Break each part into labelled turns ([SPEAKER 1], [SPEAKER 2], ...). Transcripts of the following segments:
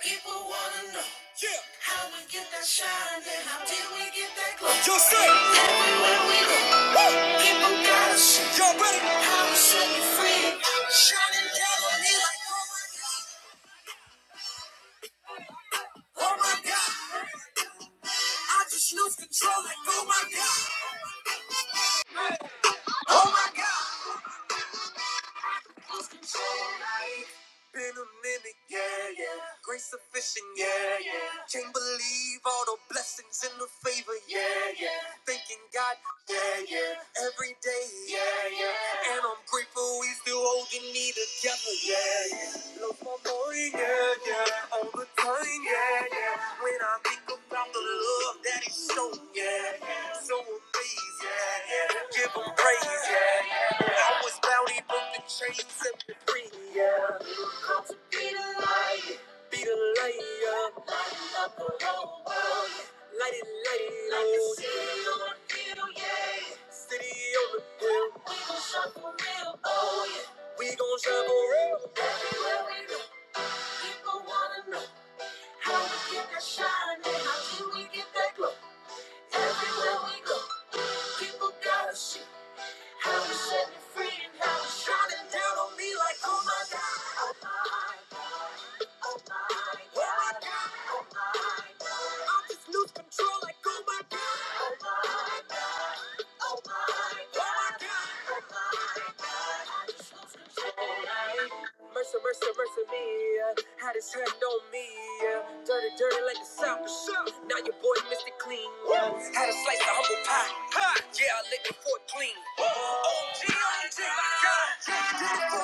[SPEAKER 1] People wanna know yeah. how we get that shine and how did we get that glow. Just say everywhere we go, Woo! people gotta see. Y'all ready? How we set you free, shining down on me like oh my god, oh my god. I just lose control like oh my god, oh my god. Been a minute, yeah, yeah. Grace sufficient, yeah, yeah. Can't believe all the blessings and the favor, yeah, yeah. Thanking God, yeah, yeah. Every day, yeah, yeah. And I'm grateful we still holding me together, yeah, yeah. Love my mom. Oh, yeah, yeah. All the time, yeah, yeah. When I think about the love that he's shown, yeah, yeah. So amazed, yeah, yeah. Give him praise, yeah, yeah. I was bound, he broke the chains, set me free, yeah. Come to be the light, be the light, yeah. Light up the whole world, yeah. Light it, light it, like the Lord. city on yeah. City on We gon' shine for real, oh yeah. We gon' shine for real. Everywhere we go. People wanna know how we get that shine and how do we get that glow. Everywhere we go, people gotta see how we set it free and how we shine it down on me like oh my god, oh my. Mercy, mercy, mercy me. Had his hand on me. Dirty, dirty like the South. Now your boy Mr. Clean. Had a slice of humble pie. Ha! Yeah, I licked it for it clean. OG, OG,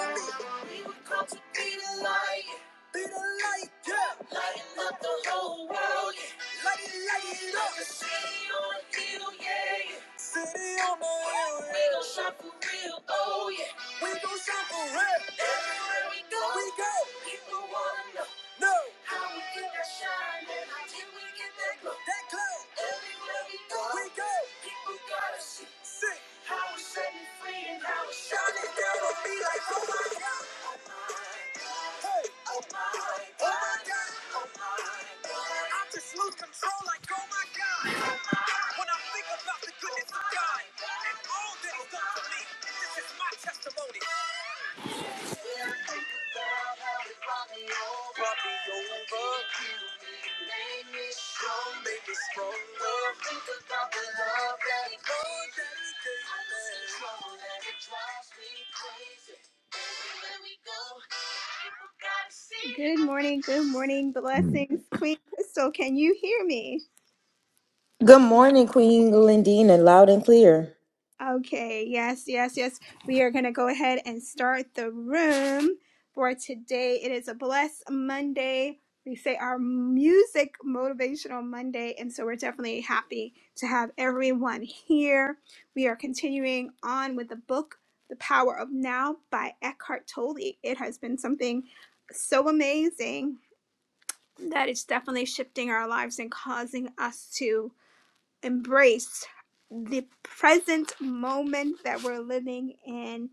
[SPEAKER 1] my God. Did it for me. We were called to be the light. Be the light, yeah. Lighten up the whole world. yeah. Light it, light it up. Like a city on a hill, yeah. yeah. City on the hill, yeah. We gon' shine for real, oh yeah. We gon' shine for real. Everywhere we go, we go. People wanna know. No. How we get that shine and how did we get that glow? That glow. Everywhere we go, we go. People gotta see. See. How we set me free and how we shine it down on me like, oh my God. Oh my. Hey, oh my, oh my God, oh my, I just lose control like oh my God. When I think about the goodness of God and all that He's done for me, this is my testimony. Brought me over, made me strong, made me stronger. Think about the love that He Lord, that He gave me. I lose control and it drives me crazy. Everywhere we go. Good morning, good morning,
[SPEAKER 2] Mm.
[SPEAKER 1] blessings. Queen Crystal, can you hear me?
[SPEAKER 2] Good morning, Queen Lindina, loud and clear.
[SPEAKER 1] Okay, yes, yes, yes. We are going to go ahead and start the room for today. It is a Bless Monday. We say our music motivational Monday, and so we're definitely happy to have everyone here. We are continuing on with the book, The Power of Now by Eckhart Tolle. It has been something so amazing that it's definitely shifting our lives and causing us to embrace the present moment that we're living in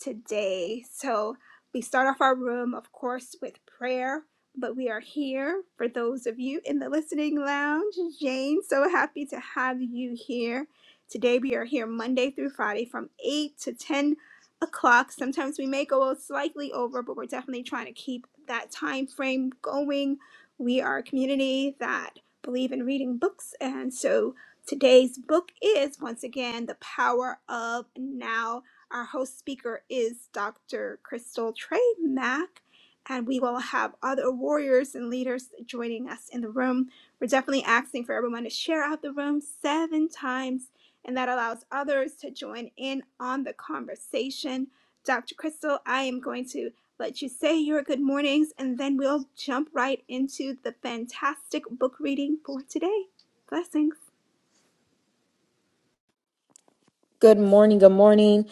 [SPEAKER 1] today. So we start off our room, of course, with prayer, but we are here for those of you in the listening lounge. Jane, so happy to have you here. Today we are here Monday through Friday from 8 to 10 o'clock. Sometimes we may go slightly over, but we're definitely trying to keep that time frame going. We are a community that believe in reading books, and so Today's book is once again The Power of Now. Our host speaker is Dr. Crystal Trey Mack, and we will have other warriors and leaders joining us in the room. We're definitely asking for everyone to share out the room seven times, and that allows others to join in on the conversation. Dr. Crystal, I am going to let you say your good mornings, and then we'll jump right into the fantastic book reading for today. Blessings.
[SPEAKER 2] Good morning, good morning,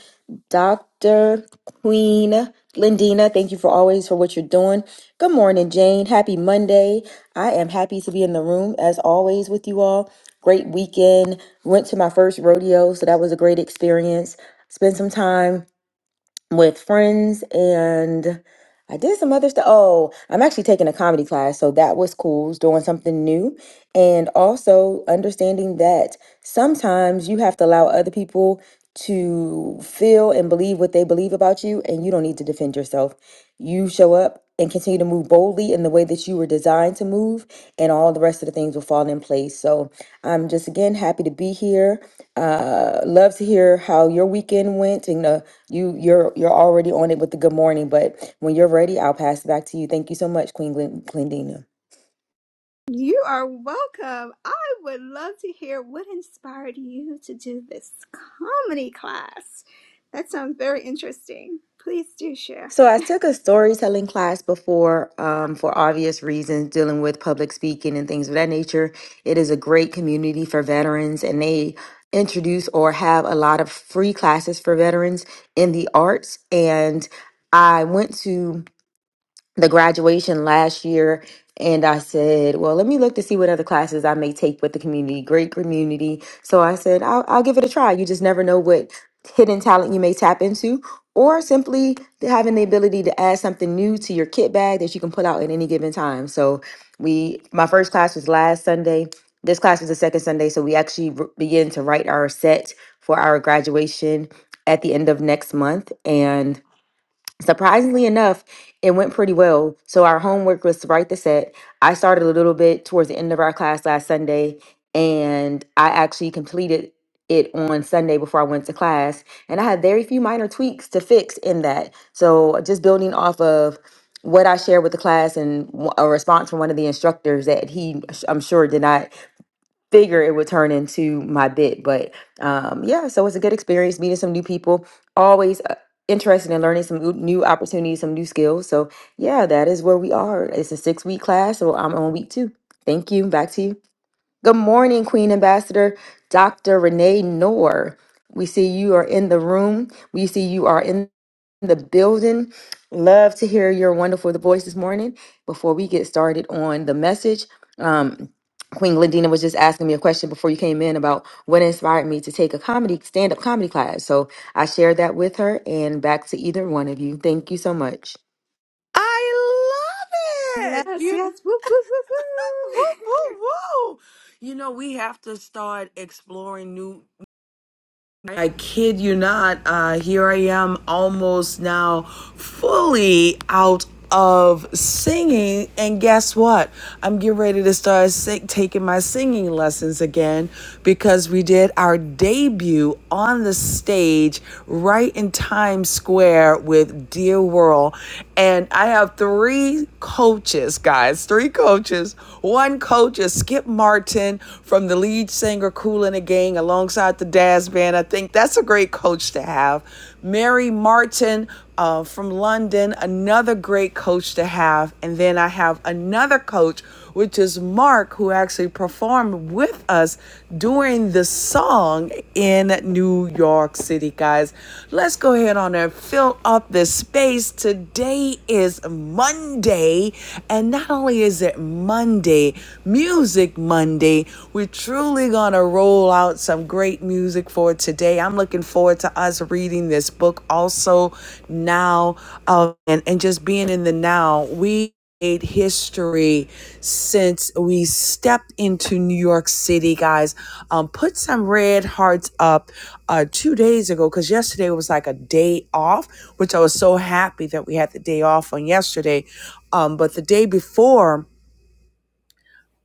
[SPEAKER 2] Dr. Queen Lindina. Thank you for always for what you're doing. Good morning, Jane. Happy Monday. I am happy to be in the room as always with you all. Great weekend. Went to my first rodeo, so that was a great experience. Spent some time with friends and I did some other stuff. Oh, I'm actually taking a comedy class, so that was cool, it's doing something new. And also understanding that sometimes you have to allow other people to feel and believe what they believe about you, and you don't need to defend yourself. You show up and continue to move boldly in the way that you were designed to move, and all the rest of the things will fall in place. So I'm just again happy to be here. Uh, love to hear how your weekend went, and uh, you you're you're already on it with the good morning. But when you're ready, I'll pass it back to you. Thank you so much, Queen Glen- Glendina.
[SPEAKER 1] You are welcome. I would love to hear what inspired you to do this comedy class. That sounds very interesting. Please do share.
[SPEAKER 2] So I took a storytelling class before, um, for obvious reasons, dealing with public speaking and things of that nature. It is a great community for veterans, and they introduce or have a lot of free classes for veterans in the arts. And I went to the graduation last year and I said, well, let me look to see what other classes I may take with the community, great community. So I said, I'll, I'll give it a try. You just never know what hidden talent you may tap into, or simply having the ability to add something new to your kit bag that you can pull out at any given time. So we, my first class was last Sunday. This class was the second Sunday. So we actually r- began to write our set for our graduation at the end of next month. And surprisingly enough, it went pretty well. So our homework was to write the set. I started a little bit towards the end of our class last Sunday, and I actually completed it on Sunday before I went to class. And I had very few minor tweaks to fix in that. So just building off of what I shared with the class and w- a response from one of the instructors that he, I'm sure, did not figure it would turn into my bit. But um, yeah, so it's a good experience meeting some new people. Always uh, interested in learning some oo- new opportunities, some new skills. So yeah, that is where we are. It's a six week class, so I'm on week two. Thank you. Back to you. Good morning, Queen Ambassador, Dr. Renee Noor. We see you are in the room. We see you are in the building. Love to hear your wonderful voice this morning. Before we get started on the message, um, Queen Glendina was just asking me a question before you came in about what inspired me to take a comedy stand-up comedy class. So I shared that with her and back to either one of you. Thank you so much.
[SPEAKER 3] I love it.
[SPEAKER 1] Yes,
[SPEAKER 3] You
[SPEAKER 1] yes. Woo, woo, woo,
[SPEAKER 3] know,
[SPEAKER 1] woo.
[SPEAKER 3] woo, woo, woo. You know, we have to start exploring new. I kid you not, uh, here I am almost now fully out of singing. And guess what? I'm getting ready to start si- taking my singing lessons again because we did our debut on the stage right in Times Square with Dear World. And I have three coaches, guys, three coaches. One coach is Skip Martin from the lead singer Cool and the Gang alongside the Daz Band. I think that's a great coach to have. Mary Martin uh, from London, another great coach to have. And then I have another coach, which is Mark, who actually performed with us during the song in New York City, guys. Let's go ahead on and fill up this space. Today is Monday, and not only is it Monday, music Music Monday. We're truly going to roll out some great music for today. I'm looking forward to us reading this book also now uh, and, and just being in the now. We made history since we stepped into New York City, guys. Um, put some red hearts up uh, two days ago because yesterday was like a day off, which I was so happy that we had the day off on yesterday. Um, but the day before,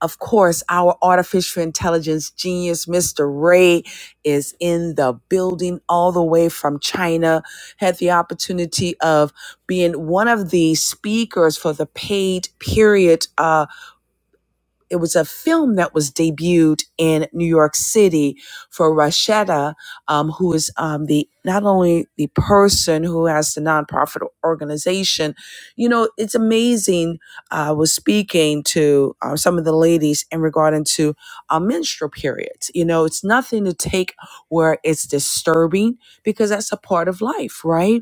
[SPEAKER 3] of course, our artificial intelligence genius, Mr. Ray, is in the building all the way from China. Had the opportunity of being one of the speakers for the paid period uh, it was a film that was debuted in New York City for Rashida, um, who is um, the not only the person who has the nonprofit organization. You know, it's amazing. uh, I was speaking to uh, some of the ladies in regarding to uh, menstrual periods. You know, it's nothing to take where it's disturbing because that's a part of life, right?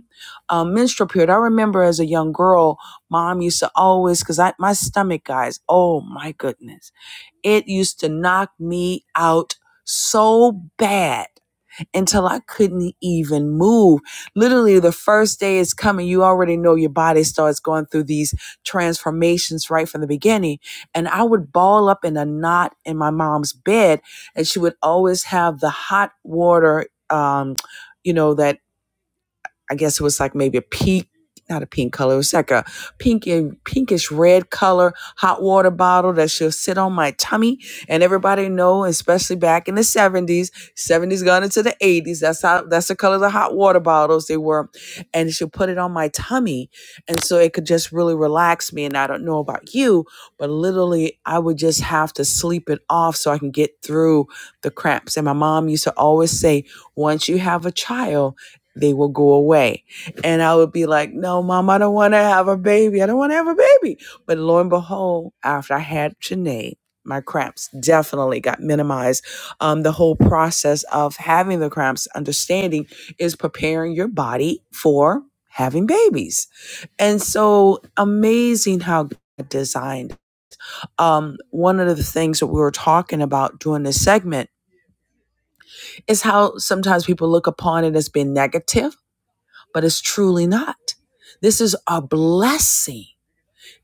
[SPEAKER 3] Um, menstrual period. I remember as a young girl Mom used to always, because I my stomach, guys, oh my goodness. It used to knock me out so bad until I couldn't even move. Literally, the first day is coming. You already know your body starts going through these transformations right from the beginning. And I would ball up in a knot in my mom's bed, and she would always have the hot water. Um, you know that I guess it was like maybe a pink, not a pink color. It was like a pink and pinkish red color hot water bottle that she'll sit on my tummy. And everybody know, especially back in the seventies, seventies gone into the eighties. That's how that's the color of the hot water bottles they were. And she'll put it on my tummy, and so it could just really relax me. And I don't know about you, but literally, I would just have to sleep it off so I can get through the cramps. And my mom used to always say, once you have a child they will go away. And I would be like, no, mom, I don't want to have a baby. I don't want to have a baby. But lo and behold, after I had Janae, my cramps definitely got minimized. Um, the whole process of having the cramps, understanding is preparing your body for having babies. And so amazing how God designed. Um, one of the things that we were talking about during this segment is how sometimes people look upon it as being negative but it's truly not. This is a blessing.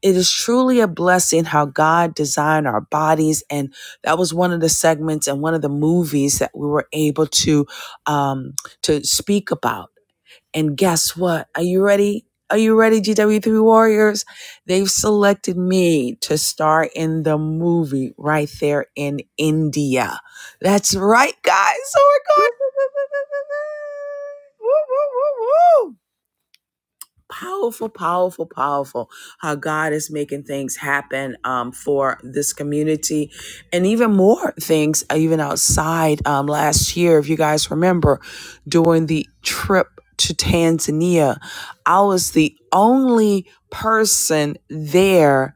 [SPEAKER 3] It is truly a blessing how God designed our bodies. And that was one of the segments and one of the movies that we were able to um, to speak about. And guess what? Are you ready? Are you ready, GW3 Warriors? They've selected me to star in the movie right there in India. That's right, guys. So we're
[SPEAKER 1] Woo,
[SPEAKER 3] going.
[SPEAKER 1] woo, woo, woo, woo,
[SPEAKER 3] Woo, woo, woo, woo. powerful powerful powerful how god is making things happen um, for this community and even more things uh, even outside um, last year if you guys remember during the trip to tanzania i was the only person there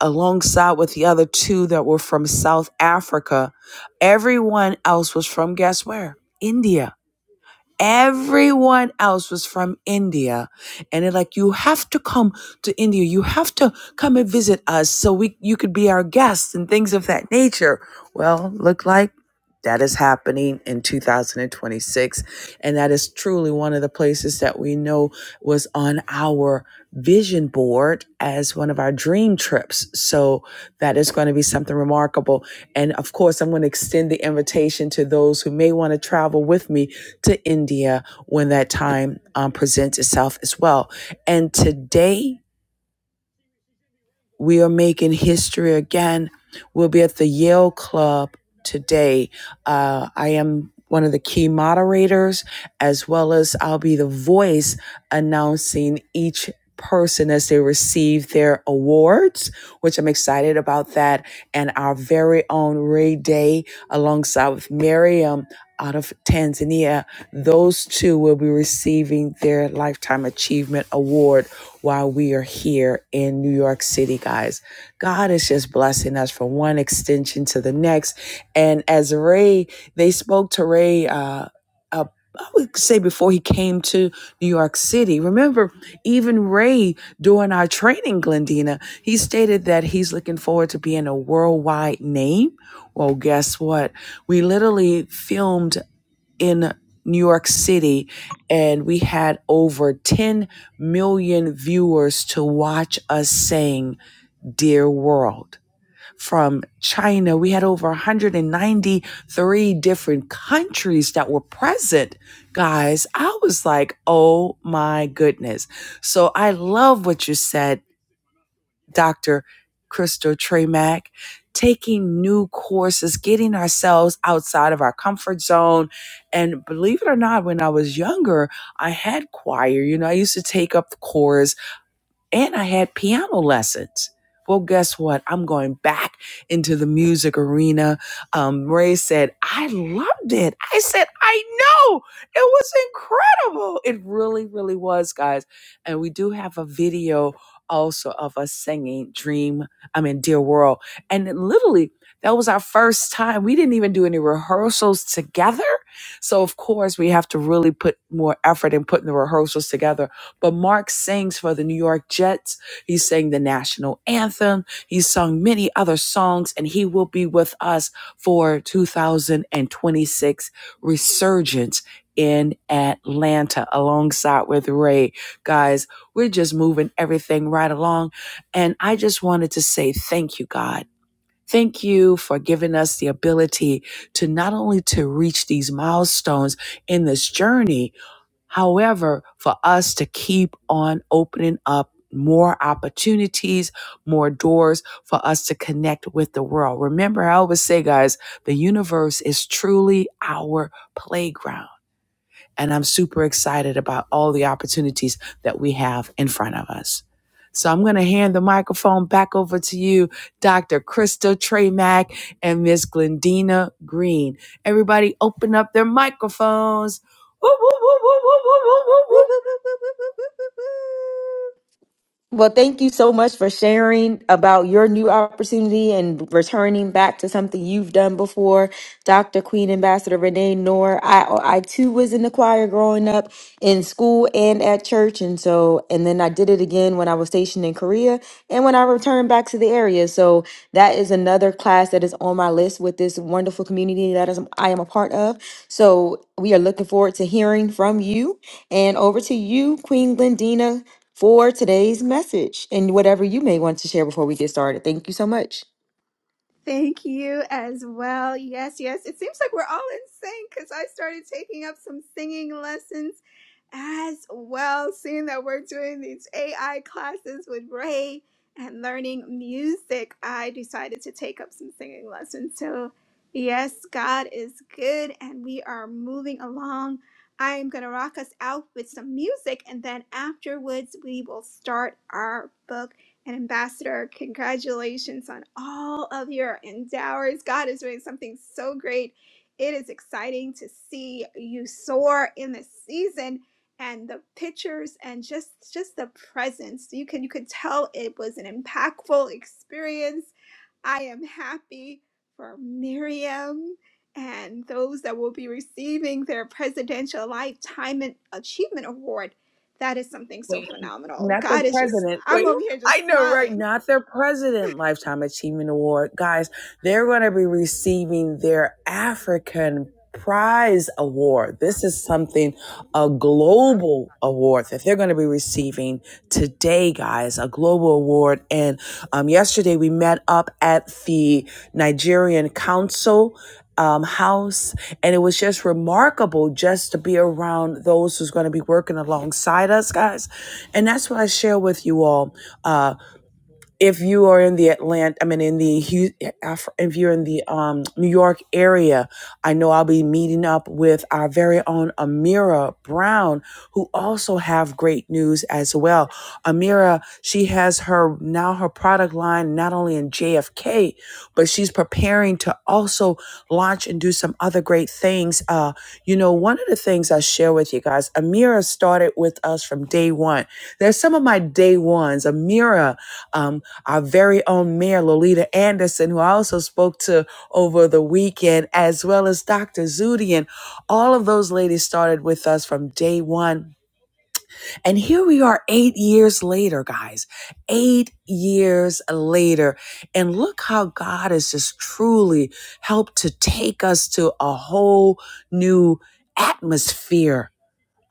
[SPEAKER 3] alongside with the other two that were from south africa everyone else was from guess where india everyone else was from India. And they're like, you have to come to India. You have to come and visit us so we you could be our guests and things of that nature. Well, look like that is happening in 2026. And that is truly one of the places that we know was on our vision board as one of our dream trips. So that is going to be something remarkable. And of course, I'm going to extend the invitation to those who may want to travel with me to India when that time um, presents itself as well. And today we are making history again. We'll be at the Yale Club today. Uh, I am one of the key moderators, as well as I'll be the voice announcing each person as they receive their awards, which I'm excited about that. And our very own Ray Day, alongside with Miriam out of Tanzania, those two will be receiving their Lifetime Achievement Award while we are here in New York City, guys. God is just blessing us from one extension to the next. And as Ray, they spoke to Ray, uh, uh, I would say before he came to New York City. Remember, even Ray during our training, Glendina, he stated that he's looking forward to being a worldwide name. Well, guess what? We literally filmed in New York City, and we had over 10 million viewers to watch us sing Dear World. From China, we had over 193 different countries that were present. Guys, I was like, oh my goodness. So I love what you said Dr. Crystal Tremack, taking new courses, getting ourselves outside of our comfort zone. And believe it or not, when I was younger, I had choir. You know, I used to take up the chorus and I had piano lessons. Well, guess what? I'm going back into the music arena. Um, Ray said, I loved it. I said, I know. It was incredible. It really, really was, guys. And we do have a video also of us singing Dream, I mean, Dear World. And literally, that was our first time. We didn't even do any rehearsals together. So, of course, we have to really put more effort in putting the rehearsals together but Mark sings for the New York Jets. He sang the national anthem. He sung many other songs, and he will be with us for 2026 resurgence in Atlanta alongside with Ray. Guys, we're just moving everything right along. And I just wanted to say thank you, God. Thank you for giving us the ability to not only to reach these milestones in this journey, However, for us to keep on opening up more opportunities, more doors for us to connect with the world. Remember, I always say, guys, the universe is truly our playground and I'm super excited about all the opportunities that we have in front of us. So I'm going to hand the microphone back over to you, Dr. Krista Tremack and Miss Glendina Green. Everybody open up their microphones. Woo, woo, woo, woo, woo, woo, woo, woo, woo,
[SPEAKER 1] woo, woo. Woo, woo, woo, woo, woo, woo, woo, woo.
[SPEAKER 2] Well, thank you so much for sharing about your new opportunity and returning back to something you've done before. Dr. Queen Ambassador Renee Noor, I, I too was in the choir growing up in school and at church. And so, and then I did it again when I was stationed in Korea and when I returned back to the area. So that is another class that is on my list with this wonderful community that is, I am a part of. So we are looking forward to hearing from you. And over to you, Queen Glendina for today's message and whatever you may want to share before we get started. Thank you so much.
[SPEAKER 1] Thank you as well. Yes, yes. It seems like we're all in sync because I started taking up some singing lessons as well, seeing that we're doing these AI classes with Ray and learning music. I decided to take up some singing lessons. So, yes, God is good and we are moving along. I am going to rock us out with some music, and then afterwards, we will start our book and Ambassador, congratulations on all of your endeavors. God is doing something so great. It is exciting to see you soar in this season and the pictures and just just the presence. You can you could tell it was an impactful experience. I am happy for Miriam and those that will be receiving their Presidential Lifetime Achievement Award. That is something so
[SPEAKER 3] Wait,
[SPEAKER 1] phenomenal.
[SPEAKER 3] not the
[SPEAKER 1] God is just
[SPEAKER 3] president. Wait,
[SPEAKER 1] I'm over here just
[SPEAKER 3] I know, right?
[SPEAKER 1] smiling.
[SPEAKER 3] Not their president lifetime achievement award, guys. They're going to be receiving their African prize award. This is something a global award that they're going to be receiving today, guys. A global award. And um, yesterday we met up at the Nigerian Council um, house. And it was just remarkable just to be around those who's going to be working alongside us, guys. And that's what I share with you all. Uh if you are in the Atlanta, I mean, in the Hu- Af- if you're in the um, New York area, I know I'll be meeting up with our very own Amira Brown, who also have great news as well. Amira, she has her now her product line not only in JFK, but she's preparing to also launch and do some other great things. Uh, you know, one of the things I share with you guys, Amira started with us from day one. There's some of my day ones. Amira. Um our very own Mayor Lolita Anderson, who I also spoke to over the weekend, as well as Dr. Zudi. And all of those ladies started with us from day one. And here we are eight years later, guys. Eight years later. And look how God has just truly helped to take us to a whole new atmosphere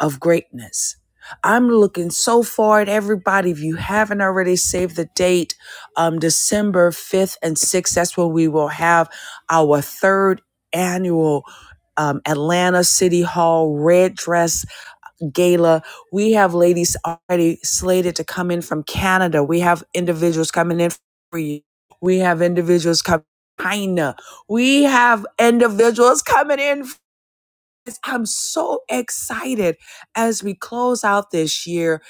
[SPEAKER 3] of greatness. I'm looking so far at everybody. If you haven't already saved the date, um, December 5th and 6th, that's when we will have our third annual um, Atlanta City Hall Red Dress Gala. We have ladies already slated to come in from Canada. We have individuals coming in for you. We have individuals coming. in from China. We have individuals coming in guys, I'm so excited as we close out this year.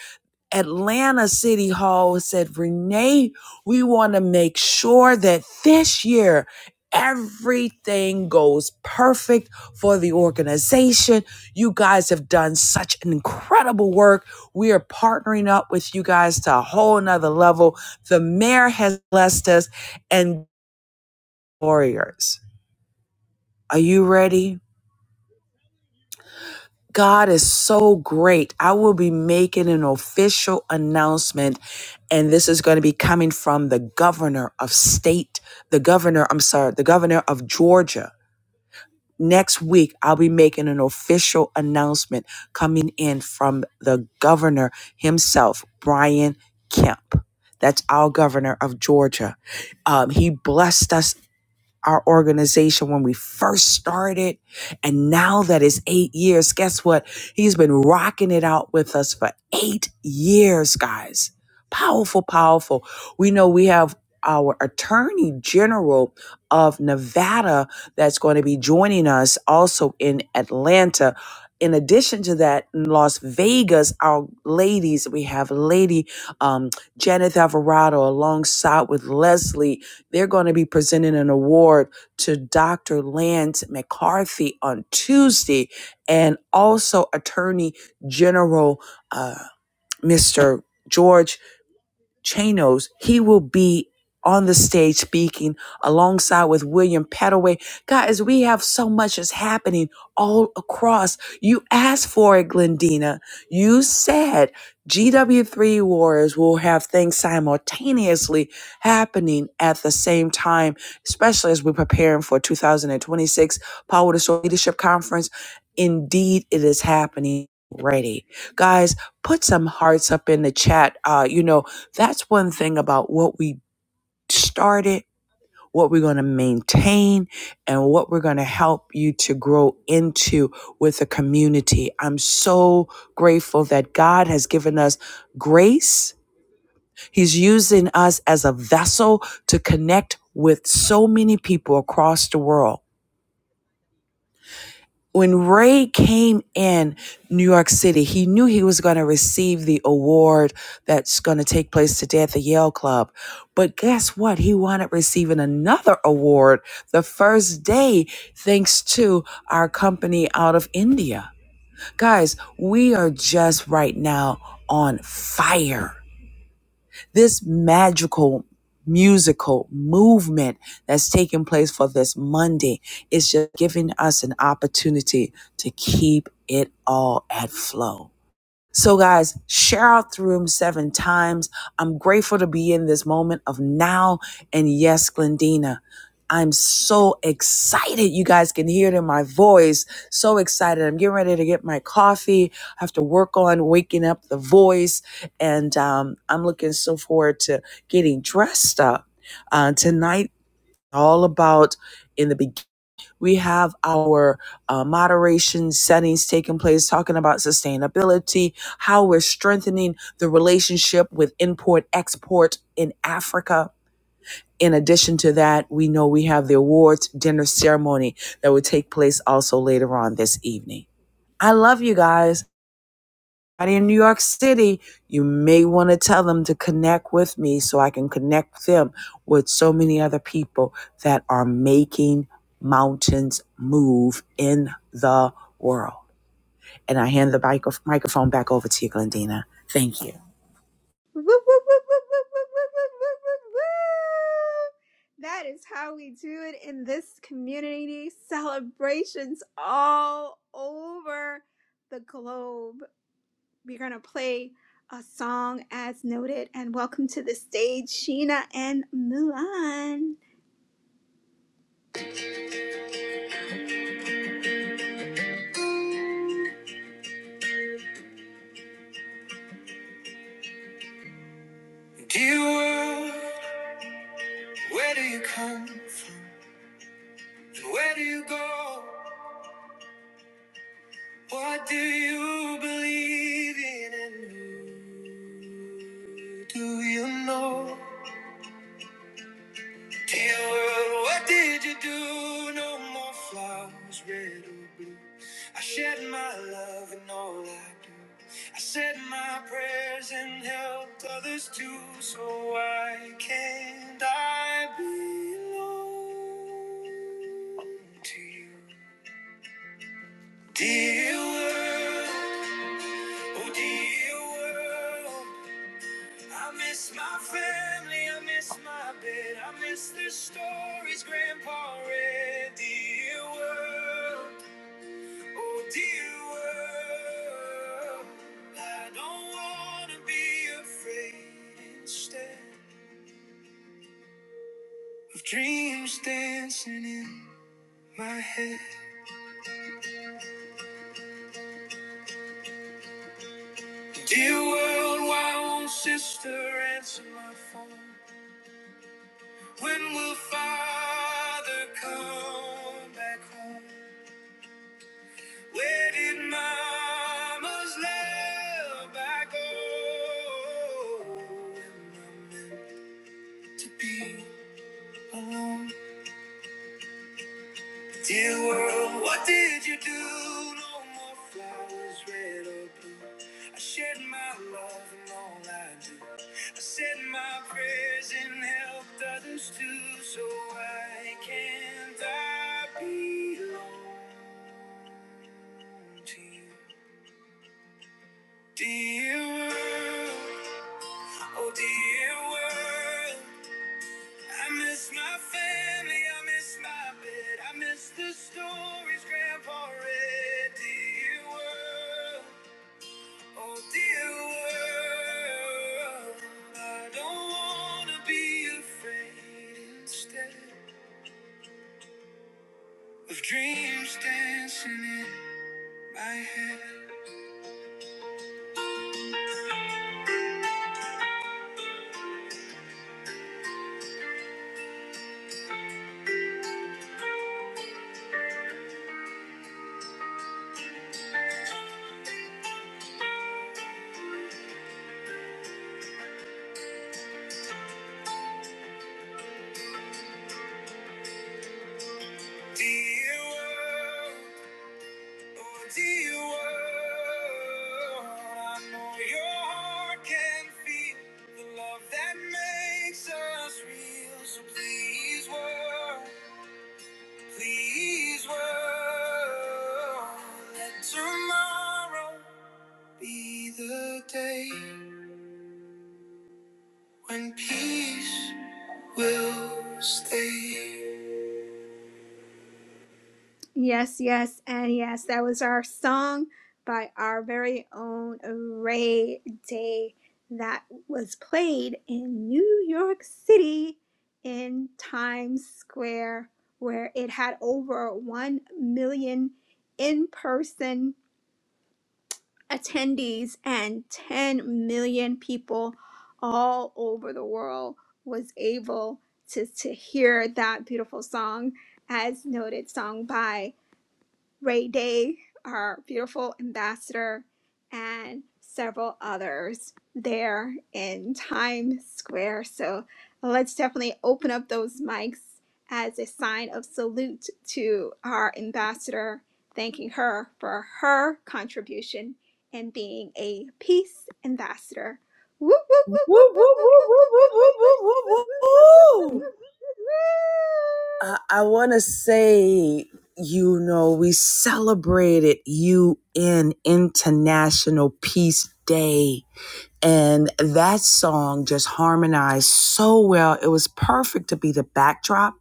[SPEAKER 3] Atlanta City Hall said, Renee, we want to make sure that this year everything goes perfect for the organization. You guys have done such incredible work. We are partnering up with you guys to a whole nother level. The mayor has blessed us and warriors. Are you ready? God is so great. I will be making an official announcement, and this is going to be coming from the governor of state, the governor, I'm sorry, the governor of Georgia. Next week, I'll be making an official announcement coming in from the governor himself, Brian Kemp. That's our governor of Georgia. Um, he blessed us our organization when we first started. And now that it's eight years, guess what? He's been rocking it out with us for eight years, guys. Powerful, powerful. We know we have our attorney general of Nevada that's going to be joining us also in Atlanta. In addition to that, in Las Vegas, our ladies, we have Lady um, Janet Alvarado alongside with Leslie they're going to be presenting an award to Dr. Lance McCarthy on Tuesday and also Attorney General uh, Mr. George. Chanos, he will be on the stage speaking alongside with William Petaway. Guys, we have so much is happening all across. You asked for it, Glendina. You said GW3 Warriors will have things simultaneously happening at the same time, especially as we're preparing for 2026 Power to Soul Leadership Conference. Indeed, it is happening already. Guys, put some hearts up in the chat. Uh, you know, that's one thing about what we started, what we're going to maintain, and what we're going to help you to grow into with a community. I'm so grateful that God has given us grace. He's using us as a vessel to connect with so many people across the world. when Ray came in New York City, he knew he was going to receive the award that's going to take place today at the Yale Club. But guess what? He wound up receiving another award the first day, thanks to our company out of India. Guys, we are just right now on fire. This magical musical movement that's taking place for this Monday is just giving us an opportunity to keep it all at flow. So, guys, share out the room seven times. I'm grateful to be in this moment of now. And yes, Glendina, I'm so excited. You guys can hear it in my voice. So excited. I'm getting ready to get my coffee. I have to work on waking up the voice. And um, I'm looking so forward to getting dressed up uh, tonight. All about in the beginning. We have our uh, moderation settings taking place, talking about sustainability, how we're strengthening the relationship with import export in Africa. In addition to that, we know we have the awards dinner ceremony that will take place also later on this evening. I love you guys. Anybody in New York City, you may want to tell them to connect with me so I can connect them with so many other people that are making mountains move in the world. And I hand the micro- microphone back over to you, Glendina. Thank you.
[SPEAKER 1] Woo, woo, woo, woo, woo, woo, woo, woo, woo, woo, woo. That is how we do it in this community. Celebrations all over the globe. We're going to play a song as noted. And welcome to the stage, Sheena and Mulan. Dear world, where do you come? from? Where do you go? What do you believe in and who do you know? Dear world, what did you do? No more flowers, red or blue. I shed my love in all I do. I said my prayers and helped others too. So why can't I belong to you? Dear world, oh dear world. I miss my family, I miss my bed, I miss the stories Grandpa read. Dear world, oh dear world, I don't wanna be afraid instead of dreams dancing in my head. Dear world, why won't sister answer my phone? When will father come back home? Where did mama's love I go? when I Meant to be alone. Dear world, what did you do? No more flowers, red or blue. I shed my love and all I do. I said my prayers and helped others too. So why can't I be alone to you? Dear world, oh dear world, I miss my family, I miss my bed, I miss the stories Grandpa read. Dear world, oh dear world, I don't wanna be afraid instead of dreams dancing in my head. Dear world. Lord, the world, I know your heart can feel the love that makes us real. So please, world, please, world, let tomorrow be the day when peace will stay. Yes, yes, and yes. That was our song by our very own Ray Day that was played in New York City in Times Square, where it had over 1 million in person attendees and 10 million people all over the world was able to, to hear that beautiful song as noted song by Ray Day, our beautiful ambassador, and several others there in Times Square. So uh, let's definitely open up those mics as a sign of salute to our ambassador, thanking her for her contribution and being a peace ambassador. Woo, woo, woo, woo, woo,
[SPEAKER 3] Woo, woo,
[SPEAKER 1] woo,
[SPEAKER 3] woo,
[SPEAKER 1] woo,
[SPEAKER 3] woo,
[SPEAKER 1] woo, woo,
[SPEAKER 3] woo,
[SPEAKER 1] woo,
[SPEAKER 3] woo,
[SPEAKER 1] woo, woo,
[SPEAKER 3] woo, woo,
[SPEAKER 1] woo,
[SPEAKER 3] woo,
[SPEAKER 1] woo,
[SPEAKER 3] woo.
[SPEAKER 1] woo, woo, woo,
[SPEAKER 3] I, I want to say, you know, we celebrated UN International Peace Day And that song just harmonized so well. It was perfect to be the backdrop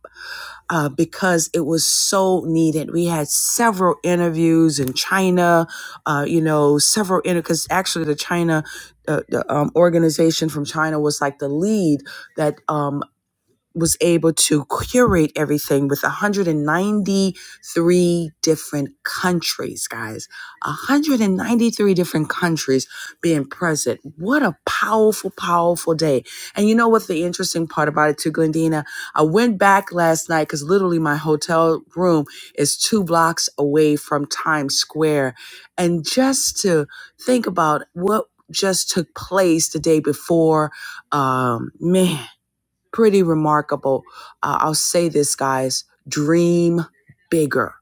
[SPEAKER 3] uh, because it was so needed. We had several interviews in China, uh, you know, several inter because actually the China, uh, the um, organization from China was like the lead that um, was able to curate everything with 193 different countries, guys. 193 different countries being present. What a powerful, powerful day. And you know what the interesting part about it too, Glendina? I went back last night because literally my hotel room is two blocks away from Times Square. And just to think about what just took place the day before, um, man pretty remarkable. Uh, I'll say this, guys dream bigger.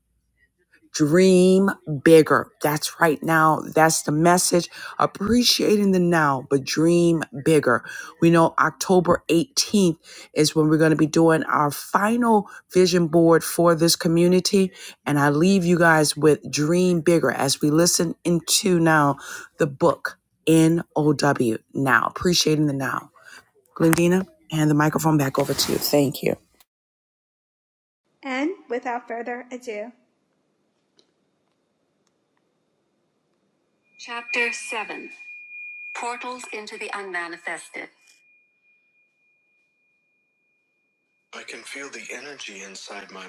[SPEAKER 3] Dream bigger. That's right now. That's the message. Appreciating the now, but dream bigger. We know October 18th is when we're going to be doing our final vision board for this community. And I leave you guys with dream bigger as we listen into now the book NOW. Now, appreciating the now. Glendina, hand the microphone back over to you. Thank you.
[SPEAKER 1] woo. And without further ado, Chapter 7 Portals into the Unmanifested. I can feel the energy inside my.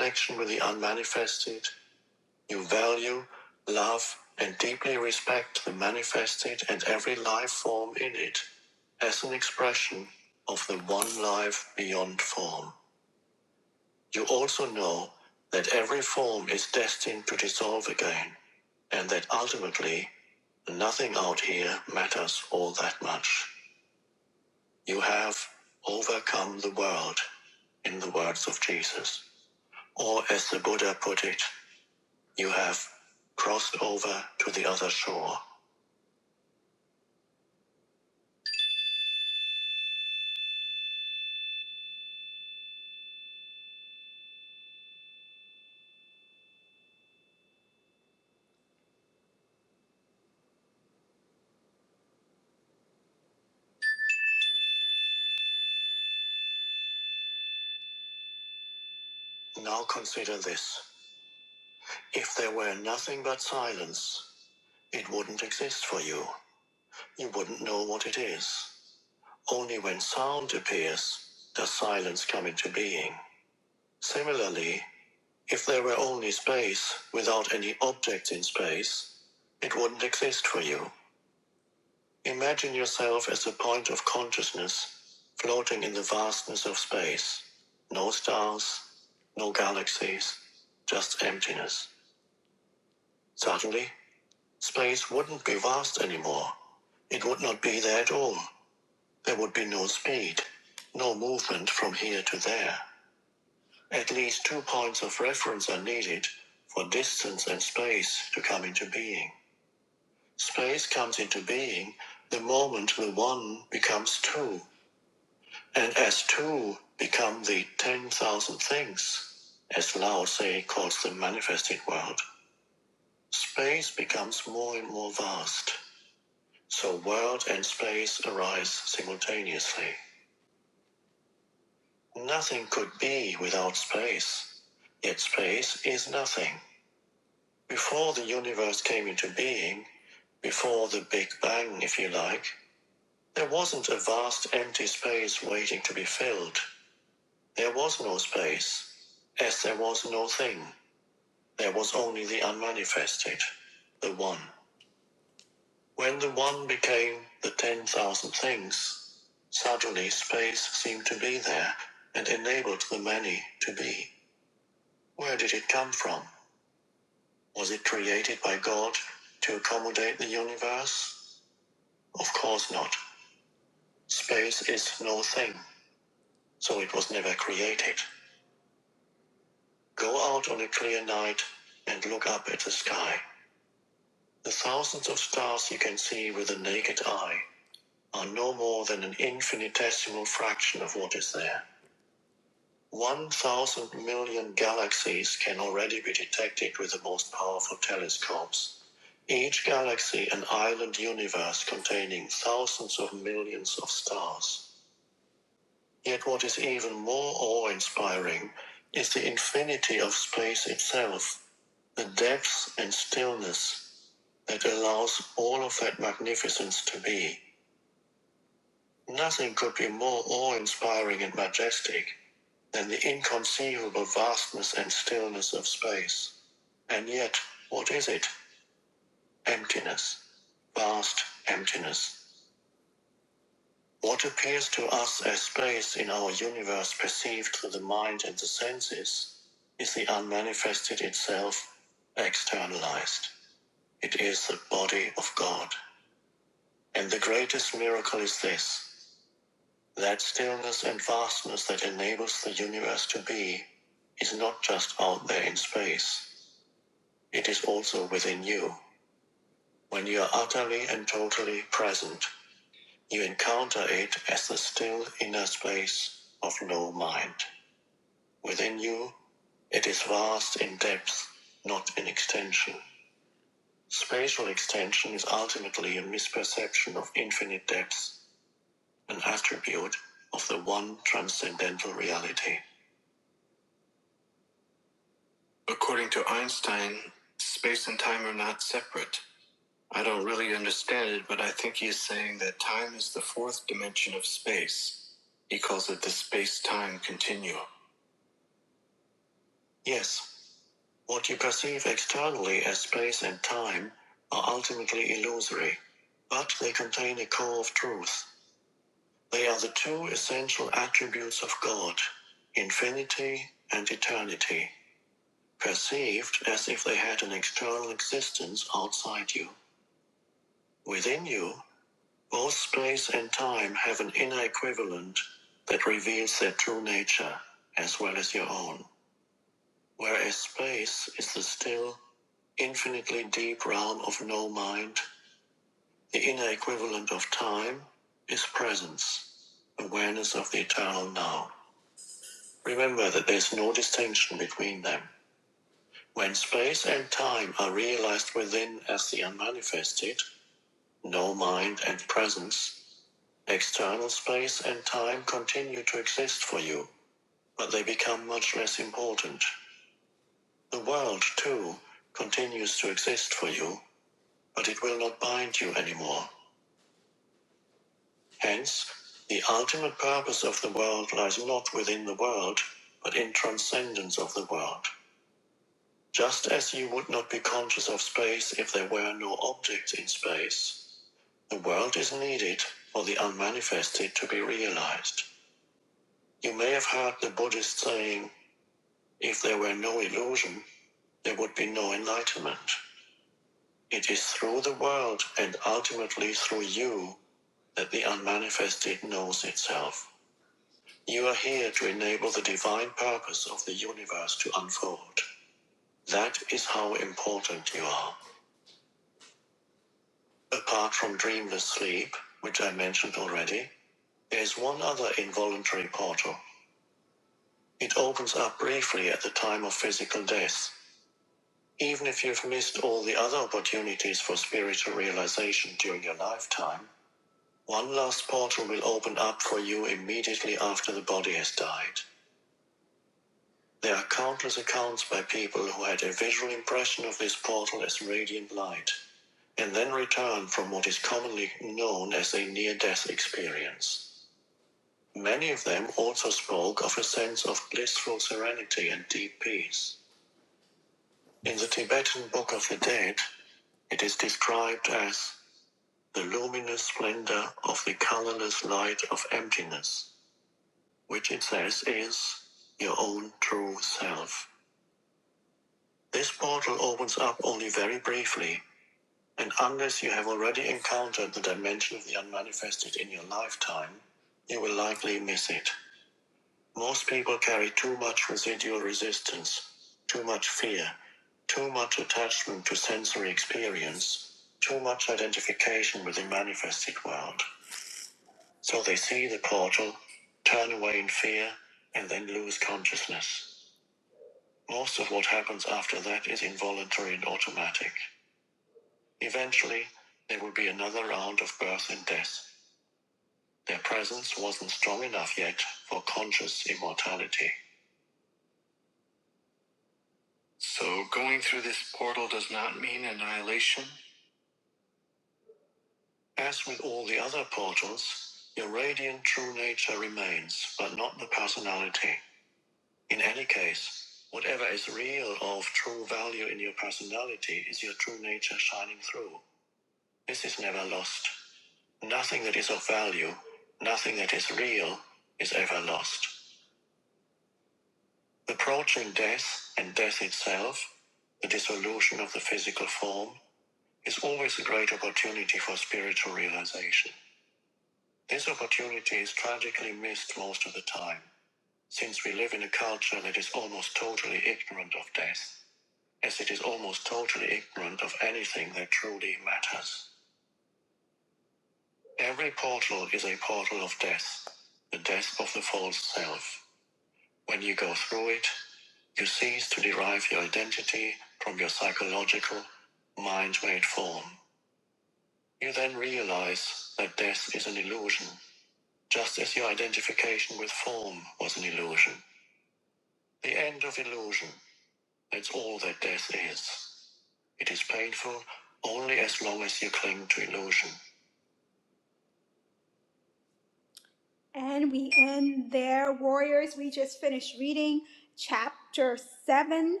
[SPEAKER 1] And we end there, Warriors. We just finished reading chapter 7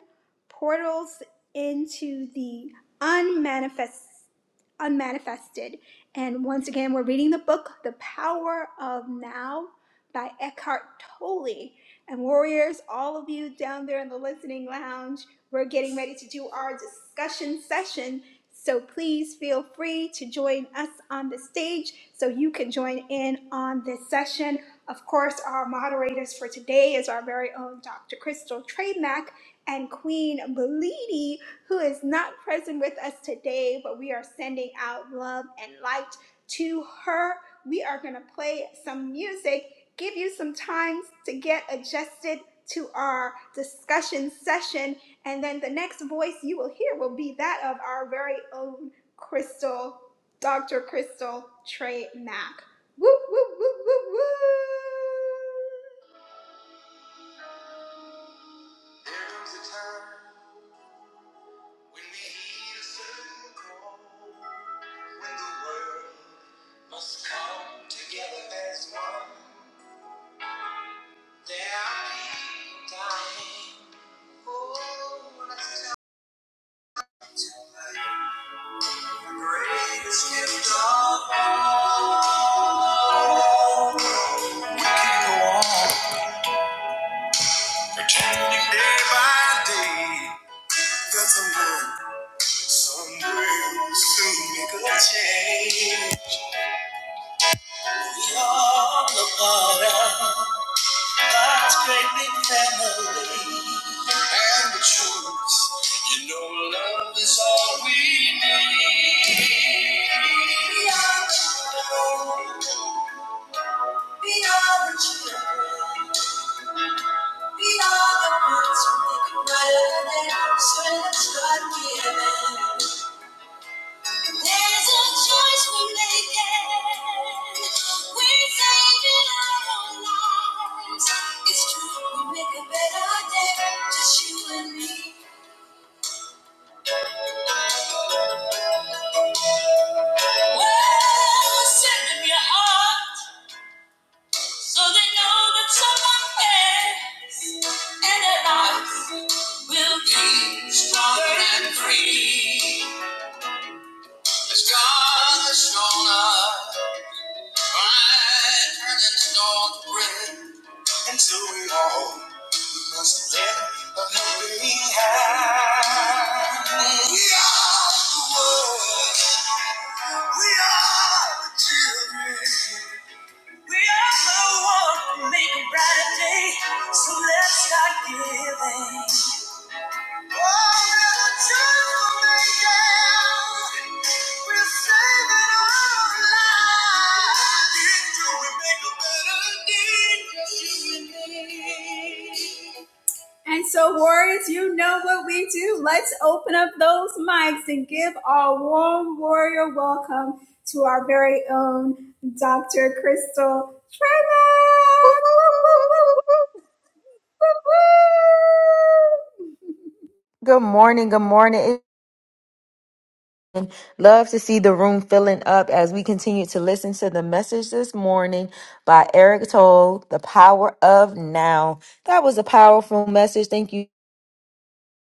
[SPEAKER 1] Portals into the Unmanifest, Unmanifested. And once again, we're reading the book, The Power of Now by Eckhart Tolle. And, Warriors, all of you down there in the listening lounge, we're getting ready to do our discussion session So please feel free to join us on the stage so you can join in on this session. Of course, our moderators for today is our very own Dr. Crystal Treymack and Queen Belidi, who is not present with us today, but we are sending out love and light to her. We are going to play some music, give you some time to get adjusted to our discussion session and then the next voice you will hear will be that of our very own Crystal, Dr. Crystal Trey Mack. Woo, woo, woo, woo, woo! There comes a time when we heed a certain call, when the world must come together as one. There are people dying. Oh, that's We can go on day by day. Got to learn someday we'll soon make a change. All about God's great big family. And the truth, you know, love is all we need. So let's start giving. There's a choice we're making. We're saving our own lives. It's true, we make a better day, just you and me. Well, send them your heart, so they know that someone cares, and their lives will be stronger and free. As God has shown us. until we all must let a helping hand. We are the world. We are the children. We are the one who make a brighter day. So let's start giving. Dr. Crystal Tremack! Woo, woo, woo, woo, woo, woo!
[SPEAKER 2] Good morning. Good morning. Love to see the room filling up as we continue to listen to the message this morning by Eric Toll, The Power of Now. That was a powerful message. Thank you,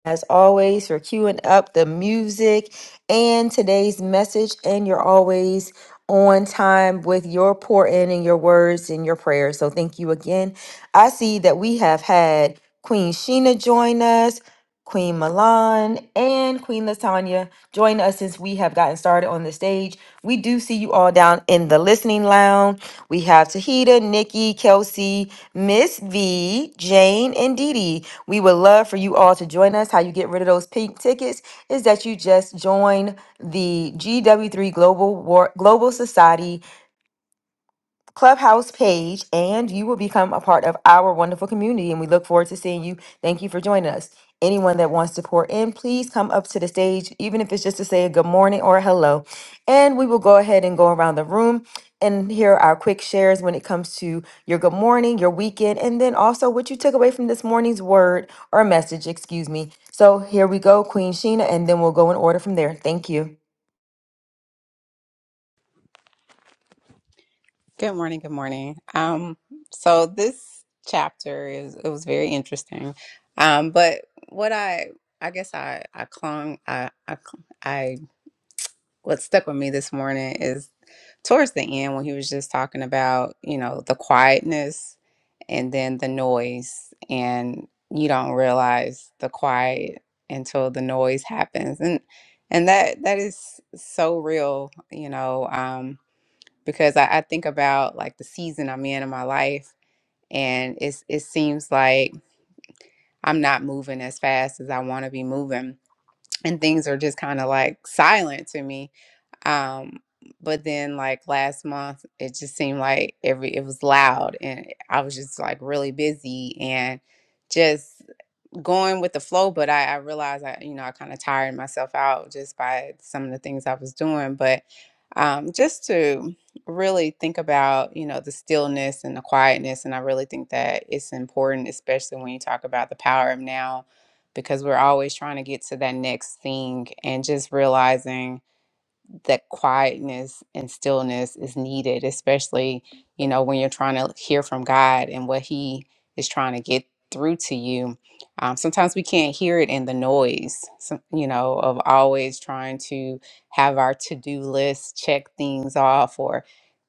[SPEAKER 2] as always, for queuing up the music and today's message. And you're always on time with your pour in and your words and your prayers. So thank you again. I see that we have had Queen Sheena join us. Queen Milan and Queen Latanya join us since we have gotten started on the stage. We do see you all down in the listening lounge. We have Tahita, Nikki, Kelsey, Miss V, Jane, and Dee Dee. We would love for you all to join us. How you get rid of those pink tickets is that you just join the GW3 Global War- Global Society Clubhouse page, and you will become a part of our wonderful community. And we look forward to seeing you. Thank you for joining us. Anyone that wants to pour in, please come up to the stage, even if it's just to say a good morning or a hello. And we will go ahead and go around the room and hear our quick shares when it comes to your good morning, your weekend, and then also what you took away from this morning's word or message, excuse me. So here we go, Queen Sheena, and then we'll go in order from there. Thank you.
[SPEAKER 4] Good morning. Good morning. Um, so this chapter is it was very interesting. Um, but what I I guess I I clung I I cl- I what stuck with me this morning is towards the end when he was just talking about you know the quietness and then the noise and you don't realize the quiet until the noise happens and and that that is so real you know Um because I, I think about like the season I'm in in my life, and it's it seems like I'm not moving as fast as I want to be moving, and things are just kind of like silent to me. Um, but then like last month, it just seemed like every it was loud, and I was just like really busy and just going with the flow, but I, I realized I, you know, I kind of tired myself out just by some of the things I was doing. But um, just to really think about, you know, the stillness and the quietness. And I really think that it's important, especially when you talk about the power of now, because we're always trying to get to that next thing and just realizing that quietness and stillness is needed, especially, you know, when you're trying to hear from God and what He is trying to get through to you. Um, sometimes we can't hear it in the noise, so, you know, of always trying to have our to do list, check things off, or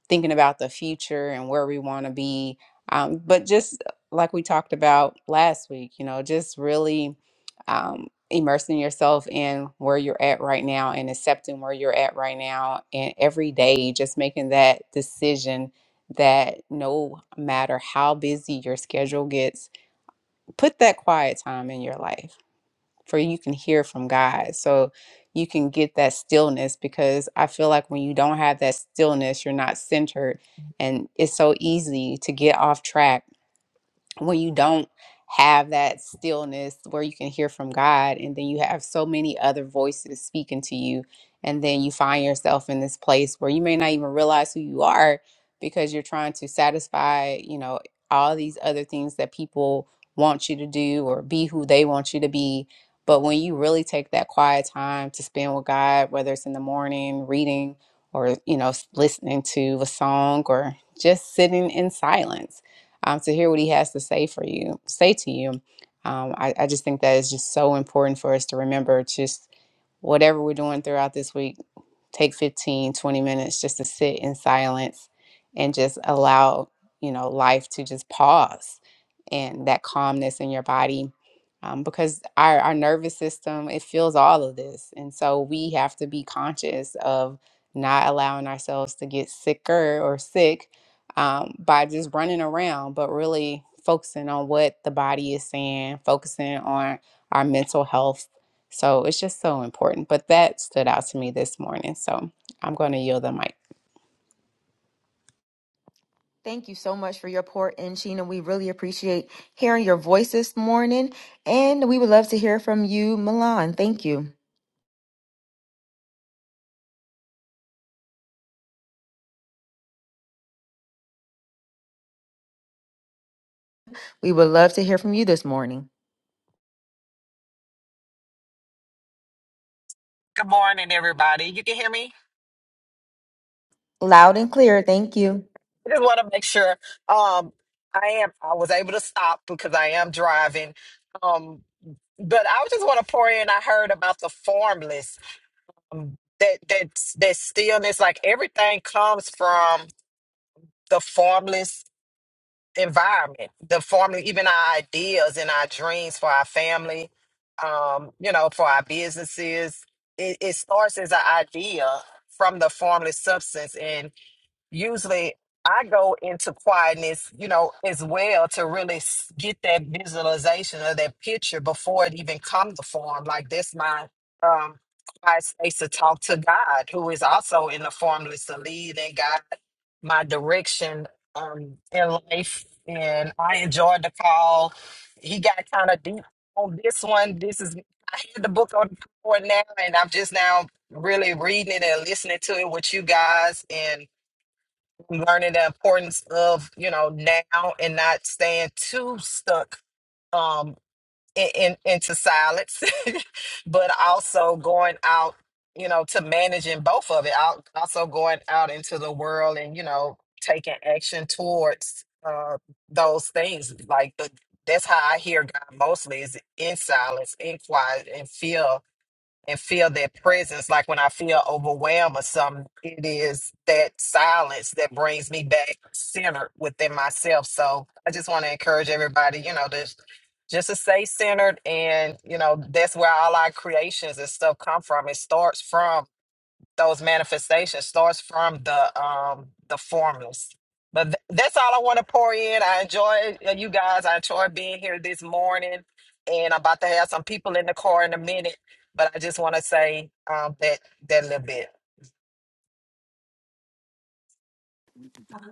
[SPEAKER 4] thinking about the future and where we want to be. Um, but just like we talked about last week, you know, just really um, immersing yourself in where you're at right now and accepting where you're at right now. And every day, just making that decision that no matter how busy your schedule gets, put that quiet time in your life for you can hear from God. So you can get that stillness because I feel like when you don't have that stillness, you're not centered. And it's so easy to get off track when you don't have that stillness where you can hear from God and then you have so many other voices speaking to you and then you find yourself in this place where you may not even realize who you are because you're trying to satisfy, you know, all these other things that people want you to do or be who they want you to be. But when you really take that quiet time to spend with God, whether it's in the morning reading or, you know, s- listening to a song or just sitting in silence um, to hear what he has to say for you, say to you. Um, I, I just think that is just so important for us to remember just whatever we're doing throughout this week, take 15, 20 minutes just to sit in silence and just allow, you know, life to just pause and that calmness in your body. Um, because our, our nervous system, it feels all of this. And so we have to be conscious of not allowing ourselves to get sicker or sick um, by just running around, but really focusing on what the body is saying, focusing on our mental health. So it's just so important. But that stood out to me this morning. So I'm going to yield the mic.
[SPEAKER 2] Thank you so much for your pour in, Sheena. We really appreciate hearing your voice this morning, and we would love to hear from you, Milan. Thank you. We would love to hear from you this morning.
[SPEAKER 5] Good morning, everybody. You can hear me?
[SPEAKER 2] Loud and clear. Thank you.
[SPEAKER 5] I just want to make sure. Um, I am. I was able to stop because I am driving. Um, but I just want to pour in. I heard about the formless. Um, that that that stillness, like everything, comes from the formless environment. The formless, even our ideas and our dreams for our family. Um, you know, for our businesses, it, it starts as an idea from the formless substance and usually I go into quietness, you know, as well to really s- get that visualization or that picture before it even comes to form. Like that's my um quiet space to talk to God, who is also in the formless to lead and guide my direction um in life. And I enjoyed the call. He got kind of deep on this one. This is I had the book on before now and I'm just now really reading it and listening to it with you guys learning the importance of you know now and not staying too stuck um in, in into silence but also going out you know to managing both of it out also going out into the world and you know taking action towards uh those things like the that's how i hear god mostly is in silence in quiet and fear and feel their presence. Like when I feel overwhelmed or something, it is that silence that brings me back centered within myself. So I just want to encourage everybody, you know, to just to stay centered and you know that's where all our creations and stuff come from it starts from those manifestations starts from the um the formless but th- that's all i want to pour in i enjoy uh, you guys i enjoy being here this morning and i'm about to have some people in the car in a minute but i just want to say um that that little bit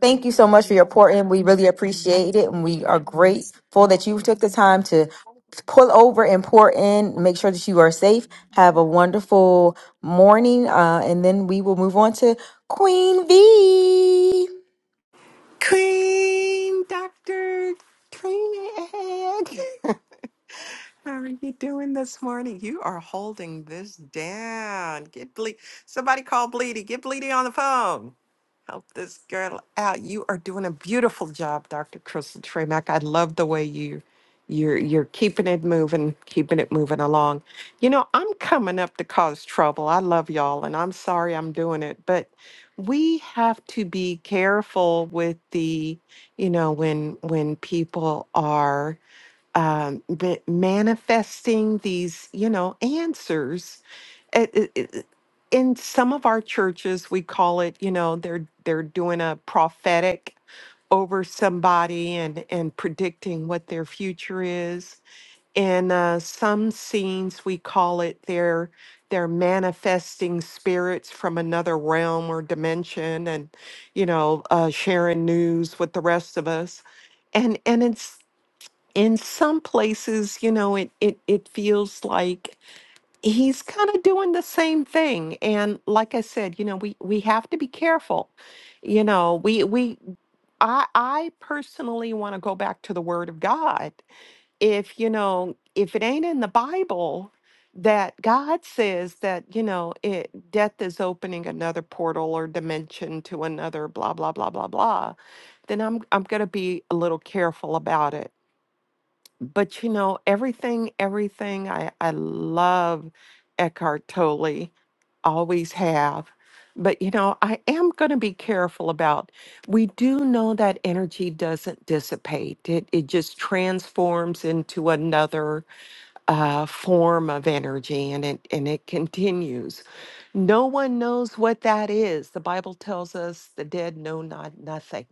[SPEAKER 2] Thank you so much for your pour in. We really appreciate it, and we are grateful that you took the time to pull over and pour in. Make sure that you are safe. Have a wonderful morning, uh, and then we will move on to Queen V.
[SPEAKER 6] Queen Dr. Trini How are you doing this morning? You are holding this down. Get Ble- Somebody call Bleedy. Get Bleedy on the phone. Help this girl out. You are doing a beautiful job, Dr. Crystal Tremack. I love the way you you're you're keeping it moving, keeping it moving along. You know, I'm coming up to cause trouble. I love y'all and I'm sorry I'm doing it, but we have to be careful with the, you know, when when people are um, but manifesting these, you know, answers. It- it- it- in some of our churches, we call it, you know, they're they're doing a prophetic over somebody and and predicting what their future is. In uh, some scenes, we call it they're they're manifesting spirits from another realm or dimension, and you know, uh, sharing news with the rest of us and and it's in some places, you know, it it it feels like he's kind of doing the same thing. And like I said, you know, we we have to be careful. You know, we we I I personally want to go back to the word of God. If, you know, if it ain't in the Bible that God says that, you know, it death is opening another portal or dimension to another blah blah blah blah blah, then I'm I'm going to be a little careful about it but you know everything everything i i love eckhart tolle always have but you know i am going to be careful about we do know that energy doesn't dissipate it it just transforms into another uh, form of energy and it and it continues no one knows what that is the bible tells us the dead know not nothing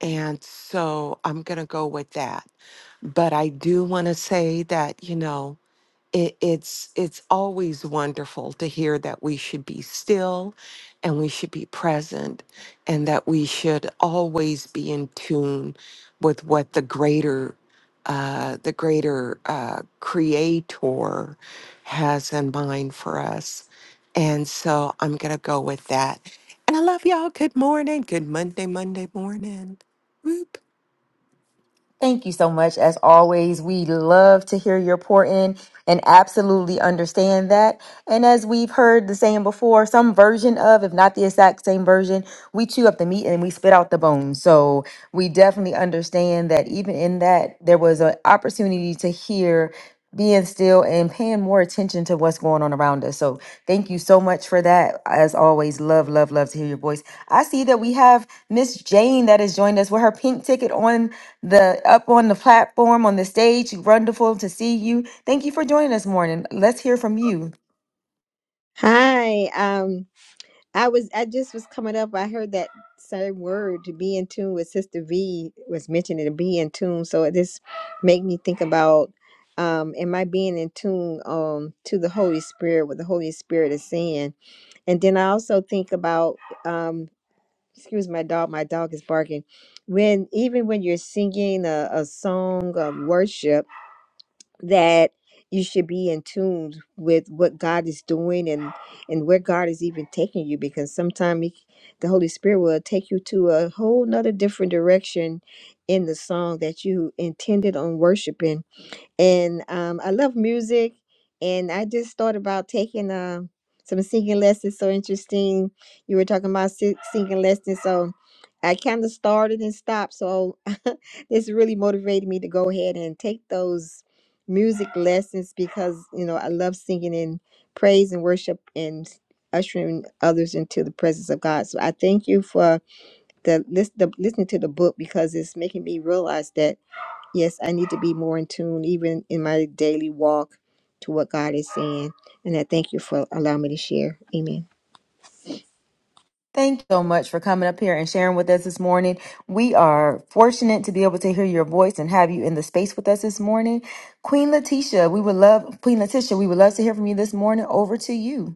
[SPEAKER 6] and so I'm going to go with that. But I do want to say that, you know, it, it's it's always wonderful to hear that we should be still and we should be present and that we should always be in tune with what the greater uh, the greater uh, creator has in mind for us and so i'm gonna go with that and i love y'all good morning good monday monday morning Whoop.
[SPEAKER 2] Thank you so much. As always, we love to hear your pour in and absolutely understand that. And as we've heard the saying before, some version of, if not the exact same version, we chew up the meat and we spit out the bones. So we definitely understand that even in that, there was an opportunity to hear being still and paying more attention to what's going on around us. So thank you so much for that. As always, love, love, love to hear your voice. I see that we have Miss Jane that has joined us with her pink ticket on the up on the platform on the stage. Wonderful to see you. Thank you for joining us morning. Let's hear from you.
[SPEAKER 7] Hi. Um, I was I just was coming up. I heard that same word to be in tune with Sister V was mentioning to be in tune. So it just made me think about um am I being in tune um to the Holy Spirit, what the Holy Spirit is saying. And then I also think about um excuse my dog, my dog is barking. When even when you're singing a, a song of worship that you should be in tune with what God is doing and and where God is even taking you because sometimes the Holy Spirit will take you to a whole nother different direction in the song that you intended on worshiping and um, I love music. And I just thought about taking uh, some singing lessons. So interesting, you were talking about si- singing lessons. So I kind of started and stopped. So this really motivated me to go ahead and take those music lessons because you know I love singing and praise and worship and s- ushering others into the presence of God. So I thank you for the list, the listening to the book because it's making me realize that. Yes, I need to be more in tune, even in my daily walk, to what God is saying. And I thank you for allowing me to share. Amen.
[SPEAKER 2] Thank you so much for coming up here and sharing with us this morning. We are fortunate to be able to hear your voice and have you in the space with us this morning. Queen Letitia, we would love Queen Letitia, we would love to hear from you this morning. Over to you.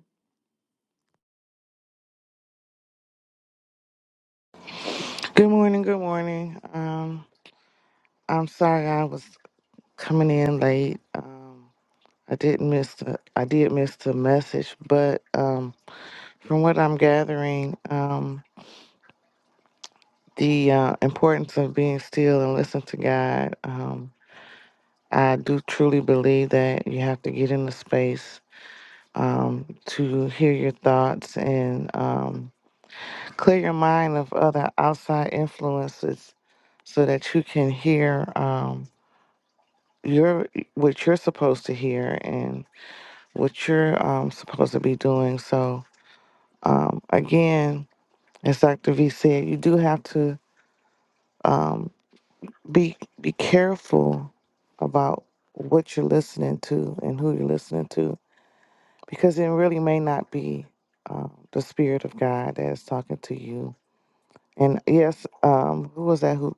[SPEAKER 8] Good morning. Good morning. Um, I'm sorry I was coming in late. Um, I didn't miss. The, I did miss the message, but um, from what I'm gathering, um, the uh, importance of being still and listen to God. Um, I do truly believe that you have to get in the space um, to hear your thoughts and um, clear your mind of other outside influences, so that you can hear. Um, you're what you're supposed to hear and what you're um, supposed to be doing. So um, again, as Dr. V said, you do have to um, be be careful about what you're listening to and who you're listening to because it really may not be uh, the spirit of God that is talking to you. And yes, um, who was that who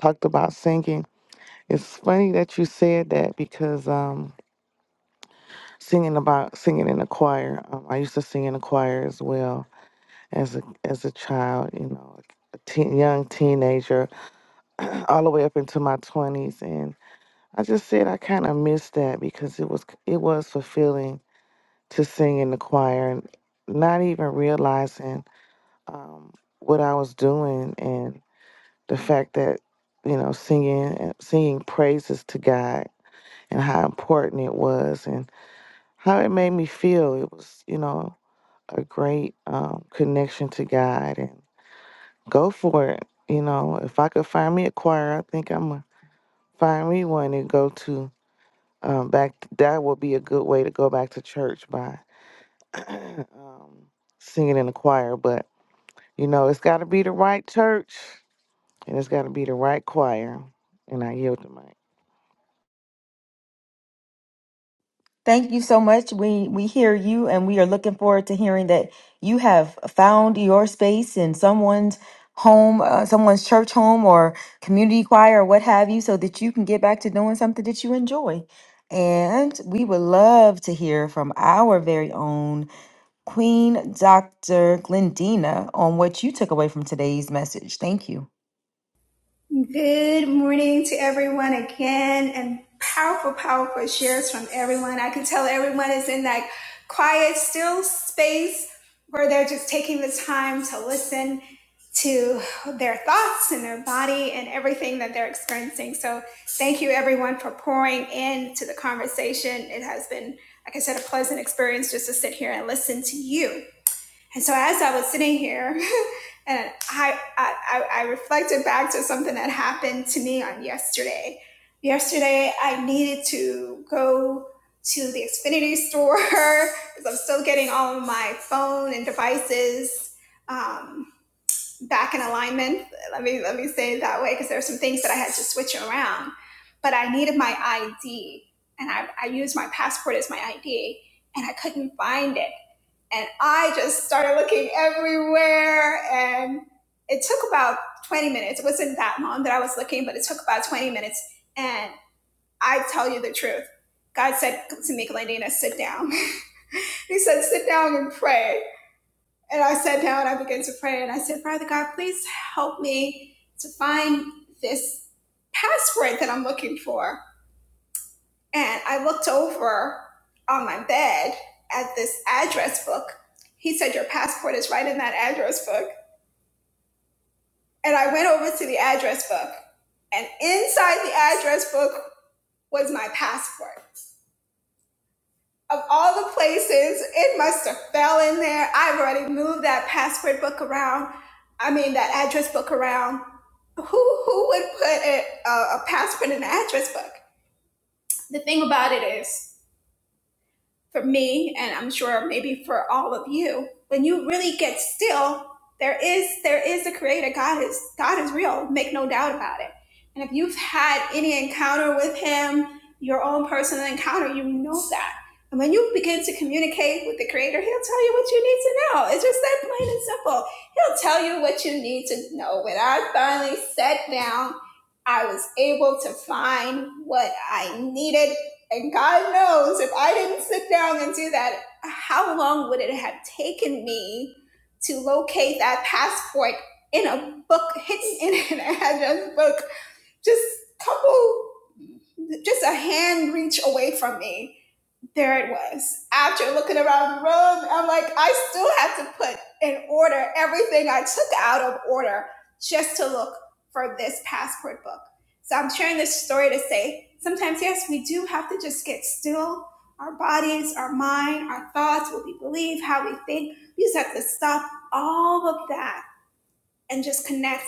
[SPEAKER 8] talked about singing? It's funny that you said that because. um, singing about singing in a choir. Um, I used to sing in a choir as well as a as a child. You know, like a teen, young teenager, all the way up into my twenties, and I just said I kind of missed that because it was it was fulfilling to sing in the choir, and not even realizing um, what I was doing and the fact that you know singing singing praises to God and how important it was and how it made me feel. It was you know a great um, connection to God and go for it. You know, if I could find me a choir, I think I'm gonna find me one and go to um, back. That would be a good way to go back to church by um, singing in the choir. But you know, it's got to be the right church and it's got to be the right choir. And I yield the mic.
[SPEAKER 2] Thank you so much. We we hear you and we are looking forward to hearing that you have found your space in someone's home, uh, someone's church home or community choir or what have you so that you can get back to doing something that you enjoy. And we would love to hear from our very own Queen Dr. Glendina on what you took away from today's message. Thank you.
[SPEAKER 1] Good morning to everyone again, and powerful, powerful shares from everyone. I can tell everyone is in that quiet, still space where they're just taking the time to listen to their thoughts and their body and everything that they're experiencing. So, thank you everyone for pouring into the conversation. It has been, like I said, a pleasant experience just to sit here and listen to you. And so as I was sitting here, and I, I I reflected back to something that happened to me on yesterday. Yesterday, I needed to go to the Xfinity store because I'm still getting all of my phone and devices um, back in alignment. Let me let me say it that way because there are some things that I had to switch around. But I needed my ID, and I, I used my passport as my ID, and I couldn't find it and I just started looking everywhere. And it took about 20 minutes. It wasn't that long that I was looking, but it took about 20 minutes. And I tell you the truth. God said to me, Glendina, sit down. he said, sit down and pray. And I sat down, I began to pray. And I said, Father God, please help me to find this passport that I'm looking for. And I looked over on my bed at this address book. He said, Your passport is right in that address book. And I went over to the address book. And inside the address book was my passport. Of all the places, it must have fell in there. I've already moved that passport book around. I mean, that address book around. Who, who would put a, a passport in an address book? The thing about it is, for me and i'm sure maybe for all of you when you really get still there is there is a creator god is god is real make no doubt about it and if you've had any encounter with him your own personal encounter you know that and when you begin to communicate with the creator he'll tell you what you need to know it's just that plain and simple he'll tell you what you need to know when i finally sat down i was able to find what i needed and God knows if I didn't sit down and do that, how long would it have taken me to locate that passport in a book, hidden in an address book, just a couple, just a hand reach away from me? There it was. After looking around the room, I'm like, I still have to put in order everything I took out of order just to look for this passport book. So I'm sharing this story to say sometimes, yes, we do have to just get still. Our bodies, our mind, our thoughts, what we believe, how we think. We just have to stop all of that and just connect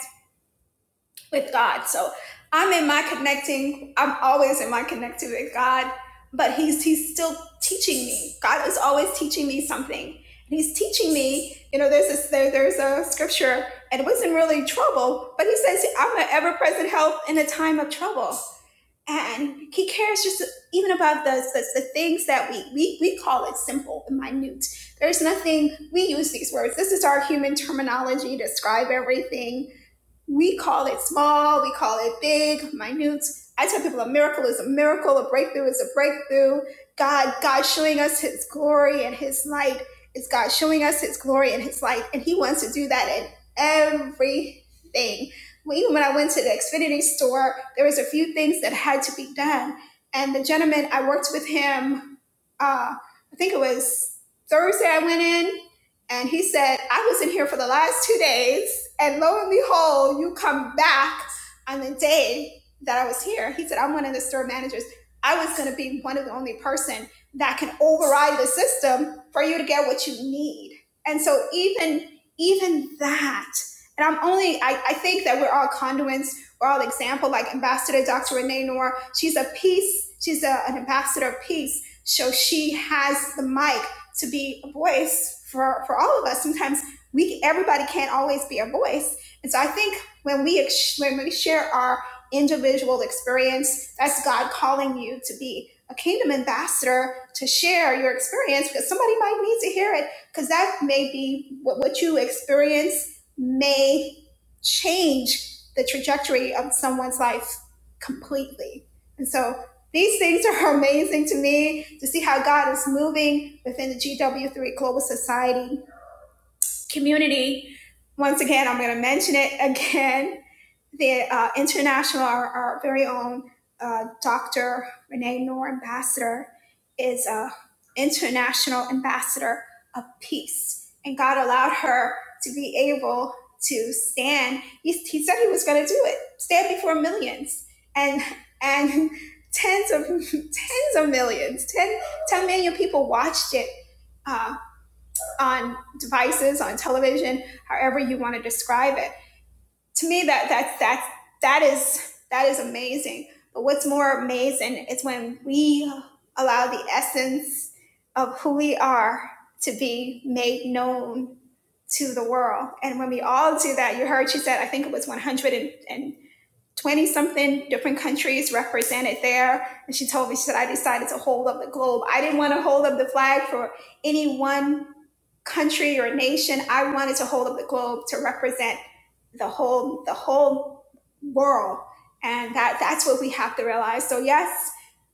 [SPEAKER 1] with God. So I'm in my connecting. I'm always in my connecting with God, but He's He's still teaching me. God is always teaching me something. And He's teaching me. You know, there's this there, there's a scripture, and it wasn't really trouble, but He says, "I'm an ever-present help in a time of trouble." And he cares just even about the, the, the things that we, we we call it simple and minute. There's nothing we use these words. This is our human terminology to describe everything we call it small, we call it big, minute. I tell people a miracle is a miracle, a breakthrough is a breakthrough. God, God showing us his glory and his light is God showing us his glory and his light. And he wants to do that in everything. Well, Even when I went to the Xfinity store, there was a few things that had to be done. And the gentleman, I worked with him, uh, I think it was Thursday I went in and he said, I was in here for the last two days, and lo and behold, you come back on the day that I was here. He said, I'm one of the store managers. I was going to be one of the only person that can override the system for you to get what you need. And so even even that, and I'm only I, I think that we're all conduits, we're all example, like Ambassador Dr. Renee Noor, she's a peace, she's a, an ambassador of peace. So she has the mic to be a voice for for all of us. Sometimes we everybody can't always be a voice, and so I think when we when we share our individual experience, that's God calling you to be a kingdom ambassador to share your experience because somebody might need to hear it because that may be what, what you experience may change the trajectory of someone's life completely. And so these things are amazing to me to see how God is moving within the GW3 Global Society community. Once again, I'm going to mention it again the uh, international, our, our very own uh, Dr. Renee Noor Ambassador is a international ambassador of peace. And God allowed her to be able to stand. He, he said he was going to do it, stand before millions and, and tens of, tens of millions, ten ten million people watched it uh, on devices, on television, however you want to describe it to me that that's that's that is that is amazing but what's more amazing is when we allow the essence of who we are to be made known to the world and when we all do that you heard she said i think it was 120 something different countries represented there and she told me she said i decided to hold up the globe i didn't want to hold up the flag for any one country or nation. I wanted to hold up the globe to represent the whole the whole world, and that that's what we have to realize. So yes,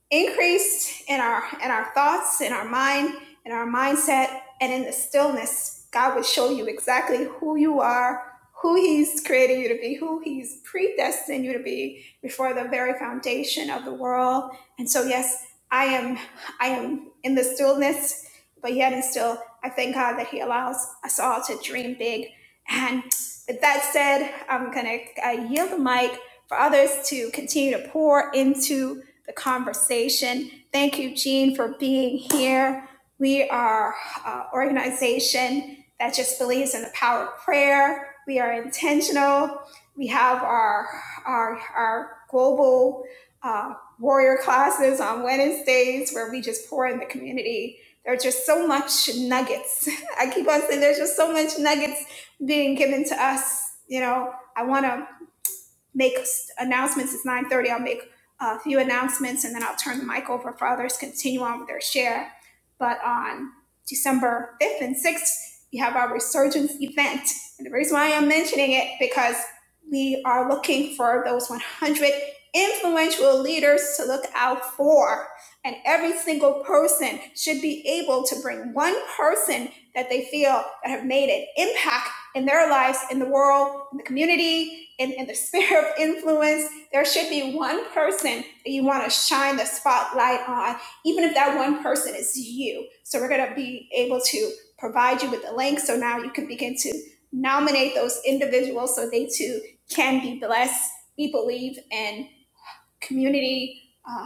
[SPEAKER 1] increased in our in our thoughts in our mind in our mindset and in the stillness god will show you exactly who you are who he's created you to be who he's predestined you to be before the very foundation of the world and so yes i am i am in the stillness but yet and still i thank god that he allows us all to dream big and with that said i'm gonna uh, yield the mic for others to continue to pour into the conversation. Thank you, Jean, for being here. We are an organization that just believes in the power of prayer. We are intentional. We have our, our, our global uh, warrior classes on Wednesdays where we just pour in the community. There's just so much nuggets. I keep on saying there's just so much nuggets being given to us. You know, I want to make announcements. It's 9:30. I'll make a few announcements and then I'll turn the mic over for others to continue on with their share. But on December 5th and 6th, we have our resurgence event. And the reason why I'm mentioning it because we are looking for those 100 influential leaders to look out for. And every single person should be able to bring one person that they feel that have made an impact in their lives, in the world, in the community, in, in the sphere of influence, there should be one person that you want to shine the spotlight on, even if that one person is you. So we're going to be able to provide you with the link. So now you can begin to nominate those individuals so they too can be blessed, be believed, and community uh,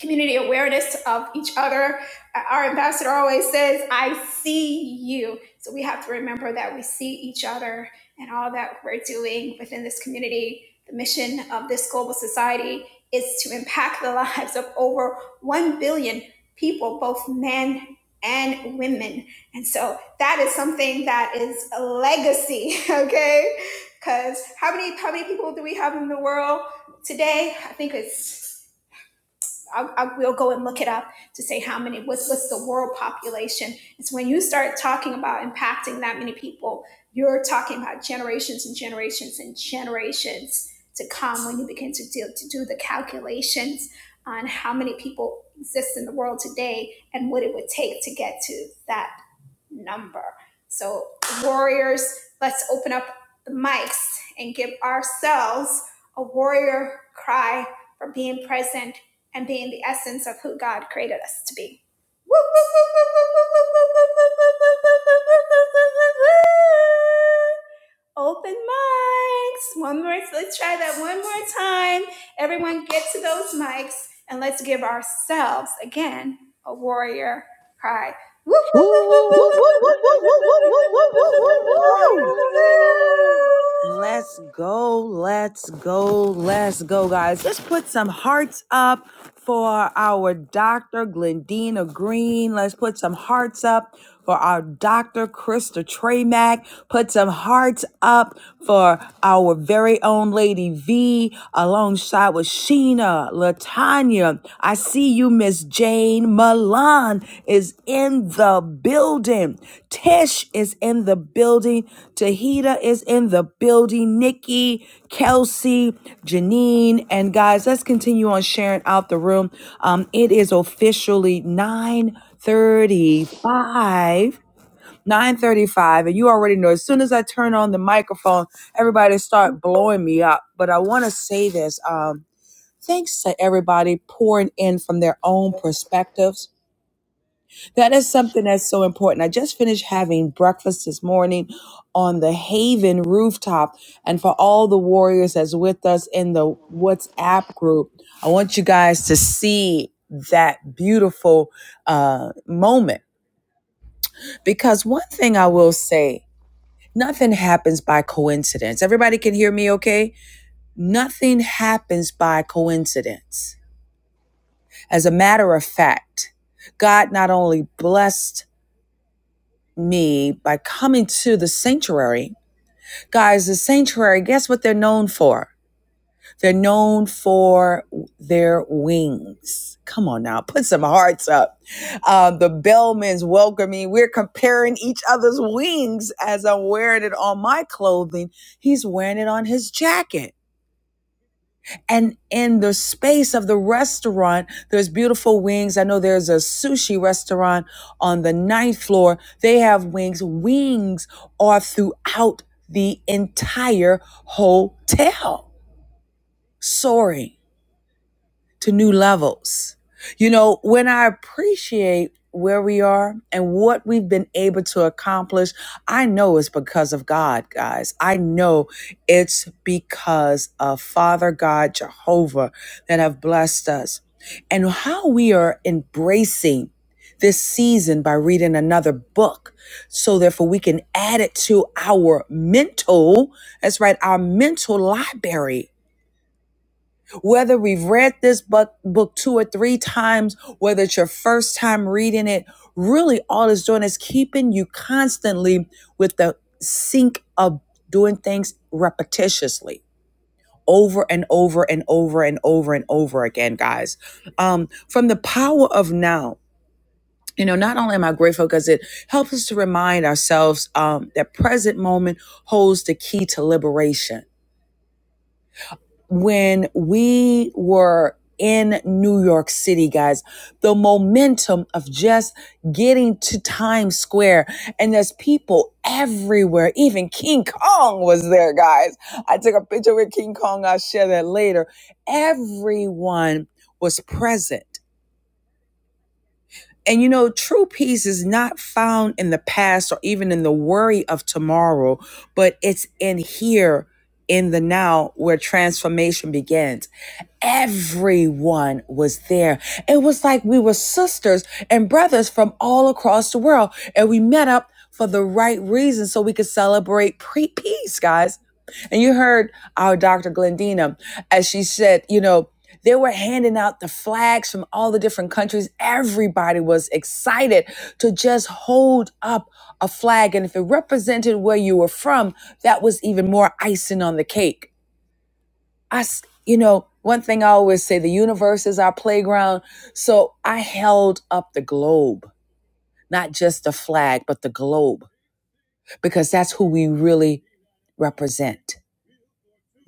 [SPEAKER 1] community awareness of each other. Uh, Our ambassador always says, I see you. So we have to remember that we see each other and all that we're doing within this community. The mission of this global society is to impact the lives of over 1 billion people, both men and women. And so that is something that is a legacy, okay? Because how many how many people do we have in the world today? I think it's I, I will go and look it up to say how many what's what's the world population. It's when you start talking about impacting that many people, you're talking about generations and generations and generations to come when you begin to do, to do the calculations on how many people exist in the world today and what it would take to get to that number. So, warriors, let's open up the mics and give ourselves a warrior cry for being present and being the essence of who God created us to be. Woo, woo, woo, woo, woo, woo, woo, woo, woo, woo, woo, woo, woo. Open mics. One more. Let's try that one more time. Everyone get to those mics and let's give ourselves again a warrior cry
[SPEAKER 8] Woo, woo,
[SPEAKER 3] Woo,
[SPEAKER 8] woo,
[SPEAKER 3] woo, woo, woo,
[SPEAKER 8] woo, woo,
[SPEAKER 3] woo, woo,
[SPEAKER 8] woo, woo, woo,
[SPEAKER 3] woo, woo, woo, woo,
[SPEAKER 8] woo, woo,
[SPEAKER 3] woo.
[SPEAKER 8] woo, woo, woo, woo.
[SPEAKER 3] Let's go, let's go, let's go, guys. Let's put some hearts up for our Dr. Glendina Green. Let's put some hearts up for our Dr. Krista Tremack. Put some hearts up for our very own Lady V alongside with Sheena, Latanya. Virginia. I see you, Miss Jane. Milan is in the building. Tish is in the building. Tahita is in the building. Nikki, Kelsey, Janine, and guys, let's continue on sharing out the room. Um, it is officially 9:35. 9:35, and you already know. As soon as I turn on the microphone, everybody start blowing me up. But I want to say this. Um, Thanks to everybody pouring in from their own perspectives. That is something that's so important. I just finished having breakfast this morning on the Haven rooftop. And for all the warriors that's with us in the WhatsApp group, I want you guys to see that beautiful uh, moment. Because one thing I will say, nothing happens by coincidence. Everybody can hear me okay? Nothing happens by coincidence As a matter of fact, God not only blessed me by coming to the sanctuary, guys, the sanctuary, guess what they're known for? They're known for their wings. Come on now, put some hearts up. Um, the bellman's welcoming. We're comparing each other's wings as I'm wearing it on my clothing. He's wearing it on his jacket. And in the space of the restaurant, there's beautiful wings. I know there's a sushi restaurant on the ninth floor. They have wings. Wings are throughout the entire hotel. Sorry to new levels. You know, when I appreciate where we are and what we've been able to accomplish, I know it's because of God, guys. I know it's because of Father God, Jehovah, that have blessed us. And how we are embracing this season by reading another book. So therefore we can add it to our mental, that's right, our mental library whether we've read this book, book two or three times, whether it's your first time reading it, really all it's doing is keeping you constantly with the sink of doing things repetitiously over and over and over and over and over again, guys. Um, from the power of now, you know, not only am I grateful because it helps us to remind ourselves um, that present moment holds the key to liberation when we were in New York City, guys, the momentum of just getting to Times Square, and there's people everywhere. Even King Kong was there, guys. I took a picture with King Kong. I'll share that later. Everyone was present. And you know, true peace is not found in the past or even in the worry of tomorrow, but it's in here, in the now, where transformation begins everyone was there. It was like we were sisters and brothers from all across the world, and we met up for the right reason so we could celebrate pre- peace, guys. And you heard our Dr. Glendina as she said, you know, they were handing out the flags from all the different countries. Everybody was excited to just hold up a flag. And if it represented where you were from, that was even more icing on the cake. I, you know, one thing I always say the universe is our playground. So I held up the globe, not just the flag, but the globe, because that's who we really represent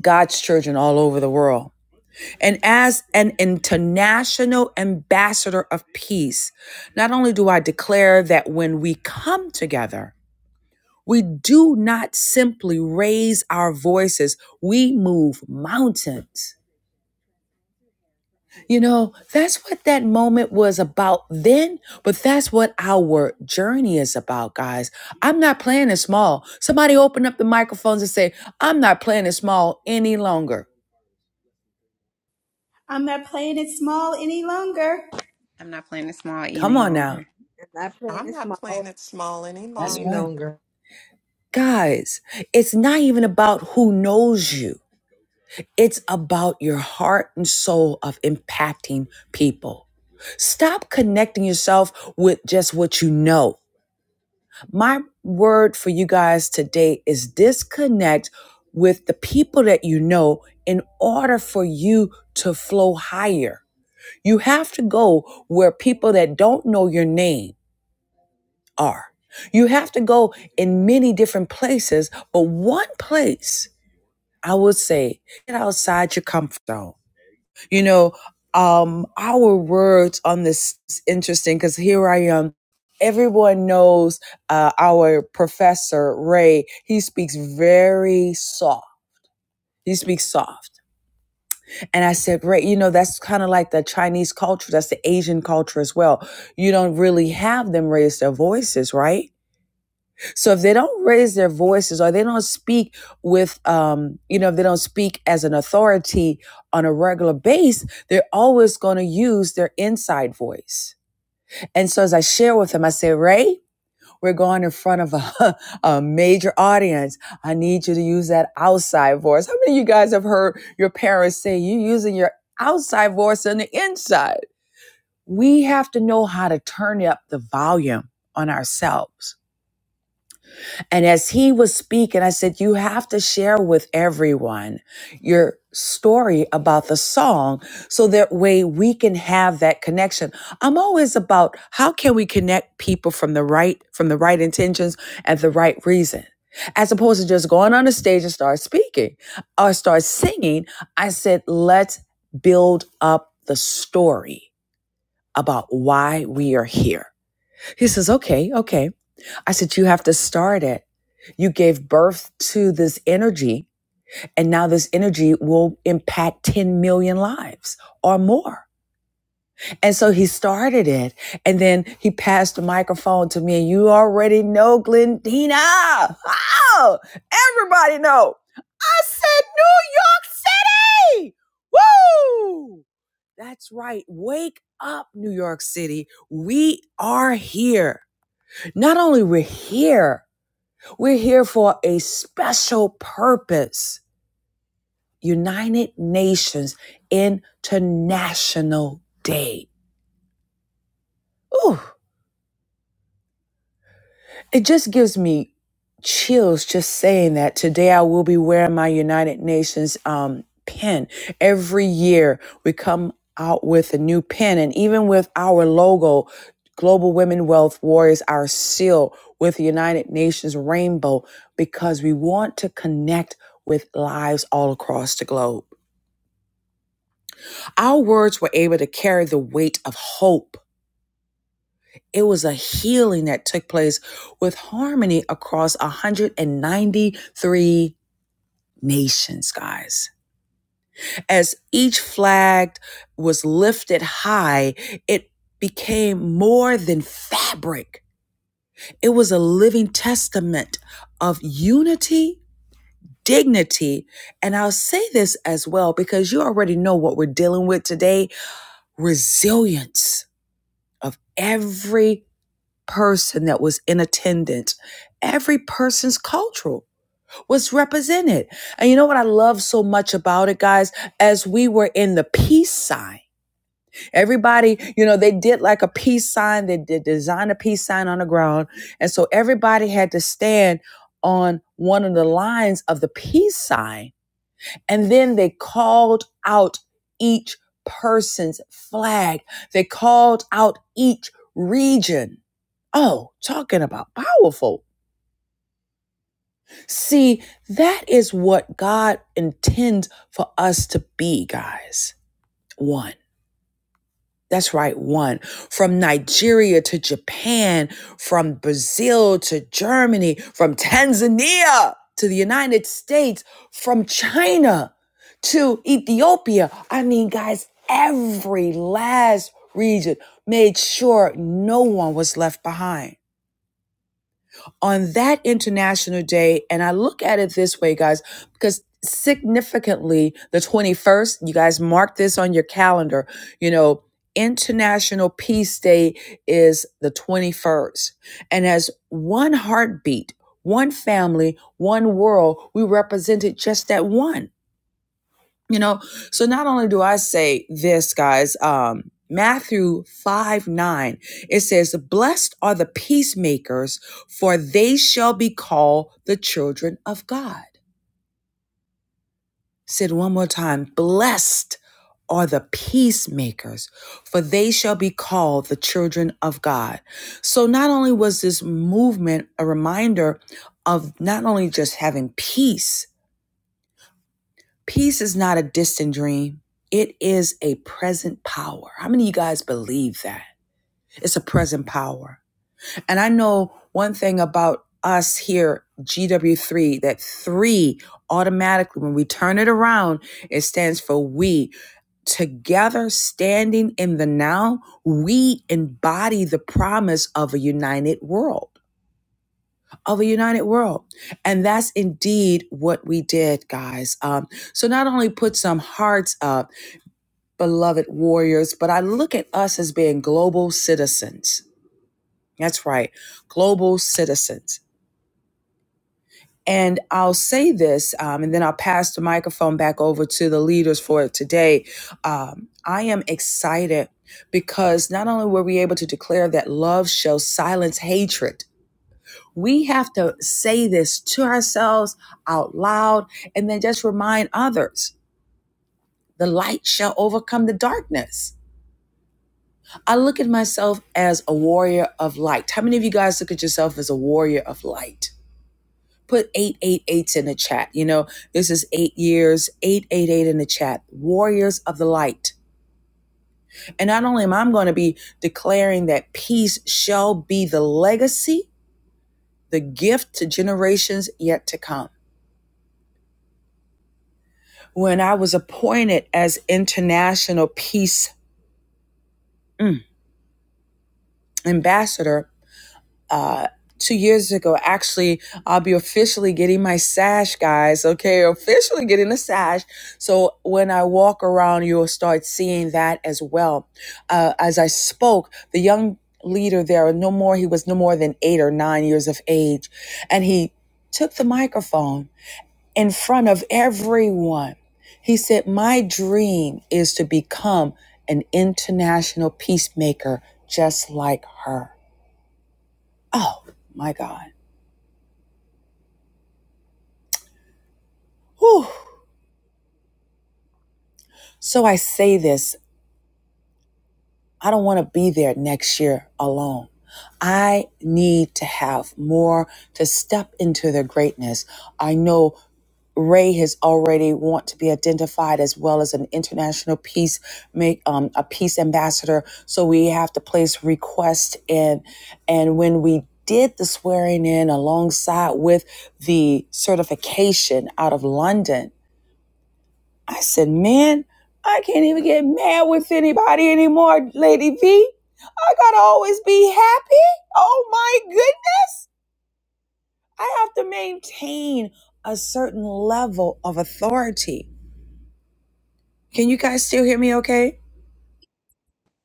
[SPEAKER 3] God's children all over the world. And as an international ambassador of peace, not only do I declare that when we come together, we do not simply raise our voices, we move mountains. You know, that's what that moment was about then, but that's what our journey is about, guys. I'm not playing it small. Somebody open up the microphones and say, I'm not playing it small any longer.
[SPEAKER 1] I'm not playing it small any longer.
[SPEAKER 4] I'm not playing this small
[SPEAKER 3] Come
[SPEAKER 4] any
[SPEAKER 3] on now.
[SPEAKER 4] longer.
[SPEAKER 7] I'm not playing
[SPEAKER 6] i'm
[SPEAKER 7] it
[SPEAKER 6] not
[SPEAKER 7] small
[SPEAKER 6] playing it small any
[SPEAKER 3] That's
[SPEAKER 7] any
[SPEAKER 3] right.
[SPEAKER 6] longer
[SPEAKER 7] longer.
[SPEAKER 3] Guys, it's not even about who knows you, it's about your heart and soul of impacting people. Stop connecting yourself with just what you know. My word for you guys today is disconnect with the people that you know in order for you to flow higher. You have to go where people that don't know your name are. You have to go in many different places, but one place I would say, get outside your comfort zone you know um our words on this is interesting because here i am everyone knows uh, our professor ray he speaks very soft he speaks soft and i said ray you know that's kind of like the chinese culture that's the asian culture as well you don't really have them raise their voices right so if they don't raise their voices or they don't speak with, um, you know, if they don't speak as an authority on a regular base, they're always going to use their inside voice. And so as I share with them, I say, Ray, we're going in front of a, a major audience. I need you to use that outside voice. How many of you guys have heard your parents say you using your outside voice on the inside? We have to know how to turn up the volume on ourselves and as he was speaking, I said, You have to share with everyone your story about the song so that way we can have that connection. I'm always about how can we connect people from the right, from the right intentions and the right reason. As opposed to just going on the stage and start speaking or start singing, I said, let's build up the story about why we are here. He says, okay, okay. I said, You have to start it. You gave birth to this energy, and now this energy will impact 10 million lives or more. And so he started it, and then he passed the microphone to me. And you already know, Glendina. Oh, everybody know. I said New York City. Woo! That's right. Wake up, New York City. We are here. Not only we're here, we're here for a special purpose United Nations International Day. Ooh, it just gives me chills just saying that. Today I will be wearing my United Nations um, pin. Every year we come out with a new pin, and even with our logo, Global Women Wealth Warriors, our seal with the United Nations rainbow, because we want to connect with lives all across the globe. Our words were able to carry the weight of hope. It was a healing that took place with harmony across 193 nations, guys. As each flag was lifted high, it became more than fabric. It was a living testament of unity, dignity, and I'll say this as well because you already know what we're dealing with today resilience of every person that was in attendance, every person's cultural was represented. And you know what I love so much about it, guys? As we were in the peace sign, everybody, you know, they did like a peace sign, they did design a peace sign on the ground. And so everybody had to stand on one of the lines of the peace sign and then they called out each person's flag. They called out each region. Oh, talking about powerful. See, that is what God intends for us to be, guys. One. That's right, one. From Nigeria to Japan, from Brazil to Germany, from Tanzania to the United States, from China to Ethiopia. I mean, guys, every last region made sure no one was left behind on that International Day. And I look at it this way, guys, because significantly, the 21st, you guys mark this on your calendar, you know. International Peace Day is the 21st. And as one heartbeat, one family, one world, we represented just that one. You know, so not only do I say this, guys, um, Matthew 5 9, it says, Blessed are the peacemakers, for they shall be called the children of God. Said one more time, blessed are the peacemakers, for they shall be called the children of God. So not only was this movement a reminder of not only just having peace, Peace is not a distant dream. It is a present power. How many of you guys believe that? It's a present power. And I know one thing about us here, GW3, that three automatically, when we turn it around, it stands for we. Together, standing in the now, we embody the promise of a united world of a united world. And that's indeed what we did, guys. Um, so not only put some hearts up, beloved warriors, but I look at us as being global citizens. That's right, global citizens. And I'll say this, um, and then I'll pass the microphone back over to the leaders for today. Um, I am excited because not only were we able to declare that love shall silence hatred, We have to say this to ourselves out loud and then just remind others the light shall overcome the darkness. I look at myself as a warrior of light. How many of you guys look at yourself as a warrior of light? Put eight eight eights in the chat. You know, this is eight years, 888 in the chat. Warriors of the light. And not only am I going to be declaring that peace shall be the legacy, the gift to generations yet to come. when I was appointed as international peace mm, ambassador uh, two years ago. Actually, I'll be officially getting my sash, guys. Okay, officially getting the sash. So when I walk around, you'll start seeing that as well. Uh, as I spoke, the young leader there, no more, he was no more than eight or nine years of age, and he took the microphone in front of everyone. He said, My dream is to become an international peacemaker just like her. Oh my God. Whew. So I say this I don't want to be there next year alone. I need to have more to step into their greatness. I know Ray has already want to be identified as well as an international peace make um, a peace ambassador. So we have to place requests in. and when we did the swearing in alongside with the certification out of London, I said, man, I can't even get mad with anybody anymore, Lady V. I gotta always be happy. Oh my goodness. I have to maintain a certain level of authority. Can you guys still hear me okay?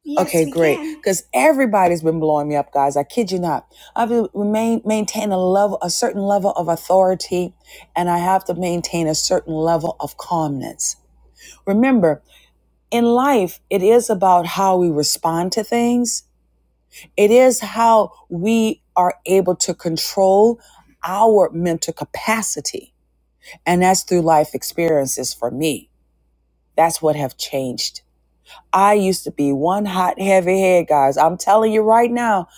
[SPEAKER 1] Yes,
[SPEAKER 3] Okay,
[SPEAKER 1] we
[SPEAKER 3] great.
[SPEAKER 1] can.
[SPEAKER 3] Because everybody's been blowing me up, guys. I kid you not. I have to remain, maintain a level, a certain level of authority, and I have to maintain a certain level of calmness. Remember, in life, it is about how we respond to things. It is how we are able to control our mental capacity. And that's through life experiences for me. That's what have changed I used to be one hot, heavy head, guys. I'm telling you right now,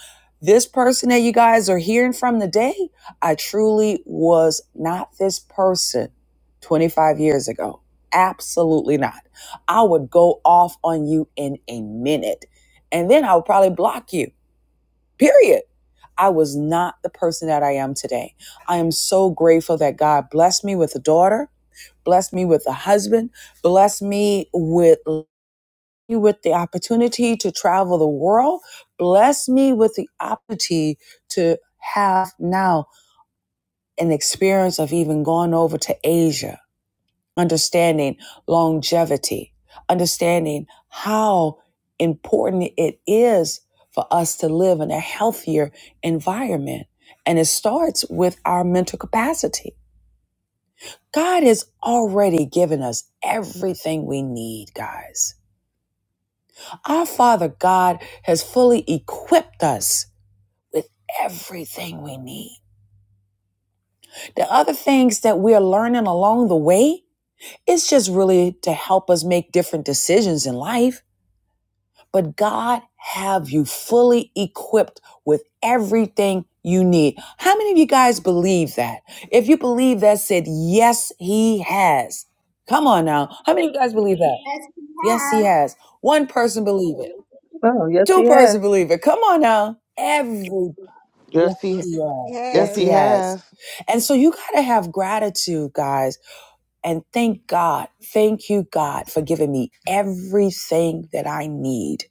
[SPEAKER 3] this person that you guys are hearing from today, I truly was not this person 25 years ago. Absolutely not. I would go off on you in a minute, and then I would probably block you, period. I was not the person that I am today. I am so grateful that God blessed me with a daughter, blessed me with a husband, blessed me with me with the opportunity to travel the world. Bless me with the opportunity to have now an experience of even going over to Asia, understanding longevity, understanding how important it is for us to live in a healthier environment. And it starts with our mental capacity. God has already given us everything we need, guys Our Father God has fully equipped us with everything we need. The other things that we are learning along the way it's just really to help us make different decisions in life. But God have you fully equipped with everything you need. How many of you guys believe that? If you believe that, said yes, He has. Come on now. How many of you guys believe that?
[SPEAKER 1] Yes, we
[SPEAKER 3] Yes, He
[SPEAKER 1] have.
[SPEAKER 3] has. One person believe it.
[SPEAKER 9] Oh, yes, he
[SPEAKER 3] Two person
[SPEAKER 9] has.
[SPEAKER 3] believer. Come on now. Every yes,
[SPEAKER 8] Yes, he,
[SPEAKER 3] he has.
[SPEAKER 8] yes,
[SPEAKER 3] Yes,
[SPEAKER 7] Yes,
[SPEAKER 8] he
[SPEAKER 3] he has.
[SPEAKER 8] has.
[SPEAKER 3] And so you gotta have gratitude, guys, and thank God. Thank you, God, for giving me everything that I need.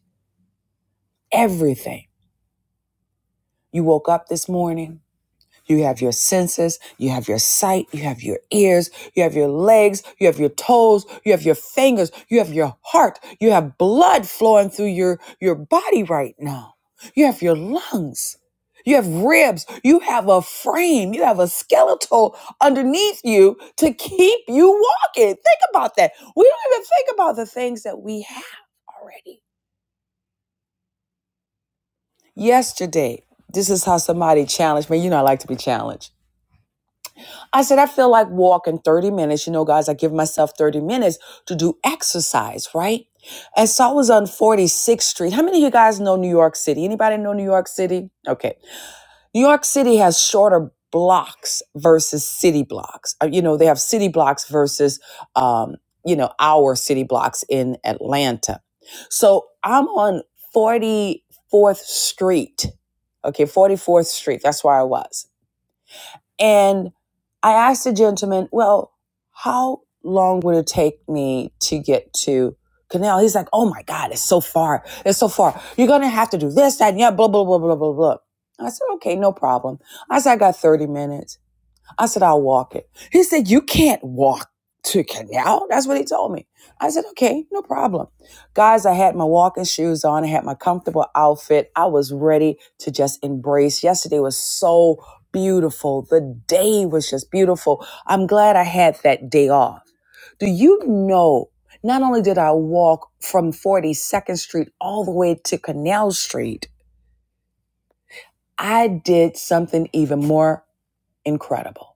[SPEAKER 3] Everything. You woke up this morning. You have your senses, you have your sight, you have your ears, you have your legs, you have your toes, you have your fingers, you have your heart, you have blood flowing through your, your body right now. You have your lungs, you have ribs, you have a frame, you have a skeletal underneath you to keep you walking. Think about that. We don't even think about the things that we have already. Yesterday, this is how somebody challenged me. You know, I like to be challenged I said, I feel like walking 30 minutes. You know, guys, I give myself 30 minutes to do exercise, right? And so I was on 46th Street. How many of you guys know New York City? Anybody know New York City? Okay. New York City has shorter blocks versus city blocks. Uh, You know, they have city blocks versus, um, you know, our city blocks in Atlanta. So I'm on 44th Street. Okay, 44th Street. That's where I was. And I asked the gentleman, well, how long would it take me to get to Canal? He's like, oh my God, it's so far. It's so far. You're going to have to do this, that, and yeah, blah, blah, blah, blah, blah, blah. I said, okay, no problem. I said, I got 30 minutes. I said, I'll walk it. He said, You can't walk to canal. That's what he told me. I said, Okay, no problem. Guys, I had my walking shoes on. I had my comfortable outfit. I was ready to just embrace. Yesterday was so beautiful. The day was just beautiful. I'm glad I had that day off. Do you know? Not only did I walk from 42nd Street all the way to Canal Street, I did something even more incredible.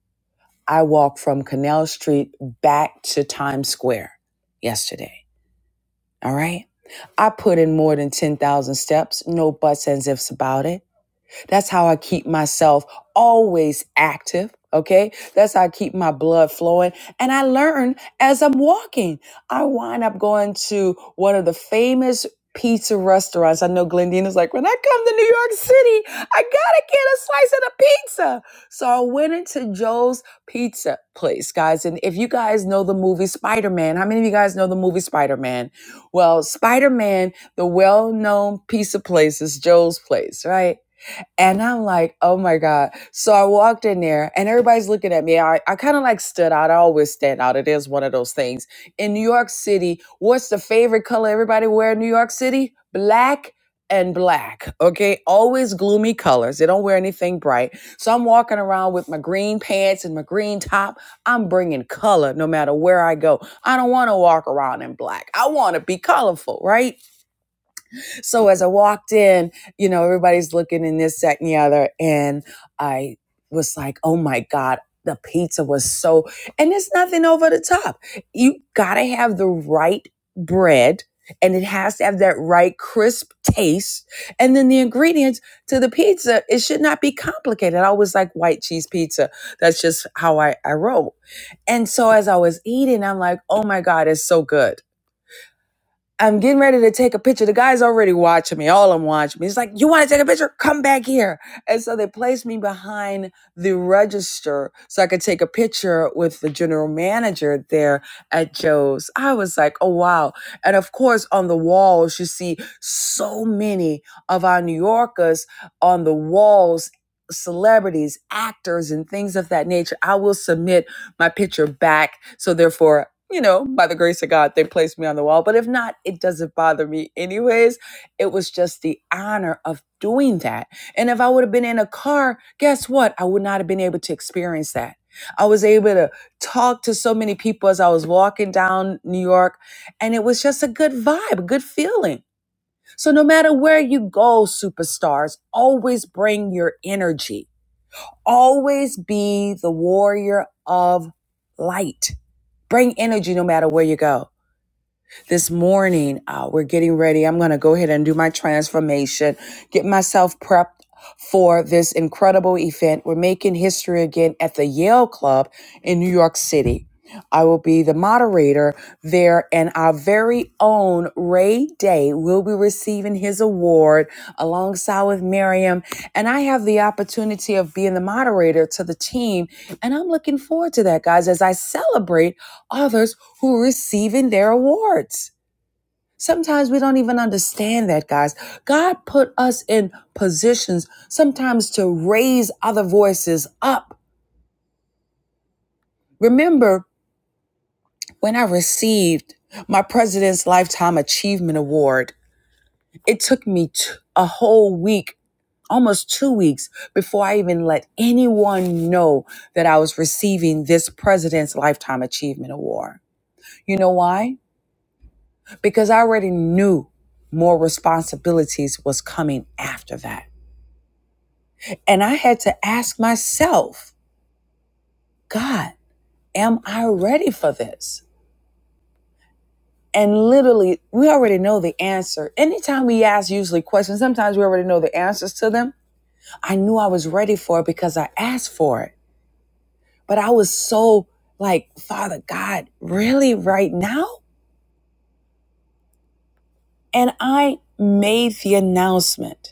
[SPEAKER 3] I walked from Canal Street back to Times Square yesterday. All right. I put in more than 10,000 steps, no buts and ifs about it. That's how I keep myself always active. Okay. That's how I keep my blood flowing. And I learn as I'm walking. I wind up going to one of the famous pizza restaurants. I know Glendina's like, when I come to New York City, I gotta get a slice of the pizza. So I went into Joe's pizza place, guys. And if you guys know the movie Spider-Man, how many of you guys know the movie Spider-Man? Well, Spider-Man, the well-known pizza place is Joe's place, right? And I'm like, oh my God. So I walked in there and everybody's looking at me. I, I kind of like stood out. I always stand out. It is one of those things. In New York City, what's the favorite color everybody wear in New York City? Black and black. Okay. Always gloomy colors. They don't wear anything bright. So I'm walking around with my green pants and my green top. I'm bringing color no matter where I go. I don't want to walk around in black. I want to be colorful, right? So as I walked in, you know, everybody's looking in this, that, and the other. And I was like, oh my God, the pizza was so, and it's nothing over the top. You gotta have the right bread and it has to have that right crisp taste. And then the ingredients to the pizza, it should not be complicated. I always like white cheese pizza. That's just how I, I roll. And so as I was eating, I'm like, oh my God, it's so good. I'm getting ready to take a picture. The guy's already watching me. All of them watching me. He's like, "You want to take a picture? Come back here." And so they placed me behind the register so I could take a picture with the general manager there at Joe's. I was like, "Oh wow!" And of course, on the walls, you see so many of our New Yorkers on the walls. Celebrities, actors, and things of that nature. I will submit my picture back. So therefore, you know, by the grace of God, they placed me on the wall. But if not, it doesn't bother me anyways. It was just the honor of doing that. And if I would have been in a car, guess what? I would not have been able to experience that. I was able to talk to so many people as I was walking down New York, and it was just a good vibe, a good feeling. So no matter where you go, superstars, always bring your energy Always be the warrior of light. Bring energy no matter where you go. This morning, uh, we're getting ready. I'm going to go ahead and do my transformation, get myself prepped for this incredible event. We're making history again at the Yale Club in New York City. I will be the moderator there, and our very own Ray Day will be receiving his award alongside with Miriam. And I have the opportunity of being the moderator to the team, and I'm looking forward to that, guys, as I celebrate others who are receiving their awards. Sometimes we don't even understand that, guys. God put us in positions sometimes to raise other voices up. Remember when I received my President's Lifetime Achievement Award, it took me t- a whole week, almost two weeks, before I even let anyone know that I was receiving this President's Lifetime Achievement Award. You know why? because I already knew more responsibilities was coming after that. And I had to ask myself, God, am I ready for this? And literally, we already know the answer. Anytime we ask usually questions, sometimes we already know the answers to them. I knew I was ready for it because I asked for it. But I was so like, Father God, really right now? And I made the announcement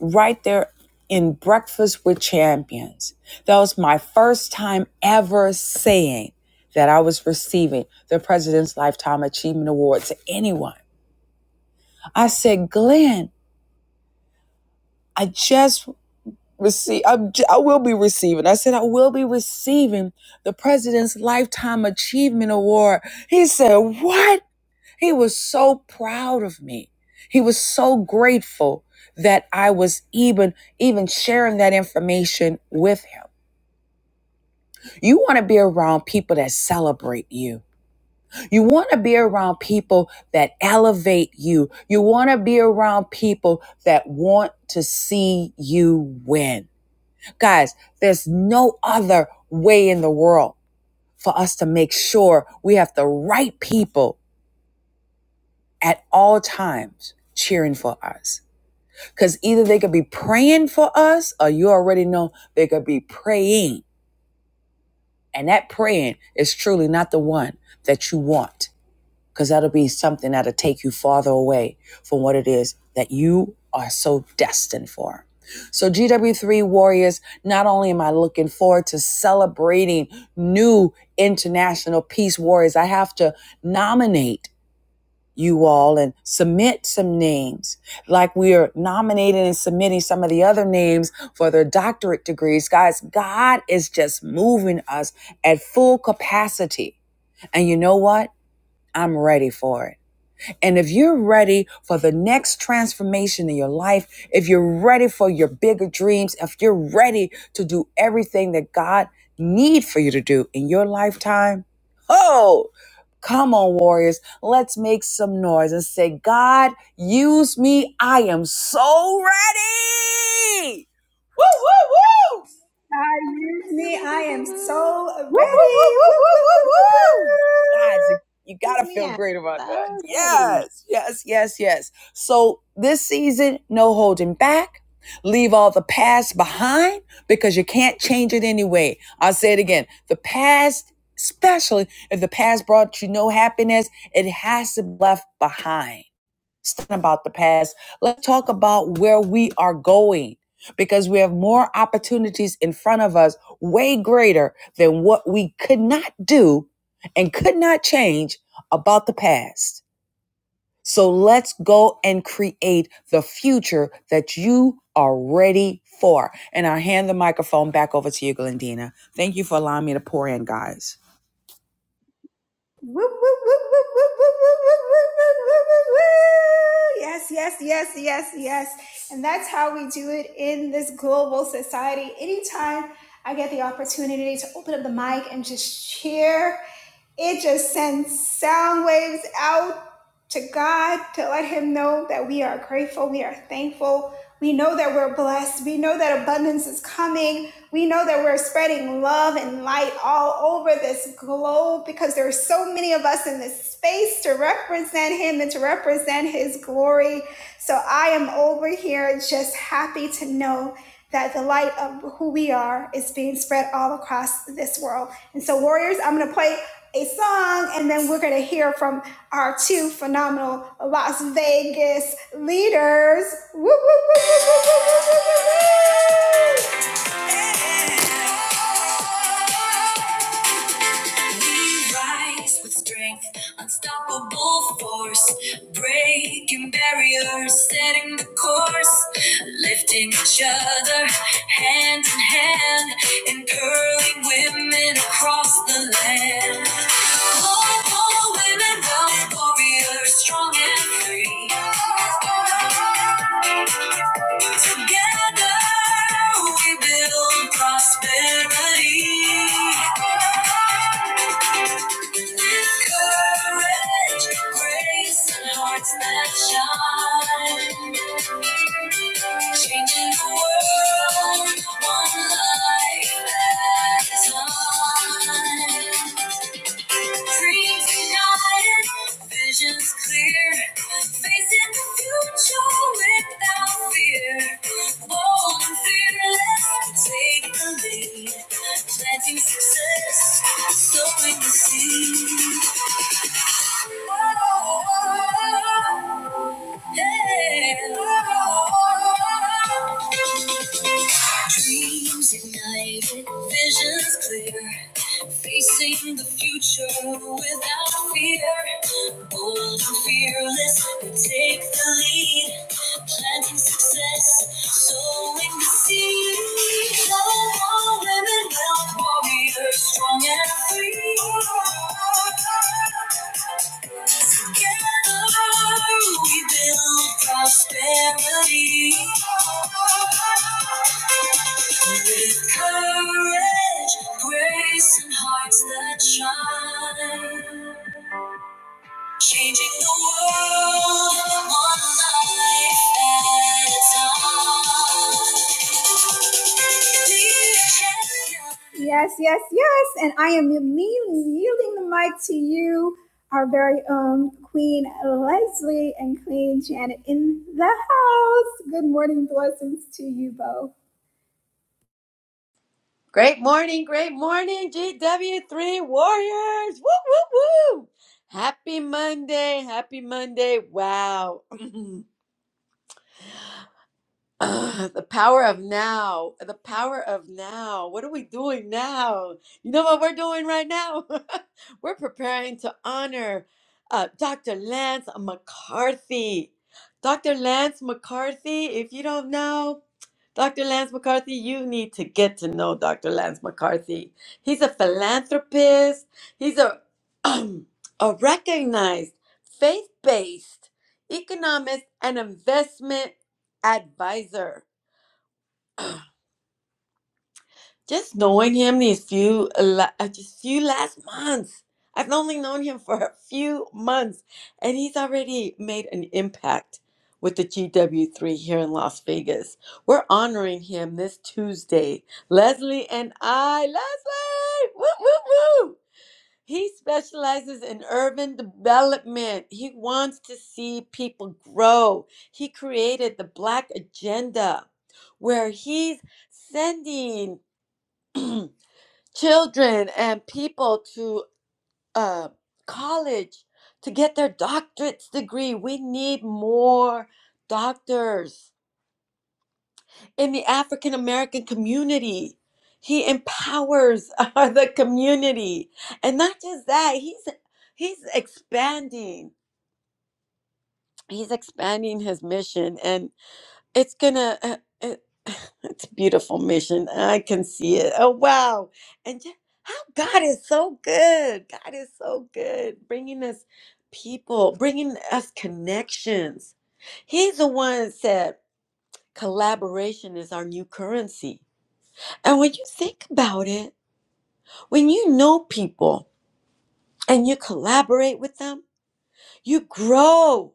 [SPEAKER 3] right there in Breakfast with Champions. That was my first time ever saying that I was receiving the President's Lifetime Achievement Award to anyone. I said, Glenn, I just received, I'm, j- i am I will be receiving. I said, I will be receiving the President's Lifetime Achievement Award. He said, What? He was so proud of me. He was so grateful that I was even even sharing that information with him. You want to be around people that celebrate you. You want to be around people that elevate you. You want to be around people that want to see you win. Guys, there's no other way in the world for us to make sure we have the right people at all times cheering for us. Because either they could be praying for us, or you already know they could be praying. And that praying is truly not the one that you want, because that'll be something that'll take you farther away from what it is that you are so destined for. So, GW3 Warriors, not only am I looking forward to celebrating new international peace warriors, I have to nominate you all and submit some names like we are nominating and submitting some of the other names for their doctorate degrees guys god is just moving us at full capacity and you know what i'm ready for it and if you're ready for the next transformation in your life, if you're ready for your bigger dreams, if you're ready to do everything that God needs for you to do in your lifetime, oh, come on, warriors. Let's make some noise and say, God, use me. I am so ready. Woo, woo, woo.
[SPEAKER 1] I use me. I am so
[SPEAKER 3] Woo, woo,
[SPEAKER 1] ready.
[SPEAKER 3] woo,
[SPEAKER 1] Woo, woo, woo, woo,
[SPEAKER 3] woo, woo, woo, woo.
[SPEAKER 1] woo.
[SPEAKER 3] Guys, you got
[SPEAKER 7] excuse
[SPEAKER 3] to
[SPEAKER 7] me,
[SPEAKER 3] feel
[SPEAKER 7] I'm
[SPEAKER 3] great about that.
[SPEAKER 7] so ready.
[SPEAKER 3] Yes, yes, yes, yes. So this season, no holding back. Leave all the past behind because you can't change it anyway. I'll say it again. The past, especially if the past brought you no happiness, it has to be left behind. It's about the past. Let's talk about where we are going because we have more opportunities in front of us, way greater than what we could not do and could not change about the past. So let's go and create the future that you are ready for. And I'll hand the microphone back over to you, Glendina. Thank you for allowing me to pour in, guys.
[SPEAKER 1] Woo, woo, woo, woo, woo, woo, woo, woo, woo, woo, woo, woo, woo. Yes, yes, yes, yes, yes. And that's how we do it in this global society. Anytime I get the opportunity to open up the mic and just cheer, it just sends sound waves out to God to let Him know that we are grateful, we are thankful, we know that we're blessed, we know that abundance is coming. We know that we're spreading love and light all over this globe because there are so many of us in this space to represent Him and to represent His glory. So I am over here just happy to know that the light of who we are is being spread all across this world. And so, Warriors, I'm going to play a song and then we're going to hear from our two phenomenal Las Vegas leaders. Woo, woo, woo, woo, woo, woo, woo, woo, woo. We rise with strength, unstoppable force, breaking barriers, setting the course, lifting each other hand in hand, empowering women across the land. Oh, oh, women, wealth warriors, strong and free. Together we build prosperity. with Courage, grace, and hearts that shine. Changing the world, one life at a time. Dreams united, visions clear, facing the future without fear. Bold and fearless, take the lead, planting success, sowing the seed. Oh, Dreams ignited, visions clear. Facing the future without fear. Bold and fearless, we take the lead. Planting success, sowing the seed. All women, wealth warriors, strong and free. Together we build prosperity. With courage, grace, and hearts that shine. Changing the world, one life at a time. Yes, yes, yes. And I am yielding, yielding the mic to you, our very own Queen Leslie and Queen Janet in the house. Good morning, blessings to you both.
[SPEAKER 10] Great morning, great morning, GW3 Warriors! Woo, woo, woo! Happy Monday, happy Monday. Wow. Ah, the power of now, the power of now. What are we doing now? You know what we're doing right now? we're preparing to honor uh, Dr. Lance McCarthy. Dr. Lance McCarthy, if you don't know, Dr. Lance McCarthy, you need to get to know Dr. Lance McCarthy. He's a philanthropist. He's a a recognized faith-based economist and investment advisor. Just knowing him these few la- uh, just few last months. I've only known him for a few months, and he's already made an impact with the GW3 here in Las Vegas. We're honoring him this Tuesday. Leslie and I, Leslie, woo woo woo. He specializes in urban development. He wants to see people grow. He created the Black Agenda, where he's sending children and people to uh, college to get their doctorate's degree. We need more doctors in the African American community. He empowers uh, the community, and not just that. He's he's expanding. He's expanding his mission, and it's gonna. Uh, uh, It's a beautiful mission. I can see it. Oh, wow. And just how God is so good. God is so good, bringing us people, bringing us connections. He's the one that said collaboration is our new currency. And when you think about it, when you know people and you collaborate with them, you grow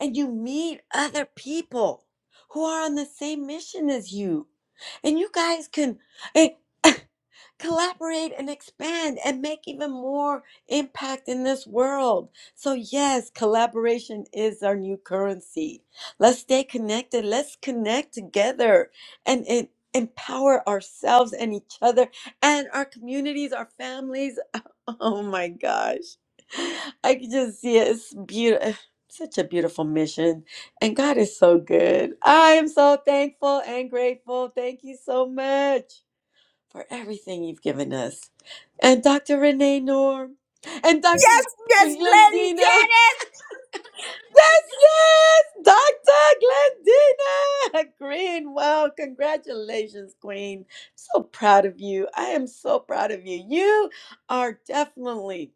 [SPEAKER 10] and you meet other people who are on the same mission as you. And you guys can. collaborate and expand and make even more impact in this world. So, yes, collaboration is our new currency. Let's stay connected. Let's connect together and it, empower ourselves and each other and our communities, our families. Oh my gosh. I can just see it. It's beautiful. Such a beautiful mission, and God is so good. I am so thankful and grateful. Thank you so much for everything you've given us. And Dr. Renee Norm and
[SPEAKER 3] Yes,
[SPEAKER 10] Dr.
[SPEAKER 3] yes, Glenn,
[SPEAKER 10] Glendina.
[SPEAKER 3] yes.
[SPEAKER 10] Yes, yes, Dr. Glendina Green. Well, congratulations, Queen. So proud of you. I am so proud of you. You are definitely,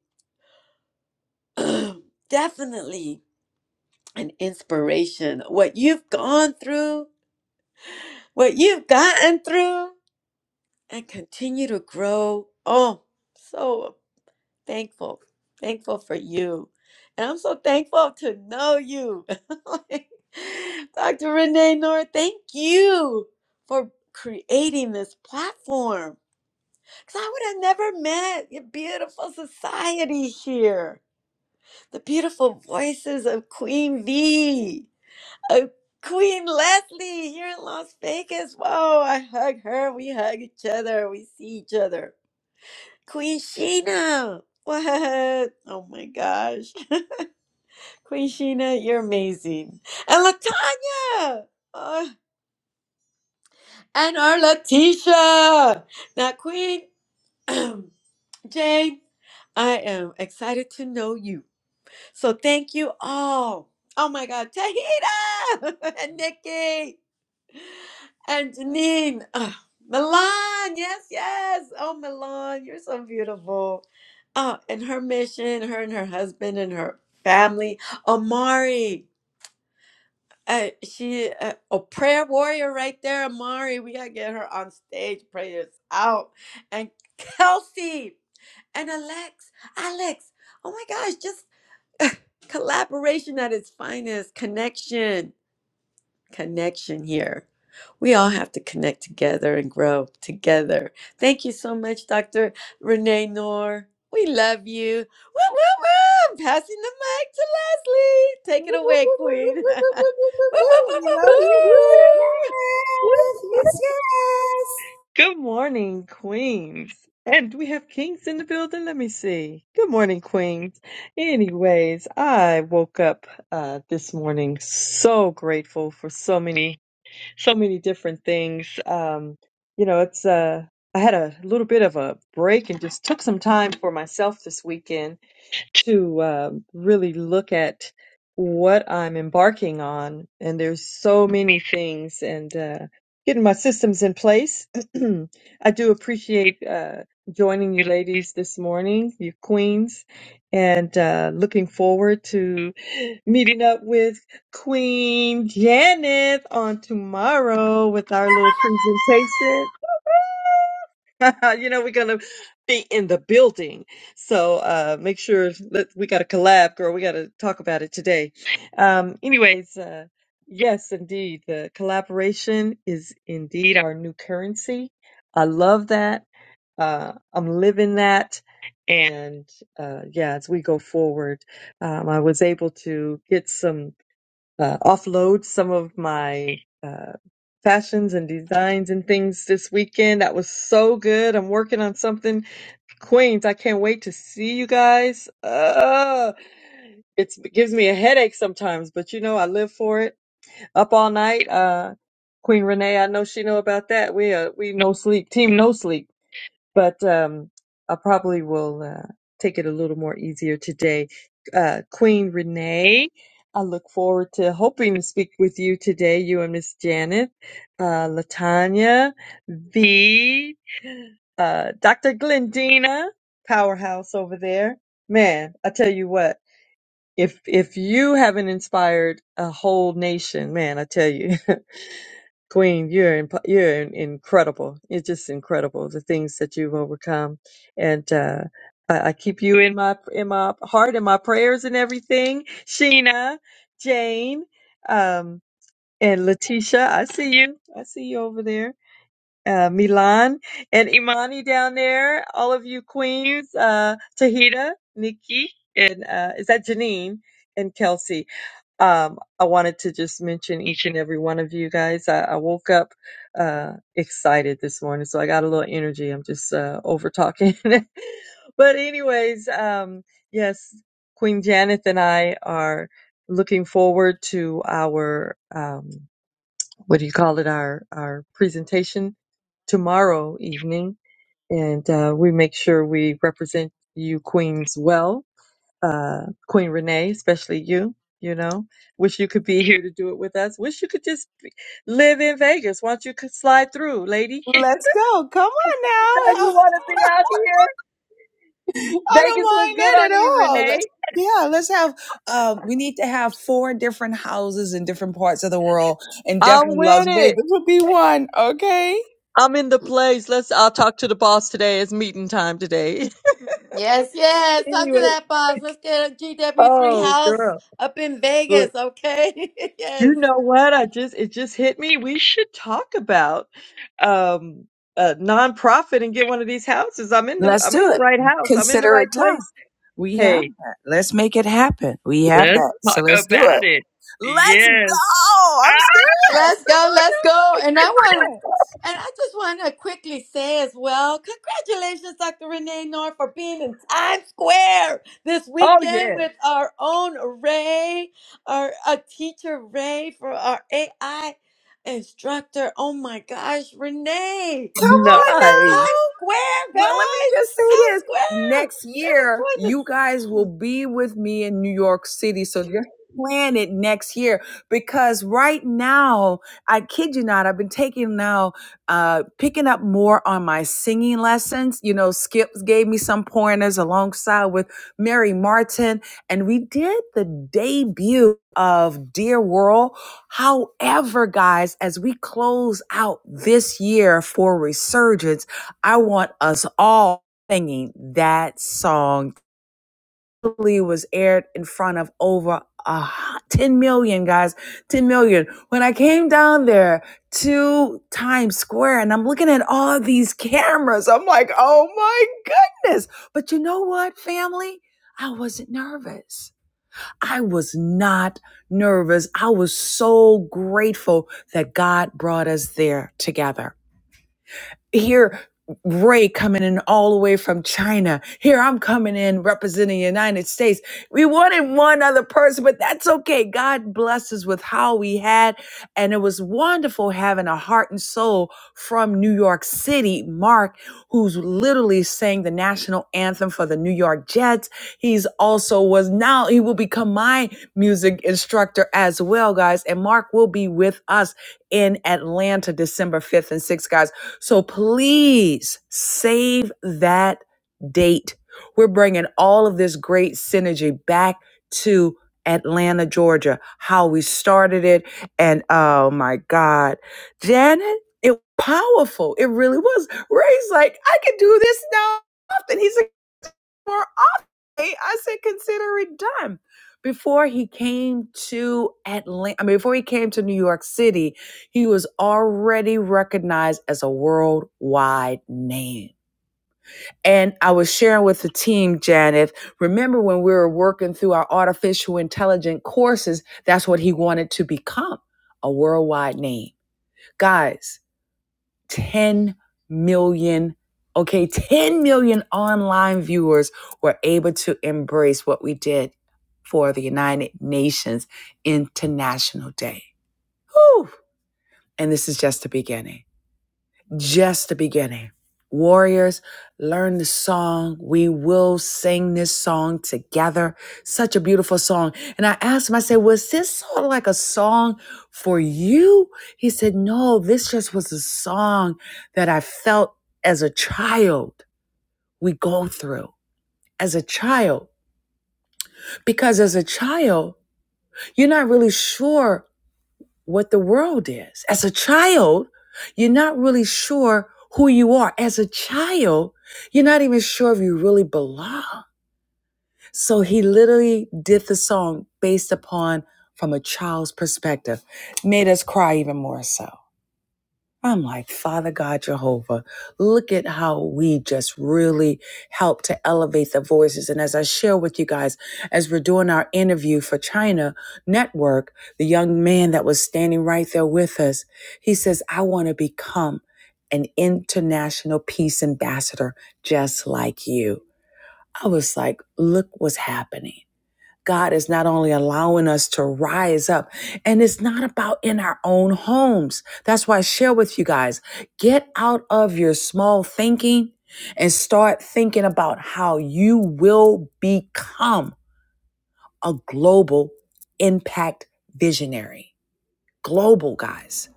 [SPEAKER 10] definitely an inspiration. What you've gone through, what you've gotten through, and continue to grow. Oh, so thankful, thankful for you. And I'm so thankful to know you. Dr. Renee Noor, thank you for creating this platform. Because I would have never met your beautiful society here. The beautiful voices of Queen V, of Queen Leslie here in Las Vegas. Whoa, I hug her. We hug each other. We see each other. Queen Sheena! What? Oh my gosh. Queen Sheena, you're amazing. And Latanya! Oh, and our Letitia! Now, Queen Jane, I am excited to know you. So thank you all. Oh my God, Tahita! and Nikki! And Janine, ah, Milan, yes, yes. Oh, Milan, you're so beautiful. Oh, and her mission, her and her husband and her family. Amari, uh, she uh, a prayer warrior right there. Amari, we gotta get her on stage. Prayers out. And Kelsey and Alex, Alex. Oh my gosh, just collaboration at its finest. Connection connection here. We all have to connect together and grow together. Thank you so much, Dr. Renee Noor. We love you. Woo, woo, woo. I'm passing the mic to Leslie.
[SPEAKER 1] We
[SPEAKER 10] Take it
[SPEAKER 1] love
[SPEAKER 10] away, Queen. woo, woo, woo, woo,
[SPEAKER 1] you, Queen
[SPEAKER 10] woo.
[SPEAKER 1] Janet. Yes, yes.
[SPEAKER 9] Good morning, Queens. And we have Kings in the building. Let me see. Good morning, Queens. Anyways, I woke up uh, this morning so grateful for so many, so many different things. Um, you know, it's uh, I had a little bit of a break and just took some time for myself this weekend to uh, really look at what I'm embarking on. And there's so many things and uh, getting my systems in place. I do appreciate uh, joining you ladies this morning, you queens, and uh, looking forward to meeting up with Queen Janet on tomorrow with our little presentation. you know, we're going to be in the building so uh, make sure that we got to collab, girl. We got to talk about it today. Um, anyways, uh, yes, indeed, the collaboration is indeed our new currency. I love that. Uh, I'm living that. And uh, yeah, as we go forward, um, I was able to get some uh, offload some of my uh, fashions and designs and things this weekend. That was so good. I'm working on something Queens, I can't wait to see you guys. Uh, it's, it gives me a headache sometimes, but you know, I live for it. Up all night. Uh, Queen Renee, I know she know about that. We, uh, we no sleep, team no sleep but um, I probably will uh, take it a little more easier today. Uh, Queen Renee, I look forward to hoping to speak with you today, you and Miss Janet, uh, Latanya, V, uh, Dr. Glendina, powerhouse over there. Man, I tell you what, if if you haven't inspired a whole nation, man, I tell you, Queen, you're imp- you're in- incredible. It's just incredible. The things that you've overcome, and uh, I, I keep you in my in my heart and my prayers and everything. Sheena, Jane, um, and Letitia, I see you. I see you over there. Uh, Milan and Imani down there. All of you queens. Uh, Tahita, Nikki, and uh, is that Janine and Kelsey? Um, I wanted to just mention each and every one of you guys. I, I woke up uh, excited this morning, so I got a little energy. I'm just uh, over talking. but, anyways, um, yes, Queen Janet and I are looking forward to our, um, what do you call it, our, our presentation tomorrow evening. And uh, we make sure we represent you, Queens, well uh, Queen Renee, especially you. You know, wish you could be here to do it with us. Wish you could just be, live in Vegas. Why don't you could slide through, lady? Anytime
[SPEAKER 3] Let's go. Come on
[SPEAKER 9] you
[SPEAKER 3] now.
[SPEAKER 9] want to be out here,
[SPEAKER 3] I don't
[SPEAKER 9] Vegas look
[SPEAKER 3] mind
[SPEAKER 9] good
[SPEAKER 3] that
[SPEAKER 9] on
[SPEAKER 3] at
[SPEAKER 9] you,
[SPEAKER 3] all. Let's
[SPEAKER 9] Renee.
[SPEAKER 3] yeah, let's have um we need to have four different houses in different parts of the world and
[SPEAKER 9] I'm
[SPEAKER 3] definitely
[SPEAKER 9] with
[SPEAKER 3] Las
[SPEAKER 9] it.
[SPEAKER 3] Vegas would be one, okay?
[SPEAKER 9] I'm in the place. Let's. I'll talk to the boss today. It's meeting time today.
[SPEAKER 10] Yes, yes. Talk to
[SPEAKER 9] anyway,
[SPEAKER 10] that boss. Let's get a GW3
[SPEAKER 9] oh
[SPEAKER 10] house
[SPEAKER 9] girl,
[SPEAKER 10] up in Vegas, okay? yes.
[SPEAKER 9] You know what? I just it just hit me. We should talk about um a nonprofit and get one of these houses. I'm in the
[SPEAKER 3] Let's
[SPEAKER 9] I'm in
[SPEAKER 3] do
[SPEAKER 9] the
[SPEAKER 3] it.
[SPEAKER 9] right house. I'm in the
[SPEAKER 3] Consider
[SPEAKER 9] right
[SPEAKER 3] it done.
[SPEAKER 9] place.
[SPEAKER 3] We have
[SPEAKER 9] Hey,
[SPEAKER 3] that. Let's make it happen. We have
[SPEAKER 9] let's
[SPEAKER 3] that. So
[SPEAKER 9] talk
[SPEAKER 3] let's do it.
[SPEAKER 9] about it.
[SPEAKER 3] Let's
[SPEAKER 9] Yes.
[SPEAKER 3] go. I'm
[SPEAKER 9] Ah,
[SPEAKER 3] serious.
[SPEAKER 10] Let's
[SPEAKER 3] Come
[SPEAKER 10] go,
[SPEAKER 3] on
[SPEAKER 10] let's go. And I want
[SPEAKER 3] now.
[SPEAKER 10] And I just want to quickly say as well, congratulations, Dr. Renee Noor, for being in Times Square this
[SPEAKER 9] oh
[SPEAKER 10] weekend
[SPEAKER 9] yeah.
[SPEAKER 10] with our own Ray, our a teacher Ray for our AI instructor. Oh my gosh, Renee,
[SPEAKER 3] Come
[SPEAKER 10] she
[SPEAKER 3] on
[SPEAKER 10] was in
[SPEAKER 9] Nice.
[SPEAKER 10] Times
[SPEAKER 3] now.
[SPEAKER 10] Square,
[SPEAKER 3] Well, let me just
[SPEAKER 10] guys,
[SPEAKER 3] say
[SPEAKER 10] Times
[SPEAKER 3] this.
[SPEAKER 10] Square.
[SPEAKER 3] Next
[SPEAKER 10] They was
[SPEAKER 3] year,
[SPEAKER 10] doing
[SPEAKER 3] you guys will
[SPEAKER 10] this.
[SPEAKER 3] be with me in New York City. So just plan it next year because right now, I kid you not, I've been taking now, uh, picking up more on my singing lessons. You know, Skips gave me some pointers alongside with Mary Martin, and we did the debut of Dear World. However, guys, as we close out this year for Resurgence, I want us all singing that song. It was aired in front of over a 10 million guys, 10 million. When I came down there to Times Square and I'm looking at all these cameras, I'm like, oh my goodness. But you know what, family? I wasn't nervous. I was not nervous. I was so grateful that God brought us there together. Here, Ray coming in all the way from China. Here, I'm coming in representing the United States. We wanted one other person, but that's okay. God blessed us with how we had. And it was wonderful having a heart and soul from New York City, Mark, who's literally sang the national anthem for the New York Jets. He's also was now, he will become my music instructor as well, guys. And Mark will be with us in Atlanta, December 5th and 6th, guys. So please save that date. We're bringing all of this great synergy back to Atlanta, Georgia, how we started it. And oh my God, Janet, it was powerful. It really was. Ray's like, I can do this now. And he's like more off day, I said, consider it done. Before he came to Atlanta, I mean, before he came to New York City, he was already recognized as a worldwide name. And I was sharing with the team, Janet, remember when we were working through our artificial intelligent courses, that's what he wanted to become a worldwide name. Guys, 10 million, okay, 10 million online viewers were able to embrace what we did for the United Nations International Day. Whew. And this is just the beginning just the beginning. Warriors, learn the song. We will sing this song together. Such a beautiful song. And I asked him, I said, was this sort of like a song for you? He said, no, this just was a song that I felt as a child we go through as a child. Because as a child, you're not really sure what the world is. As a child, you're not really sure who you are. As a child, you're not even sure if you really belong. So he literally did the song based upon from a child's perspective, made us cry even more so. I'm like, Father God Jehovah, look at how we just really help to elevate the voices. And as I share with you guys, as we're doing our interview for China Network, the young man that was standing right there with us, he says, I want to become an international peace ambassador just like you. I was like, look what's happening. God is not only allowing us to rise up, and it's not about in our own homes. That's why I share with you guys get out of your small thinking and start thinking about how you will become a global impact visionary. Global, guys,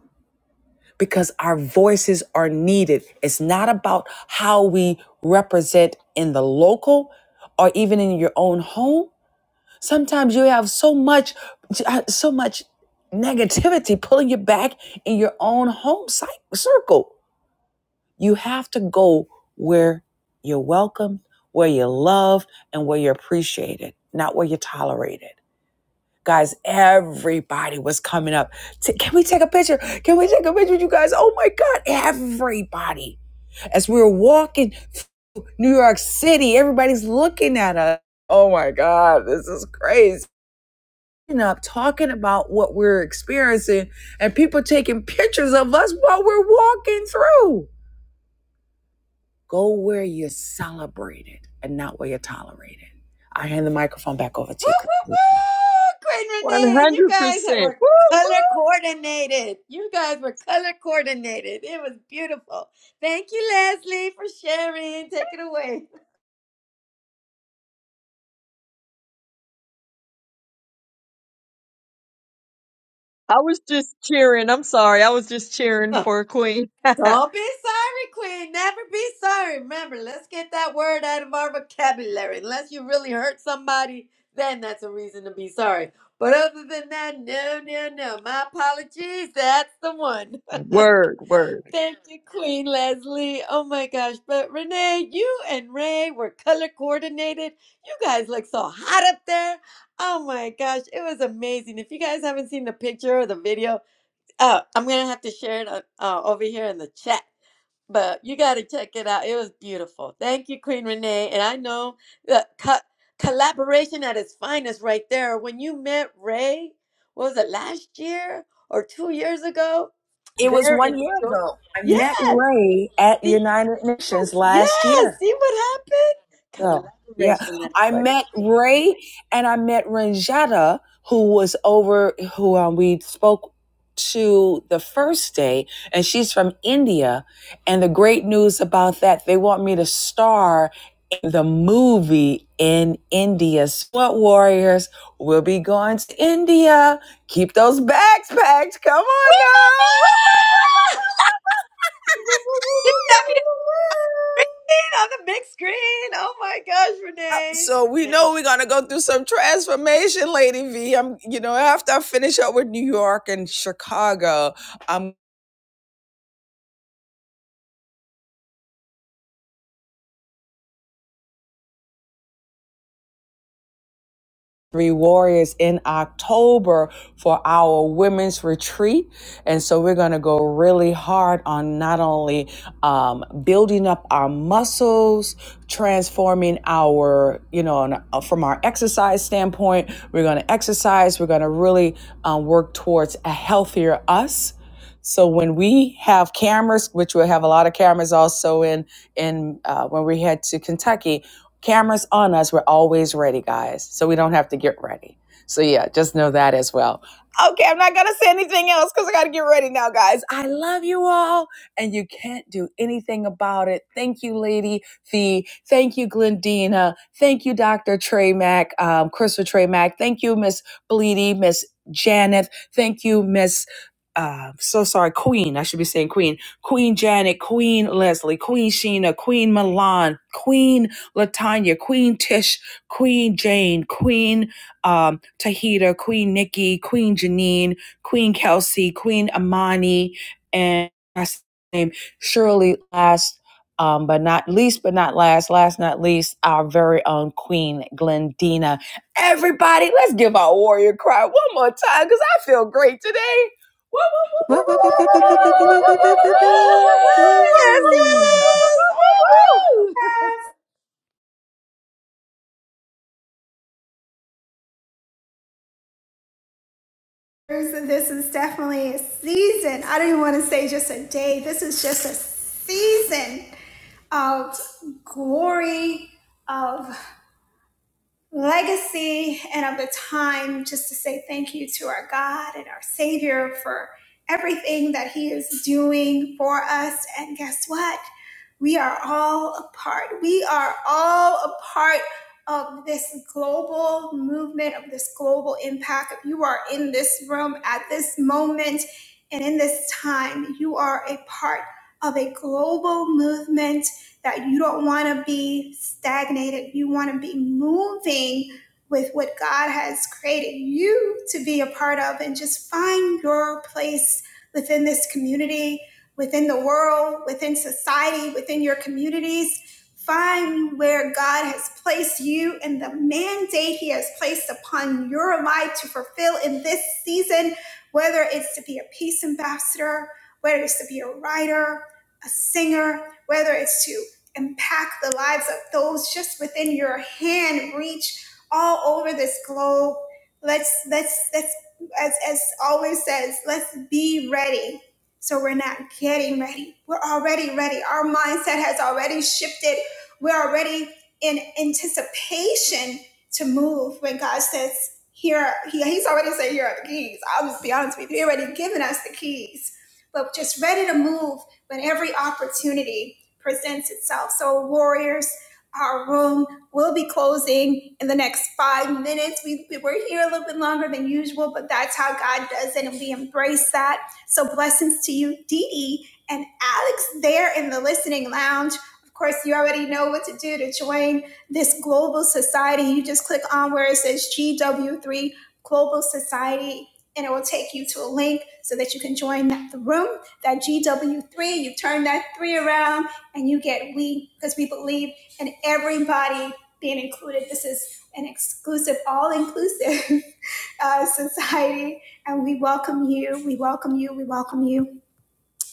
[SPEAKER 3] because our voices are needed. It's not about how we represent in the local or even in your own home Sometimes you have so much, so much negativity pulling you back in your own home site circle. You have to go where you're welcomed, where you're loved, and where you're appreciated, not where you're tolerated. Guys, everybody was coming up. Can we take a picture? Can we take a picture with you guys? Oh my God, everybody. As we were walking New York City, everybody's looking at us. Oh my God, this is crazy up talking about what we're experiencing and people taking pictures of us while we're walking through. Go where you're celebrated and not where you're tolerated. I hand the microphone back over
[SPEAKER 10] Woo,
[SPEAKER 3] to you.
[SPEAKER 10] woo, woo! Queen
[SPEAKER 9] One
[SPEAKER 10] Renee, and you
[SPEAKER 9] hundred
[SPEAKER 10] guys that
[SPEAKER 9] percent.
[SPEAKER 10] were
[SPEAKER 9] Woo!
[SPEAKER 10] color coordinated. You guys were color coordinated. It was beautiful. Thank you, Leslie, for sharing. Take it away.
[SPEAKER 9] I was just cheering. I'm sorry. I was just cheering for a queen.
[SPEAKER 10] Don't be sorry, Queen. Never be sorry. Remember, let's get that word out of our vocabulary. Unless you really hurt somebody, then that's a reason to be sorry. But other than that, no, no, no. My apologies. That's the one.
[SPEAKER 9] word, word.
[SPEAKER 10] Thank you, Queen Leslie. Oh my gosh. But Renee, you and Ray were color coordinated. You guys look so hot up there. Oh my gosh. It was amazing. If you guys haven't seen the picture or the video, uh, I'm going to have to share it uh, uh, over here in the chat. But you got to check it out. It was beautiful. Thank you, Queen Renee. And I know the co- collaboration at its finest right there. When you met Ray, what was it last year or two years ago?
[SPEAKER 3] It was
[SPEAKER 10] There in
[SPEAKER 3] one
[SPEAKER 10] New
[SPEAKER 3] year
[SPEAKER 10] York.
[SPEAKER 3] ago. I
[SPEAKER 10] Yes,
[SPEAKER 3] met Ray at
[SPEAKER 10] See-
[SPEAKER 3] United Nations
[SPEAKER 10] yes,
[SPEAKER 3] last year.
[SPEAKER 10] yes. See what happened?
[SPEAKER 3] Girl. Yeah.
[SPEAKER 10] Collaboration at its
[SPEAKER 3] I
[SPEAKER 10] finest.
[SPEAKER 3] met Ray and I met Ranjetta, who was over, who um, we spoke to the first day, and she's from India. And the great news about that, they want me to star in the movie in India. Sweat Warriors we will be going to India. Keep those bags packed. Come on now.
[SPEAKER 10] She sent me a screen on the big screen. Oh my gosh,
[SPEAKER 3] So we
[SPEAKER 10] Renee.
[SPEAKER 3] know we're gonna go through some transformation, Lady V. I'm, you know, after I finish up with New York and Chicago, I'm Three Warriors in October for our women's retreat. And so we're going to go really hard on not only um, building up our muscles, transforming our, you know, and, uh, from our exercise standpoint, we're going to exercise, we're going to really um, work towards a healthier us. So when we have cameras, which we'll have a lot of cameras also in in uh, when we head to Kentucky, cameras on us. We're always ready, guys. So we don't have to get ready. So yeah, just know that as well. Okay, I'm not gonna say anything else because I gotta get ready now, guys. I love you all, and you can't do anything about it. Thank you, Lady Fee. Thank you, Glendina. Thank you, Dr. Trey Mack, um, Crystal Trey Mack. Thank you, Miss Bleedy, Miss Janet. Thank you, Miss uh, so sorry, Queen. I should be saying Queen. Queen Janet, Queen Leslie, Queen Sheena, Queen Milan, Queen Latanya, Queen Tish, Queen Jane, Queen Tahita, Queen Nikki, Queen Janine, Queen Kelsey, Queen Amani, and surely last but not least, but not last, last not least, our very own Queen Glendina. Everybody, let's give our warrior cry one more time because I feel great today.
[SPEAKER 6] We
[SPEAKER 10] Yes, yes. Woo, woo.
[SPEAKER 1] And this is definitely a season. I don't even want to say just a day. This is just a season of glory, of. legacy and of the time just to say thank you to our God and our Savior for everything that He is doing for us. And guess what? We are all a part. We are all a part of this global movement, of this global impact. If you are in this room at this moment and in this time, you are a part of a global movement that you don't want to be stagnated. You want to be moving with what God has created you to be a part of and just find your place within this community, within the world, within society, within your communities. Find where God has placed you and the mandate He has placed upon your life to fulfill in this season, whether it's to be a peace ambassador, whether it's to be a writer, a singer, whether it's to impact the lives of those just within your hand reach all over this globe let's let's let's as as always says let's be ready so we're not getting ready we're already ready our mindset has already shifted we're already in anticipation to move when god says here he, he's already said here are the keys i'll just be honest with you he already given us the keys but just ready to move when every opportunity presents itself. So, Warriors, our room will be closing in the next five minutes. We, we were here a little bit longer than usual, but that's how God does it, and we embrace that. So, blessings to you, Dee Dee, and Alex there in the listening lounge. Of course, you already know what to do to join this global society. You just click on where it says GW3 Global Society. And it will take you to a link so that you can join the room, that GW3. You turn that three around and you get we because we believe in everybody being included. This is an exclusive, all inclusive uh, society, and we welcome you. We welcome you. We welcome you.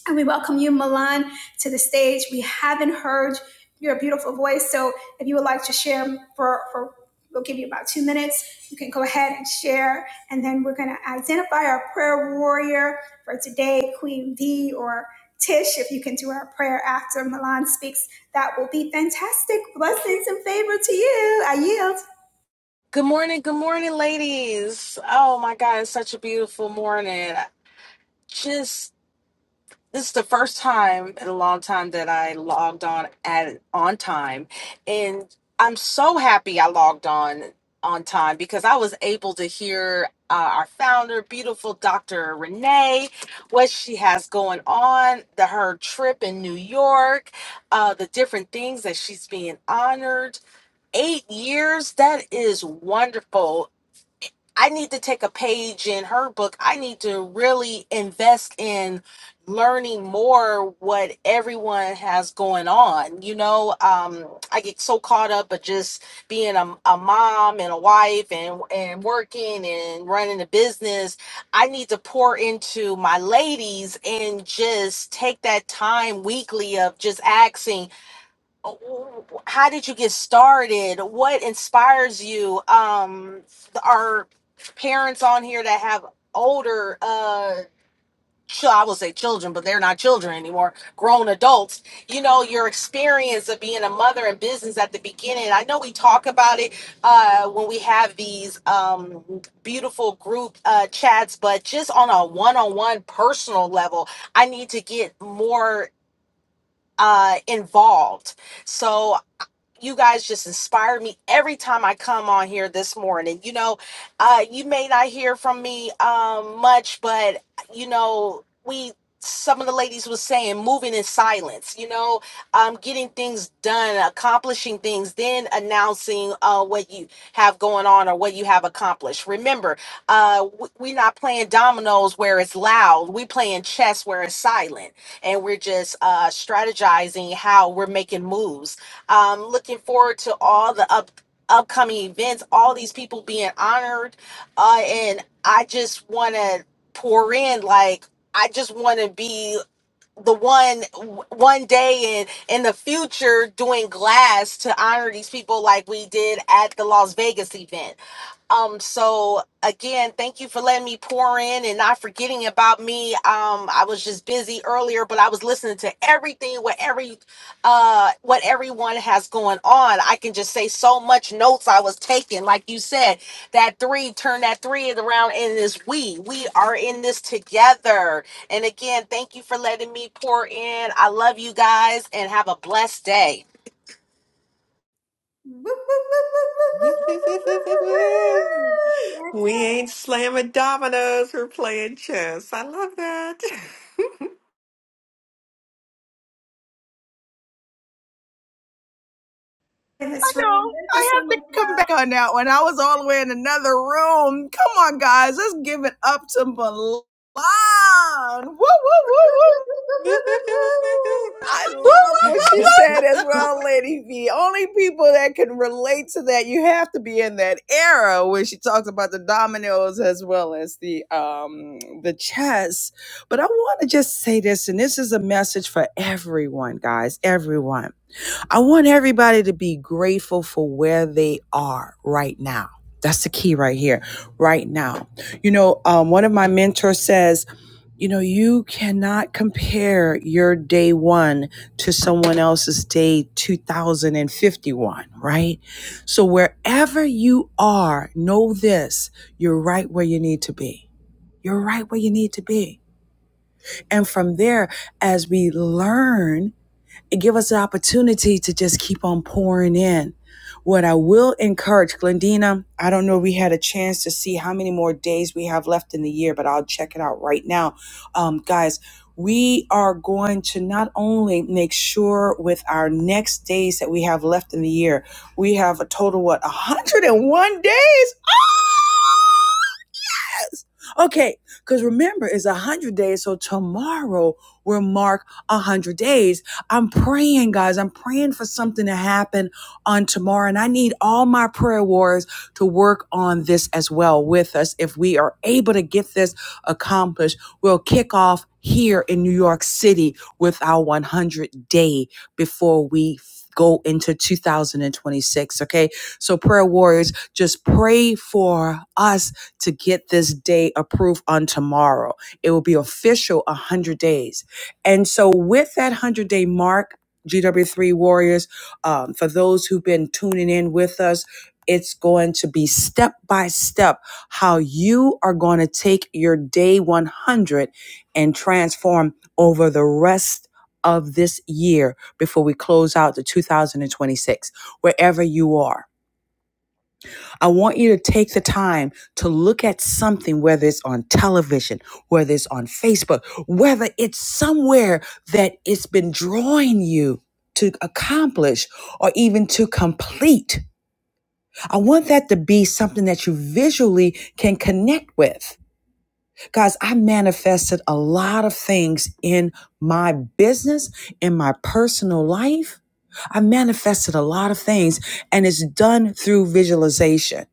[SPEAKER 1] And we welcome you, Milan, to the stage. We haven't heard your beautiful voice. So if you would like to share for, for we'll give you about two minutes. You can go ahead and share. And then we're gonna identify our prayer warrior for today, Queen V or Tish, if you can do our prayer after Milan speaks, that will be fantastic. Blessings and favor to you. I yield.
[SPEAKER 11] Good morning, good morning, ladies. Oh my God, it's such a beautiful morning. I Just this is the first time in a long time that I logged on at on time, and I'm so happy I logged on on time because I was able to hear uh, our founder, beautiful Dr. Renee, what she has going on, the her trip in New York, uh, the different things that she's being honored. Eight years, that is wonderful I need to take a page in her book. I need to really invest in learning more what everyone has going on. You know, um, I get so caught up of just being a, a mom and a wife and and working and running a business. I need to pour into my ladies and just take that time weekly of just asking. Oh, how did you get started what inspires you um are parents on here that have older uh chil- I will say children, but they're not children anymore. Grown adults, you know your experience of being a mother in business at the beginning. I know we talk about it uh, when we have these um, beautiful group uh, chats, but just on a one-on-one personal level, I need to get more uh, involved. So you guys just inspire me every time I come on here this morning. You know, uh, you may not hear from me um, much, but you know, we some of the ladies was saying moving in silence. You know, um, getting things done, accomplishing things, then announcing uh, what you have going on or what you have accomplished. Remember, uh, we're not playing dominoes where it's loud. We playing chess where it's silent, and we're just uh, strategizing how we're making moves um, looking forward to all the up upcoming events, all these people being honored, uh, and I just want to pour in. Like I just want to be the one one day in in the future doing glass to honor these people like we did at the Las Vegas event um, so again, thank you for letting me pour in and not forgetting about me. Um, I was just busy earlier, but I was listening to everything, what every uh what everyone has going on. I can just say so much notes I was taking. Like you said, that three, turn that three around in this we. We are in this together. And again, thank you for letting me pour in. I love you guys and have a blessed day.
[SPEAKER 1] Woo, woo, woo, woo, woo, woo, woo, woo, woo, woo, That's it.
[SPEAKER 6] ain't slamming dominoes, we're playing chess. I love that.
[SPEAKER 1] In this
[SPEAKER 3] No,
[SPEAKER 1] room, there's
[SPEAKER 3] I
[SPEAKER 1] just so
[SPEAKER 3] have to
[SPEAKER 1] much
[SPEAKER 3] come
[SPEAKER 1] love.
[SPEAKER 3] back on that one. I was all the way in another room. Come on, guys, let's give it up to Milan. Woo, woo, woo, woo. I
[SPEAKER 11] Woo,
[SPEAKER 3] love what
[SPEAKER 11] woo,
[SPEAKER 3] she
[SPEAKER 11] woo,
[SPEAKER 3] said as well, Lady V. Only people that can relate to that, you have to be in that era where she talks about the dominoes as well as the um the chess. But I want to just say this, and this is a message for everyone, guys, everyone I want everybody to be grateful for where they are right now. That's the key right here, right now. You know, um, one of my mentors says, you know, you cannot compare your day one to someone else's day 2051, right? So wherever you are, know this you're right where you need to be. You're right where you need to be. And from there, as we learn and give us the opportunity to just keep on pouring in. What I will encourage, Glendina, I don't know if we had a chance to see how many more days we have left in the year, but I'll check it out right now. Um, guys, we are going to not only make sure with our next days that we have left in the year, we have a total, what, 101 days? Yes. Okay. Because remember, it's a hundred days. So tomorrow will mark a hundred days. I'm praying, guys. I'm praying for something to happen on tomorrow. And I need all my prayer warriors to work on this as well with us. If we are able to get this accomplished, we'll kick off here in New York City with our 100 day before we go into 2026. Okay. So prayer warriors, just pray for us to get this day approved on tomorrow. It will be official 100 days. And so, with that 100 day mark, GW3 Warriors, um, for those who've been tuning in with us, it's going to be step by step how you are going to take your day 100 and transform over the rest of this year before we close out the 2026, wherever you are I want you to take the time to look at something, whether it's on television, whether it's on Facebook, whether it's somewhere that it's been drawing you to accomplish or even to complete. I want that to be something that you visually can connect with. Guys, I manifested a lot of things in my business, in my personal life. I manifested a lot of things, and it's done through visualization.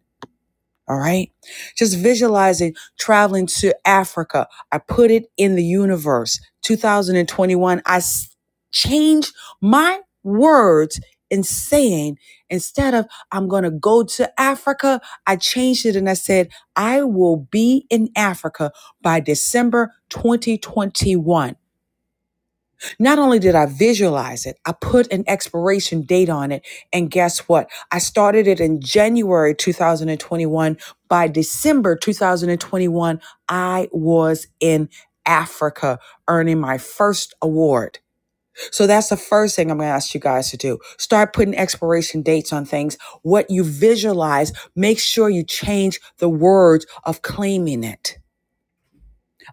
[SPEAKER 3] All right. Just visualizing traveling to Africa. I put it in the universe. 2021, I s- changed my words in saying, instead of I'm going to go to Africa, I changed it and I said, I will be in Africa by December 2021. Not only did I visualize it, I put an expiration date on it. And guess what? I started it in January 2021. By December 2021, I was in Africa earning my first award. So that's the first thing I'm going to ask you guys to do. Start putting expiration dates on things. What you visualize, make sure you change the words of claiming it.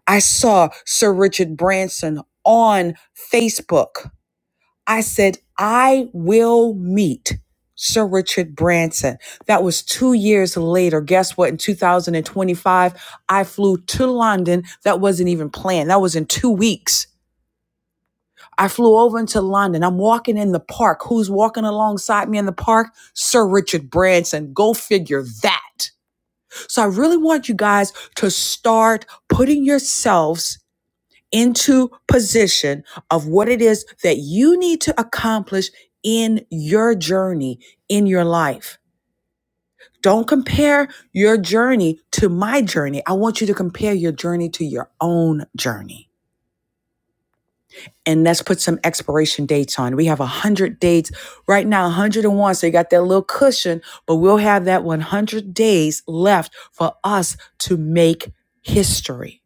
[SPEAKER 3] I saw Sir Richard Branson on Facebook I said, I will meet Sir Richard Branson. That was two years later. Guess what? In 2025, I flew to London. That wasn't even planned. That was in two weeks. I flew over into London. I'm walking in the park. Who's walking alongside me in the park? Sir Richard Branson. Go figure that. So I really want you guys to start putting yourselves into position of what it is that you need to accomplish in your journey in your life. Don't compare your journey to my journey. I want you to compare your journey to your own journey. And let's put some expiration dates on. We have 100 dates right now, 101. So you got that little cushion, but we'll have that 100 days left for us to make history.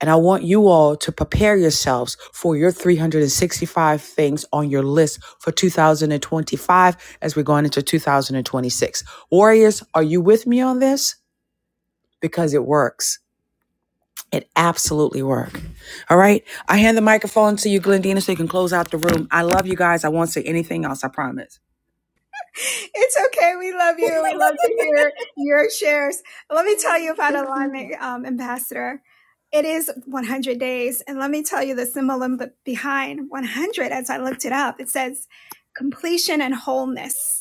[SPEAKER 3] And I want you all to prepare yourselves for your 365 things on your list for 2025 as we're going into 2026. Warriors, are you with me on this? Because it works. It absolutely works. All right. I hand the microphone to you, Glendina, so you can close out the room. I love you guys. I won't say anything else, I promise.
[SPEAKER 1] It's okay. We love you. We love to hear your shares. Let me tell you about Alignment um, Ambassador. It is 100 days. And let me tell you the symbolism behind 100 as I looked it up. It says completion and wholeness.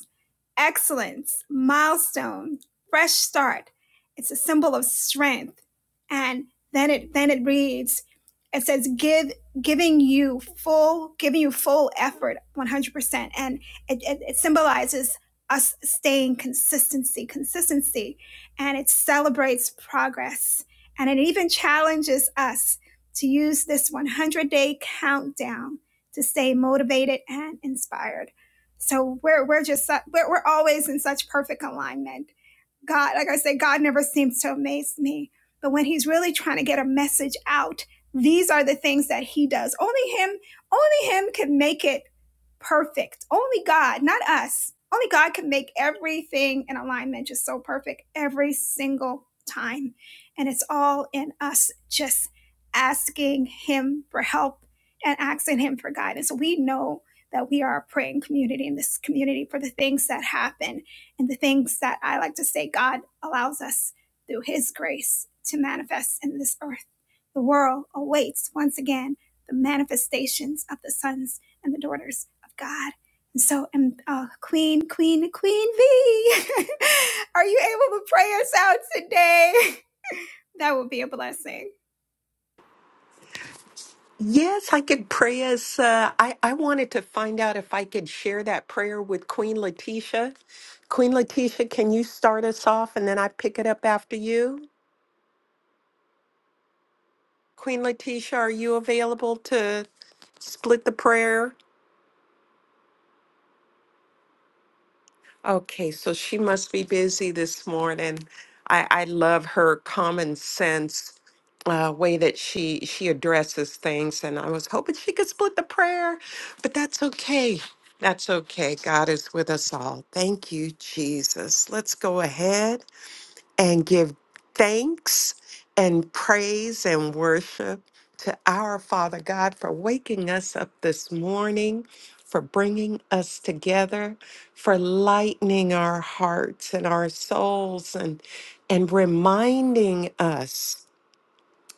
[SPEAKER 1] excellence, milestone, fresh start. It's a symbol of strength. And then it then it reads, it says give giving you full giving you full effort 100% and it, it, it symbolizes us staying consistency consistency and it celebrates progress and it even challenges us to use this 100 day countdown to stay motivated and inspired so we're we're just we're, we're always in such perfect alignment. God, like I say, God never seems to amaze me, but when He's really trying to get a message out, these are the things that He does. Only Him, only Him can make it perfect. Only God, not us. Only God can make everything in alignment just so perfect every single time. And it's all in us just asking Him for help and asking Him for guidance. We know that we are a praying community in this community for the things that happen and the things that I like to say God allows us through His grace to manifest in this earth. The world awaits once again the manifestations of the sons and the daughters of God. And so, and uh, Queen, Queen, Queen V, are you able to pray us out today? That would be a blessing.
[SPEAKER 6] Yes, I could pray as uh, I, I wanted to find out if I could share that prayer with Queen Letitia. Queen Letitia, can you start us off and then I pick it up after you? Queen Letitia, are you available to split the prayer? Okay, so she must be busy this morning. I, I love her common sense uh, way that she she addresses things, and I was hoping she could split the prayer, but that's okay. That's okay. God is with us all. Thank you, Jesus. Let's go ahead. and give thanks and praise and worship to our Father God for waking us up this morning, for bringing us together, for lightening our hearts and our souls and and reminding us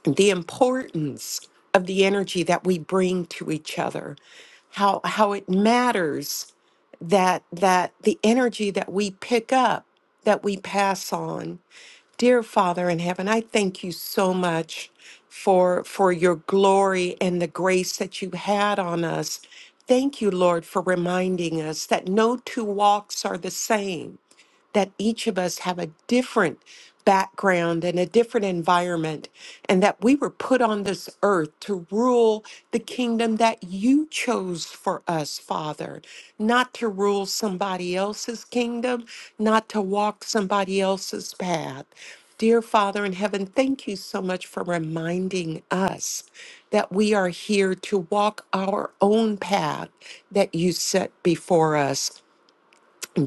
[SPEAKER 6] the importance of the energy that we bring to each other. How how it matters that that the energy that we pick up that we pass on Dear Father in heaven, I thank you so much for for your glory and the grace that you had on us. Thank you, Lord, for reminding us that no two walks are the same that each of us have a different background and a different environment, and that we were put on this earth to rule the kingdom that you chose for us, Father, not to rule somebody else's kingdom, not to walk somebody else's path. Dear Father in heaven, thank you so much for reminding us that we are here to walk our own path that you set before us.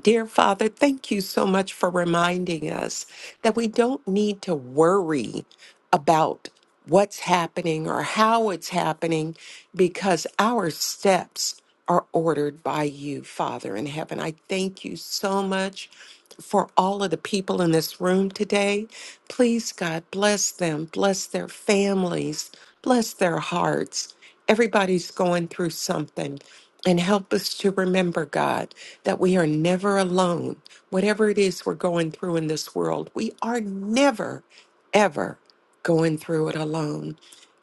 [SPEAKER 6] Dear Father, thank you so much for reminding us that we don't need to worry about what's happening or how it's happening because our steps are ordered by you, Father in heaven. I thank you so much for all of the people in this room today. Please, God, bless them, bless their families, bless their hearts. Everybody's going through something. And help us to remember, God, that we are never alone. Whatever it is we're going through in this world, we are never, ever going through it alone.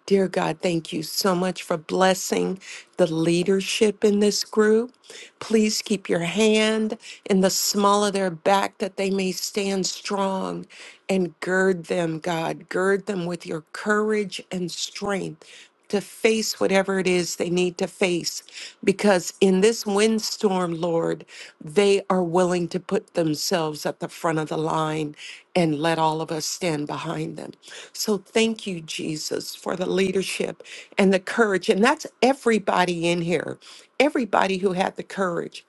[SPEAKER 6] Dear God, thank you so much for blessing the leadership in this group. Please keep your hand in the small of their back that they may stand strong and gird them, God. Gird them with your courage and strength to face whatever it is they need to face. Because in this windstorm, Lord, they are willing to put themselves at the front of the line and let all of us stand behind them. So thank you, Jesus, for the leadership and the courage. And that's everybody in here, everybody who had the courage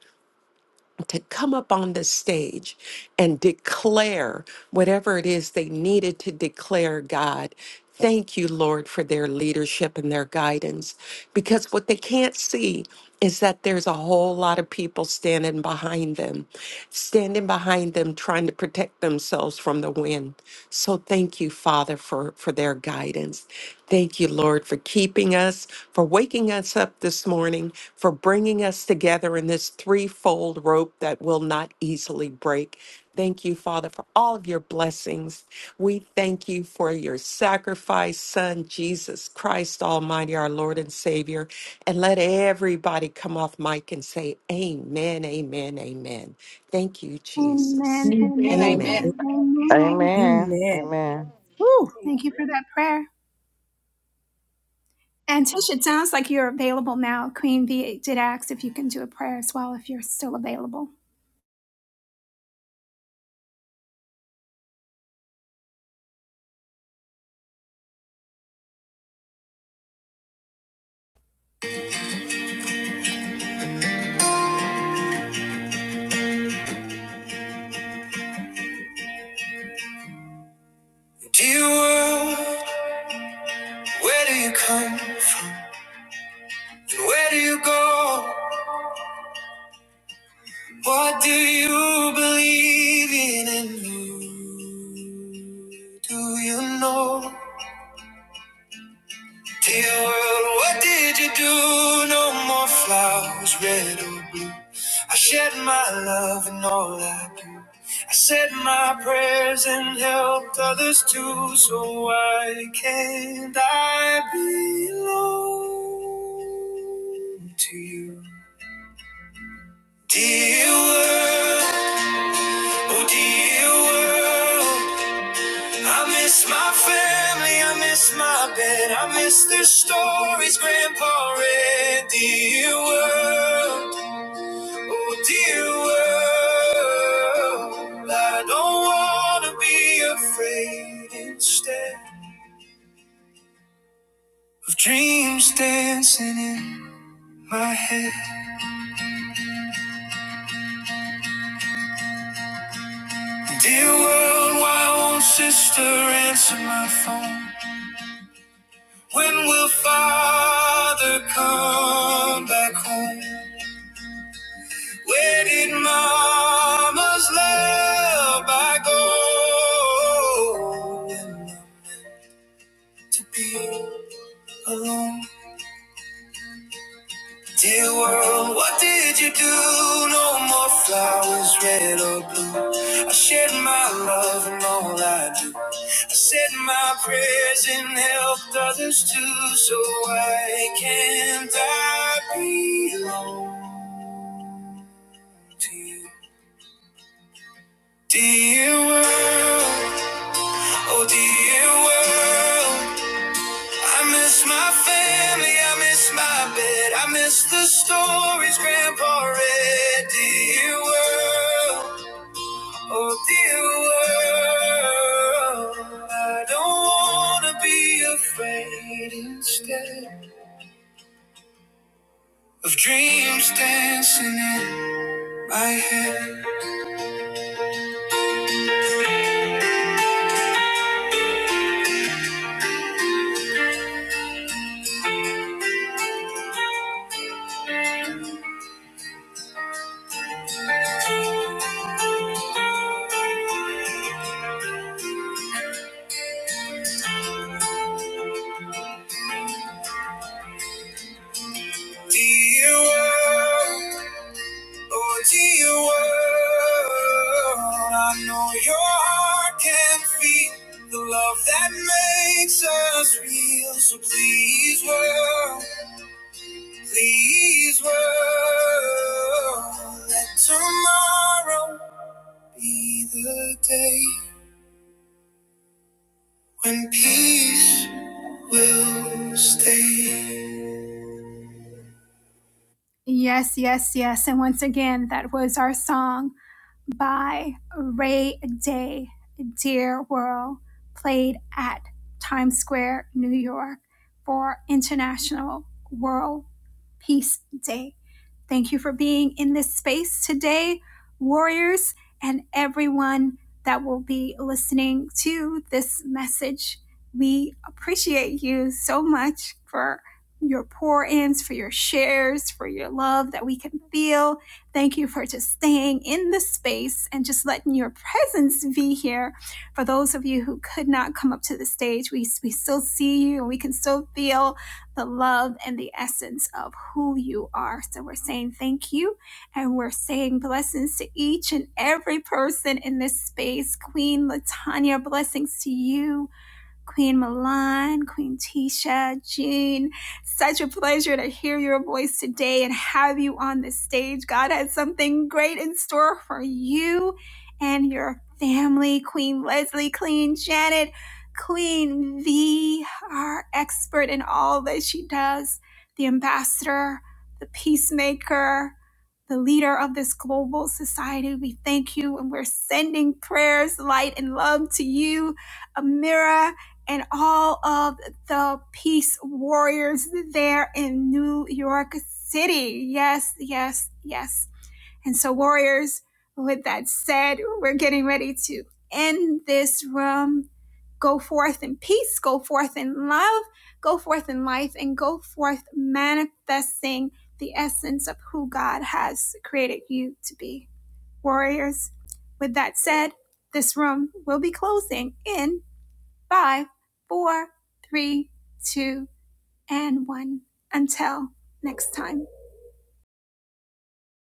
[SPEAKER 6] to come up on the stage and declare whatever it is they needed to declare, God. Thank you, Lord, for their leadership and their guidance. Because what they can't see is that there's a whole lot of people standing behind them, standing behind them, trying to protect themselves from the wind. So thank you, Father, for, for their guidance. Thank you, Lord, for keeping keeping us, for waking us up this morning, for bringing us together in this threefold rope that will not easily break. Thank you, Father, for all of your blessings. We thank you for your sacrifice, Son, Jesus Christ Almighty, our Lord and Savior. And let everybody come off mic and say, Amen, Amen, Amen. Thank you, Jesus.
[SPEAKER 1] Amen,
[SPEAKER 3] Amen.
[SPEAKER 11] woo. And
[SPEAKER 1] amen,
[SPEAKER 11] amen.
[SPEAKER 6] Amen.
[SPEAKER 1] amen.
[SPEAKER 8] Amen.
[SPEAKER 3] Amen.
[SPEAKER 8] Amen.
[SPEAKER 3] Woo!
[SPEAKER 1] Thank you for that prayer. And Tish, it sounds like you're available now. Queen V did ask if you can do a prayer as well, if you're still available. What do you believe in? And who do you know? Dear world, what did you do? No more flowers, red or blue. I shed my love and all I do. I said my prayers and helped others too. So why can't I belong to you? Dear world, oh dear world. I miss my family, I miss my bed, I miss their stories, Grandpa read. Dear world, oh dear world, I don't wanna be afraid instead of dreams dancing in my head. Dear world, why won't sister answer my phone? When will father come back home? Where did mama's love I go? to be alone. Dear world, what did you do? No more flowers, red or blue. I shed my love and all I do. I said my prayers and helped others too. So why can't I belong to you? Dear world, oh dear world. I miss my family, I miss my bed, I miss the stories Grandpa read. Dear world, oh dear world, I don't wanna be afraid instead of dreams dancing in my head. Dear world. Oh, dear world, I know your heart can feel the love that makes us real. So please, world, please, world, let tomorrow be the day when peace will stay. Yes, yes, yes. And once again, that was our song. by Ray Day Dearworld played at Times Square, New York for International World Peace Day. Thank you for being in this space today, warriors, and everyone that will be listening to this message. We appreciate you so much for your pour ins, for your shares, for your love that we can feel. Thank you for just staying in the space and just letting your presence be here. For those of you who could not come up to the stage, we, we still see you and we can still feel the love and the essence of who you are. So we're saying thank you and we're saying blessings to each and every person in this space. Queen Latanya, blessings to you. Queen Milan, Queen Tisha, Jean. Such a pleasure to hear your voice today and have you on the stage. God has something great in store for you and your family. Queen Leslie, Queen Janet, Queen V, our expert in all that she does, the ambassador, the peacemaker, the leader of this global society. We thank you and we're sending prayers, light, and love to you, Amira and all of the peace warriors there in New York City. Yes, yes, yes. And so, warriors, with that said, we're getting ready to end this room. Go forth in peace, go forth in love, go forth in life, and go forth manifesting the essence of who God has created you to be. Warriors, with that said, this room will be closing in five, four, three, two, and one. Until next time.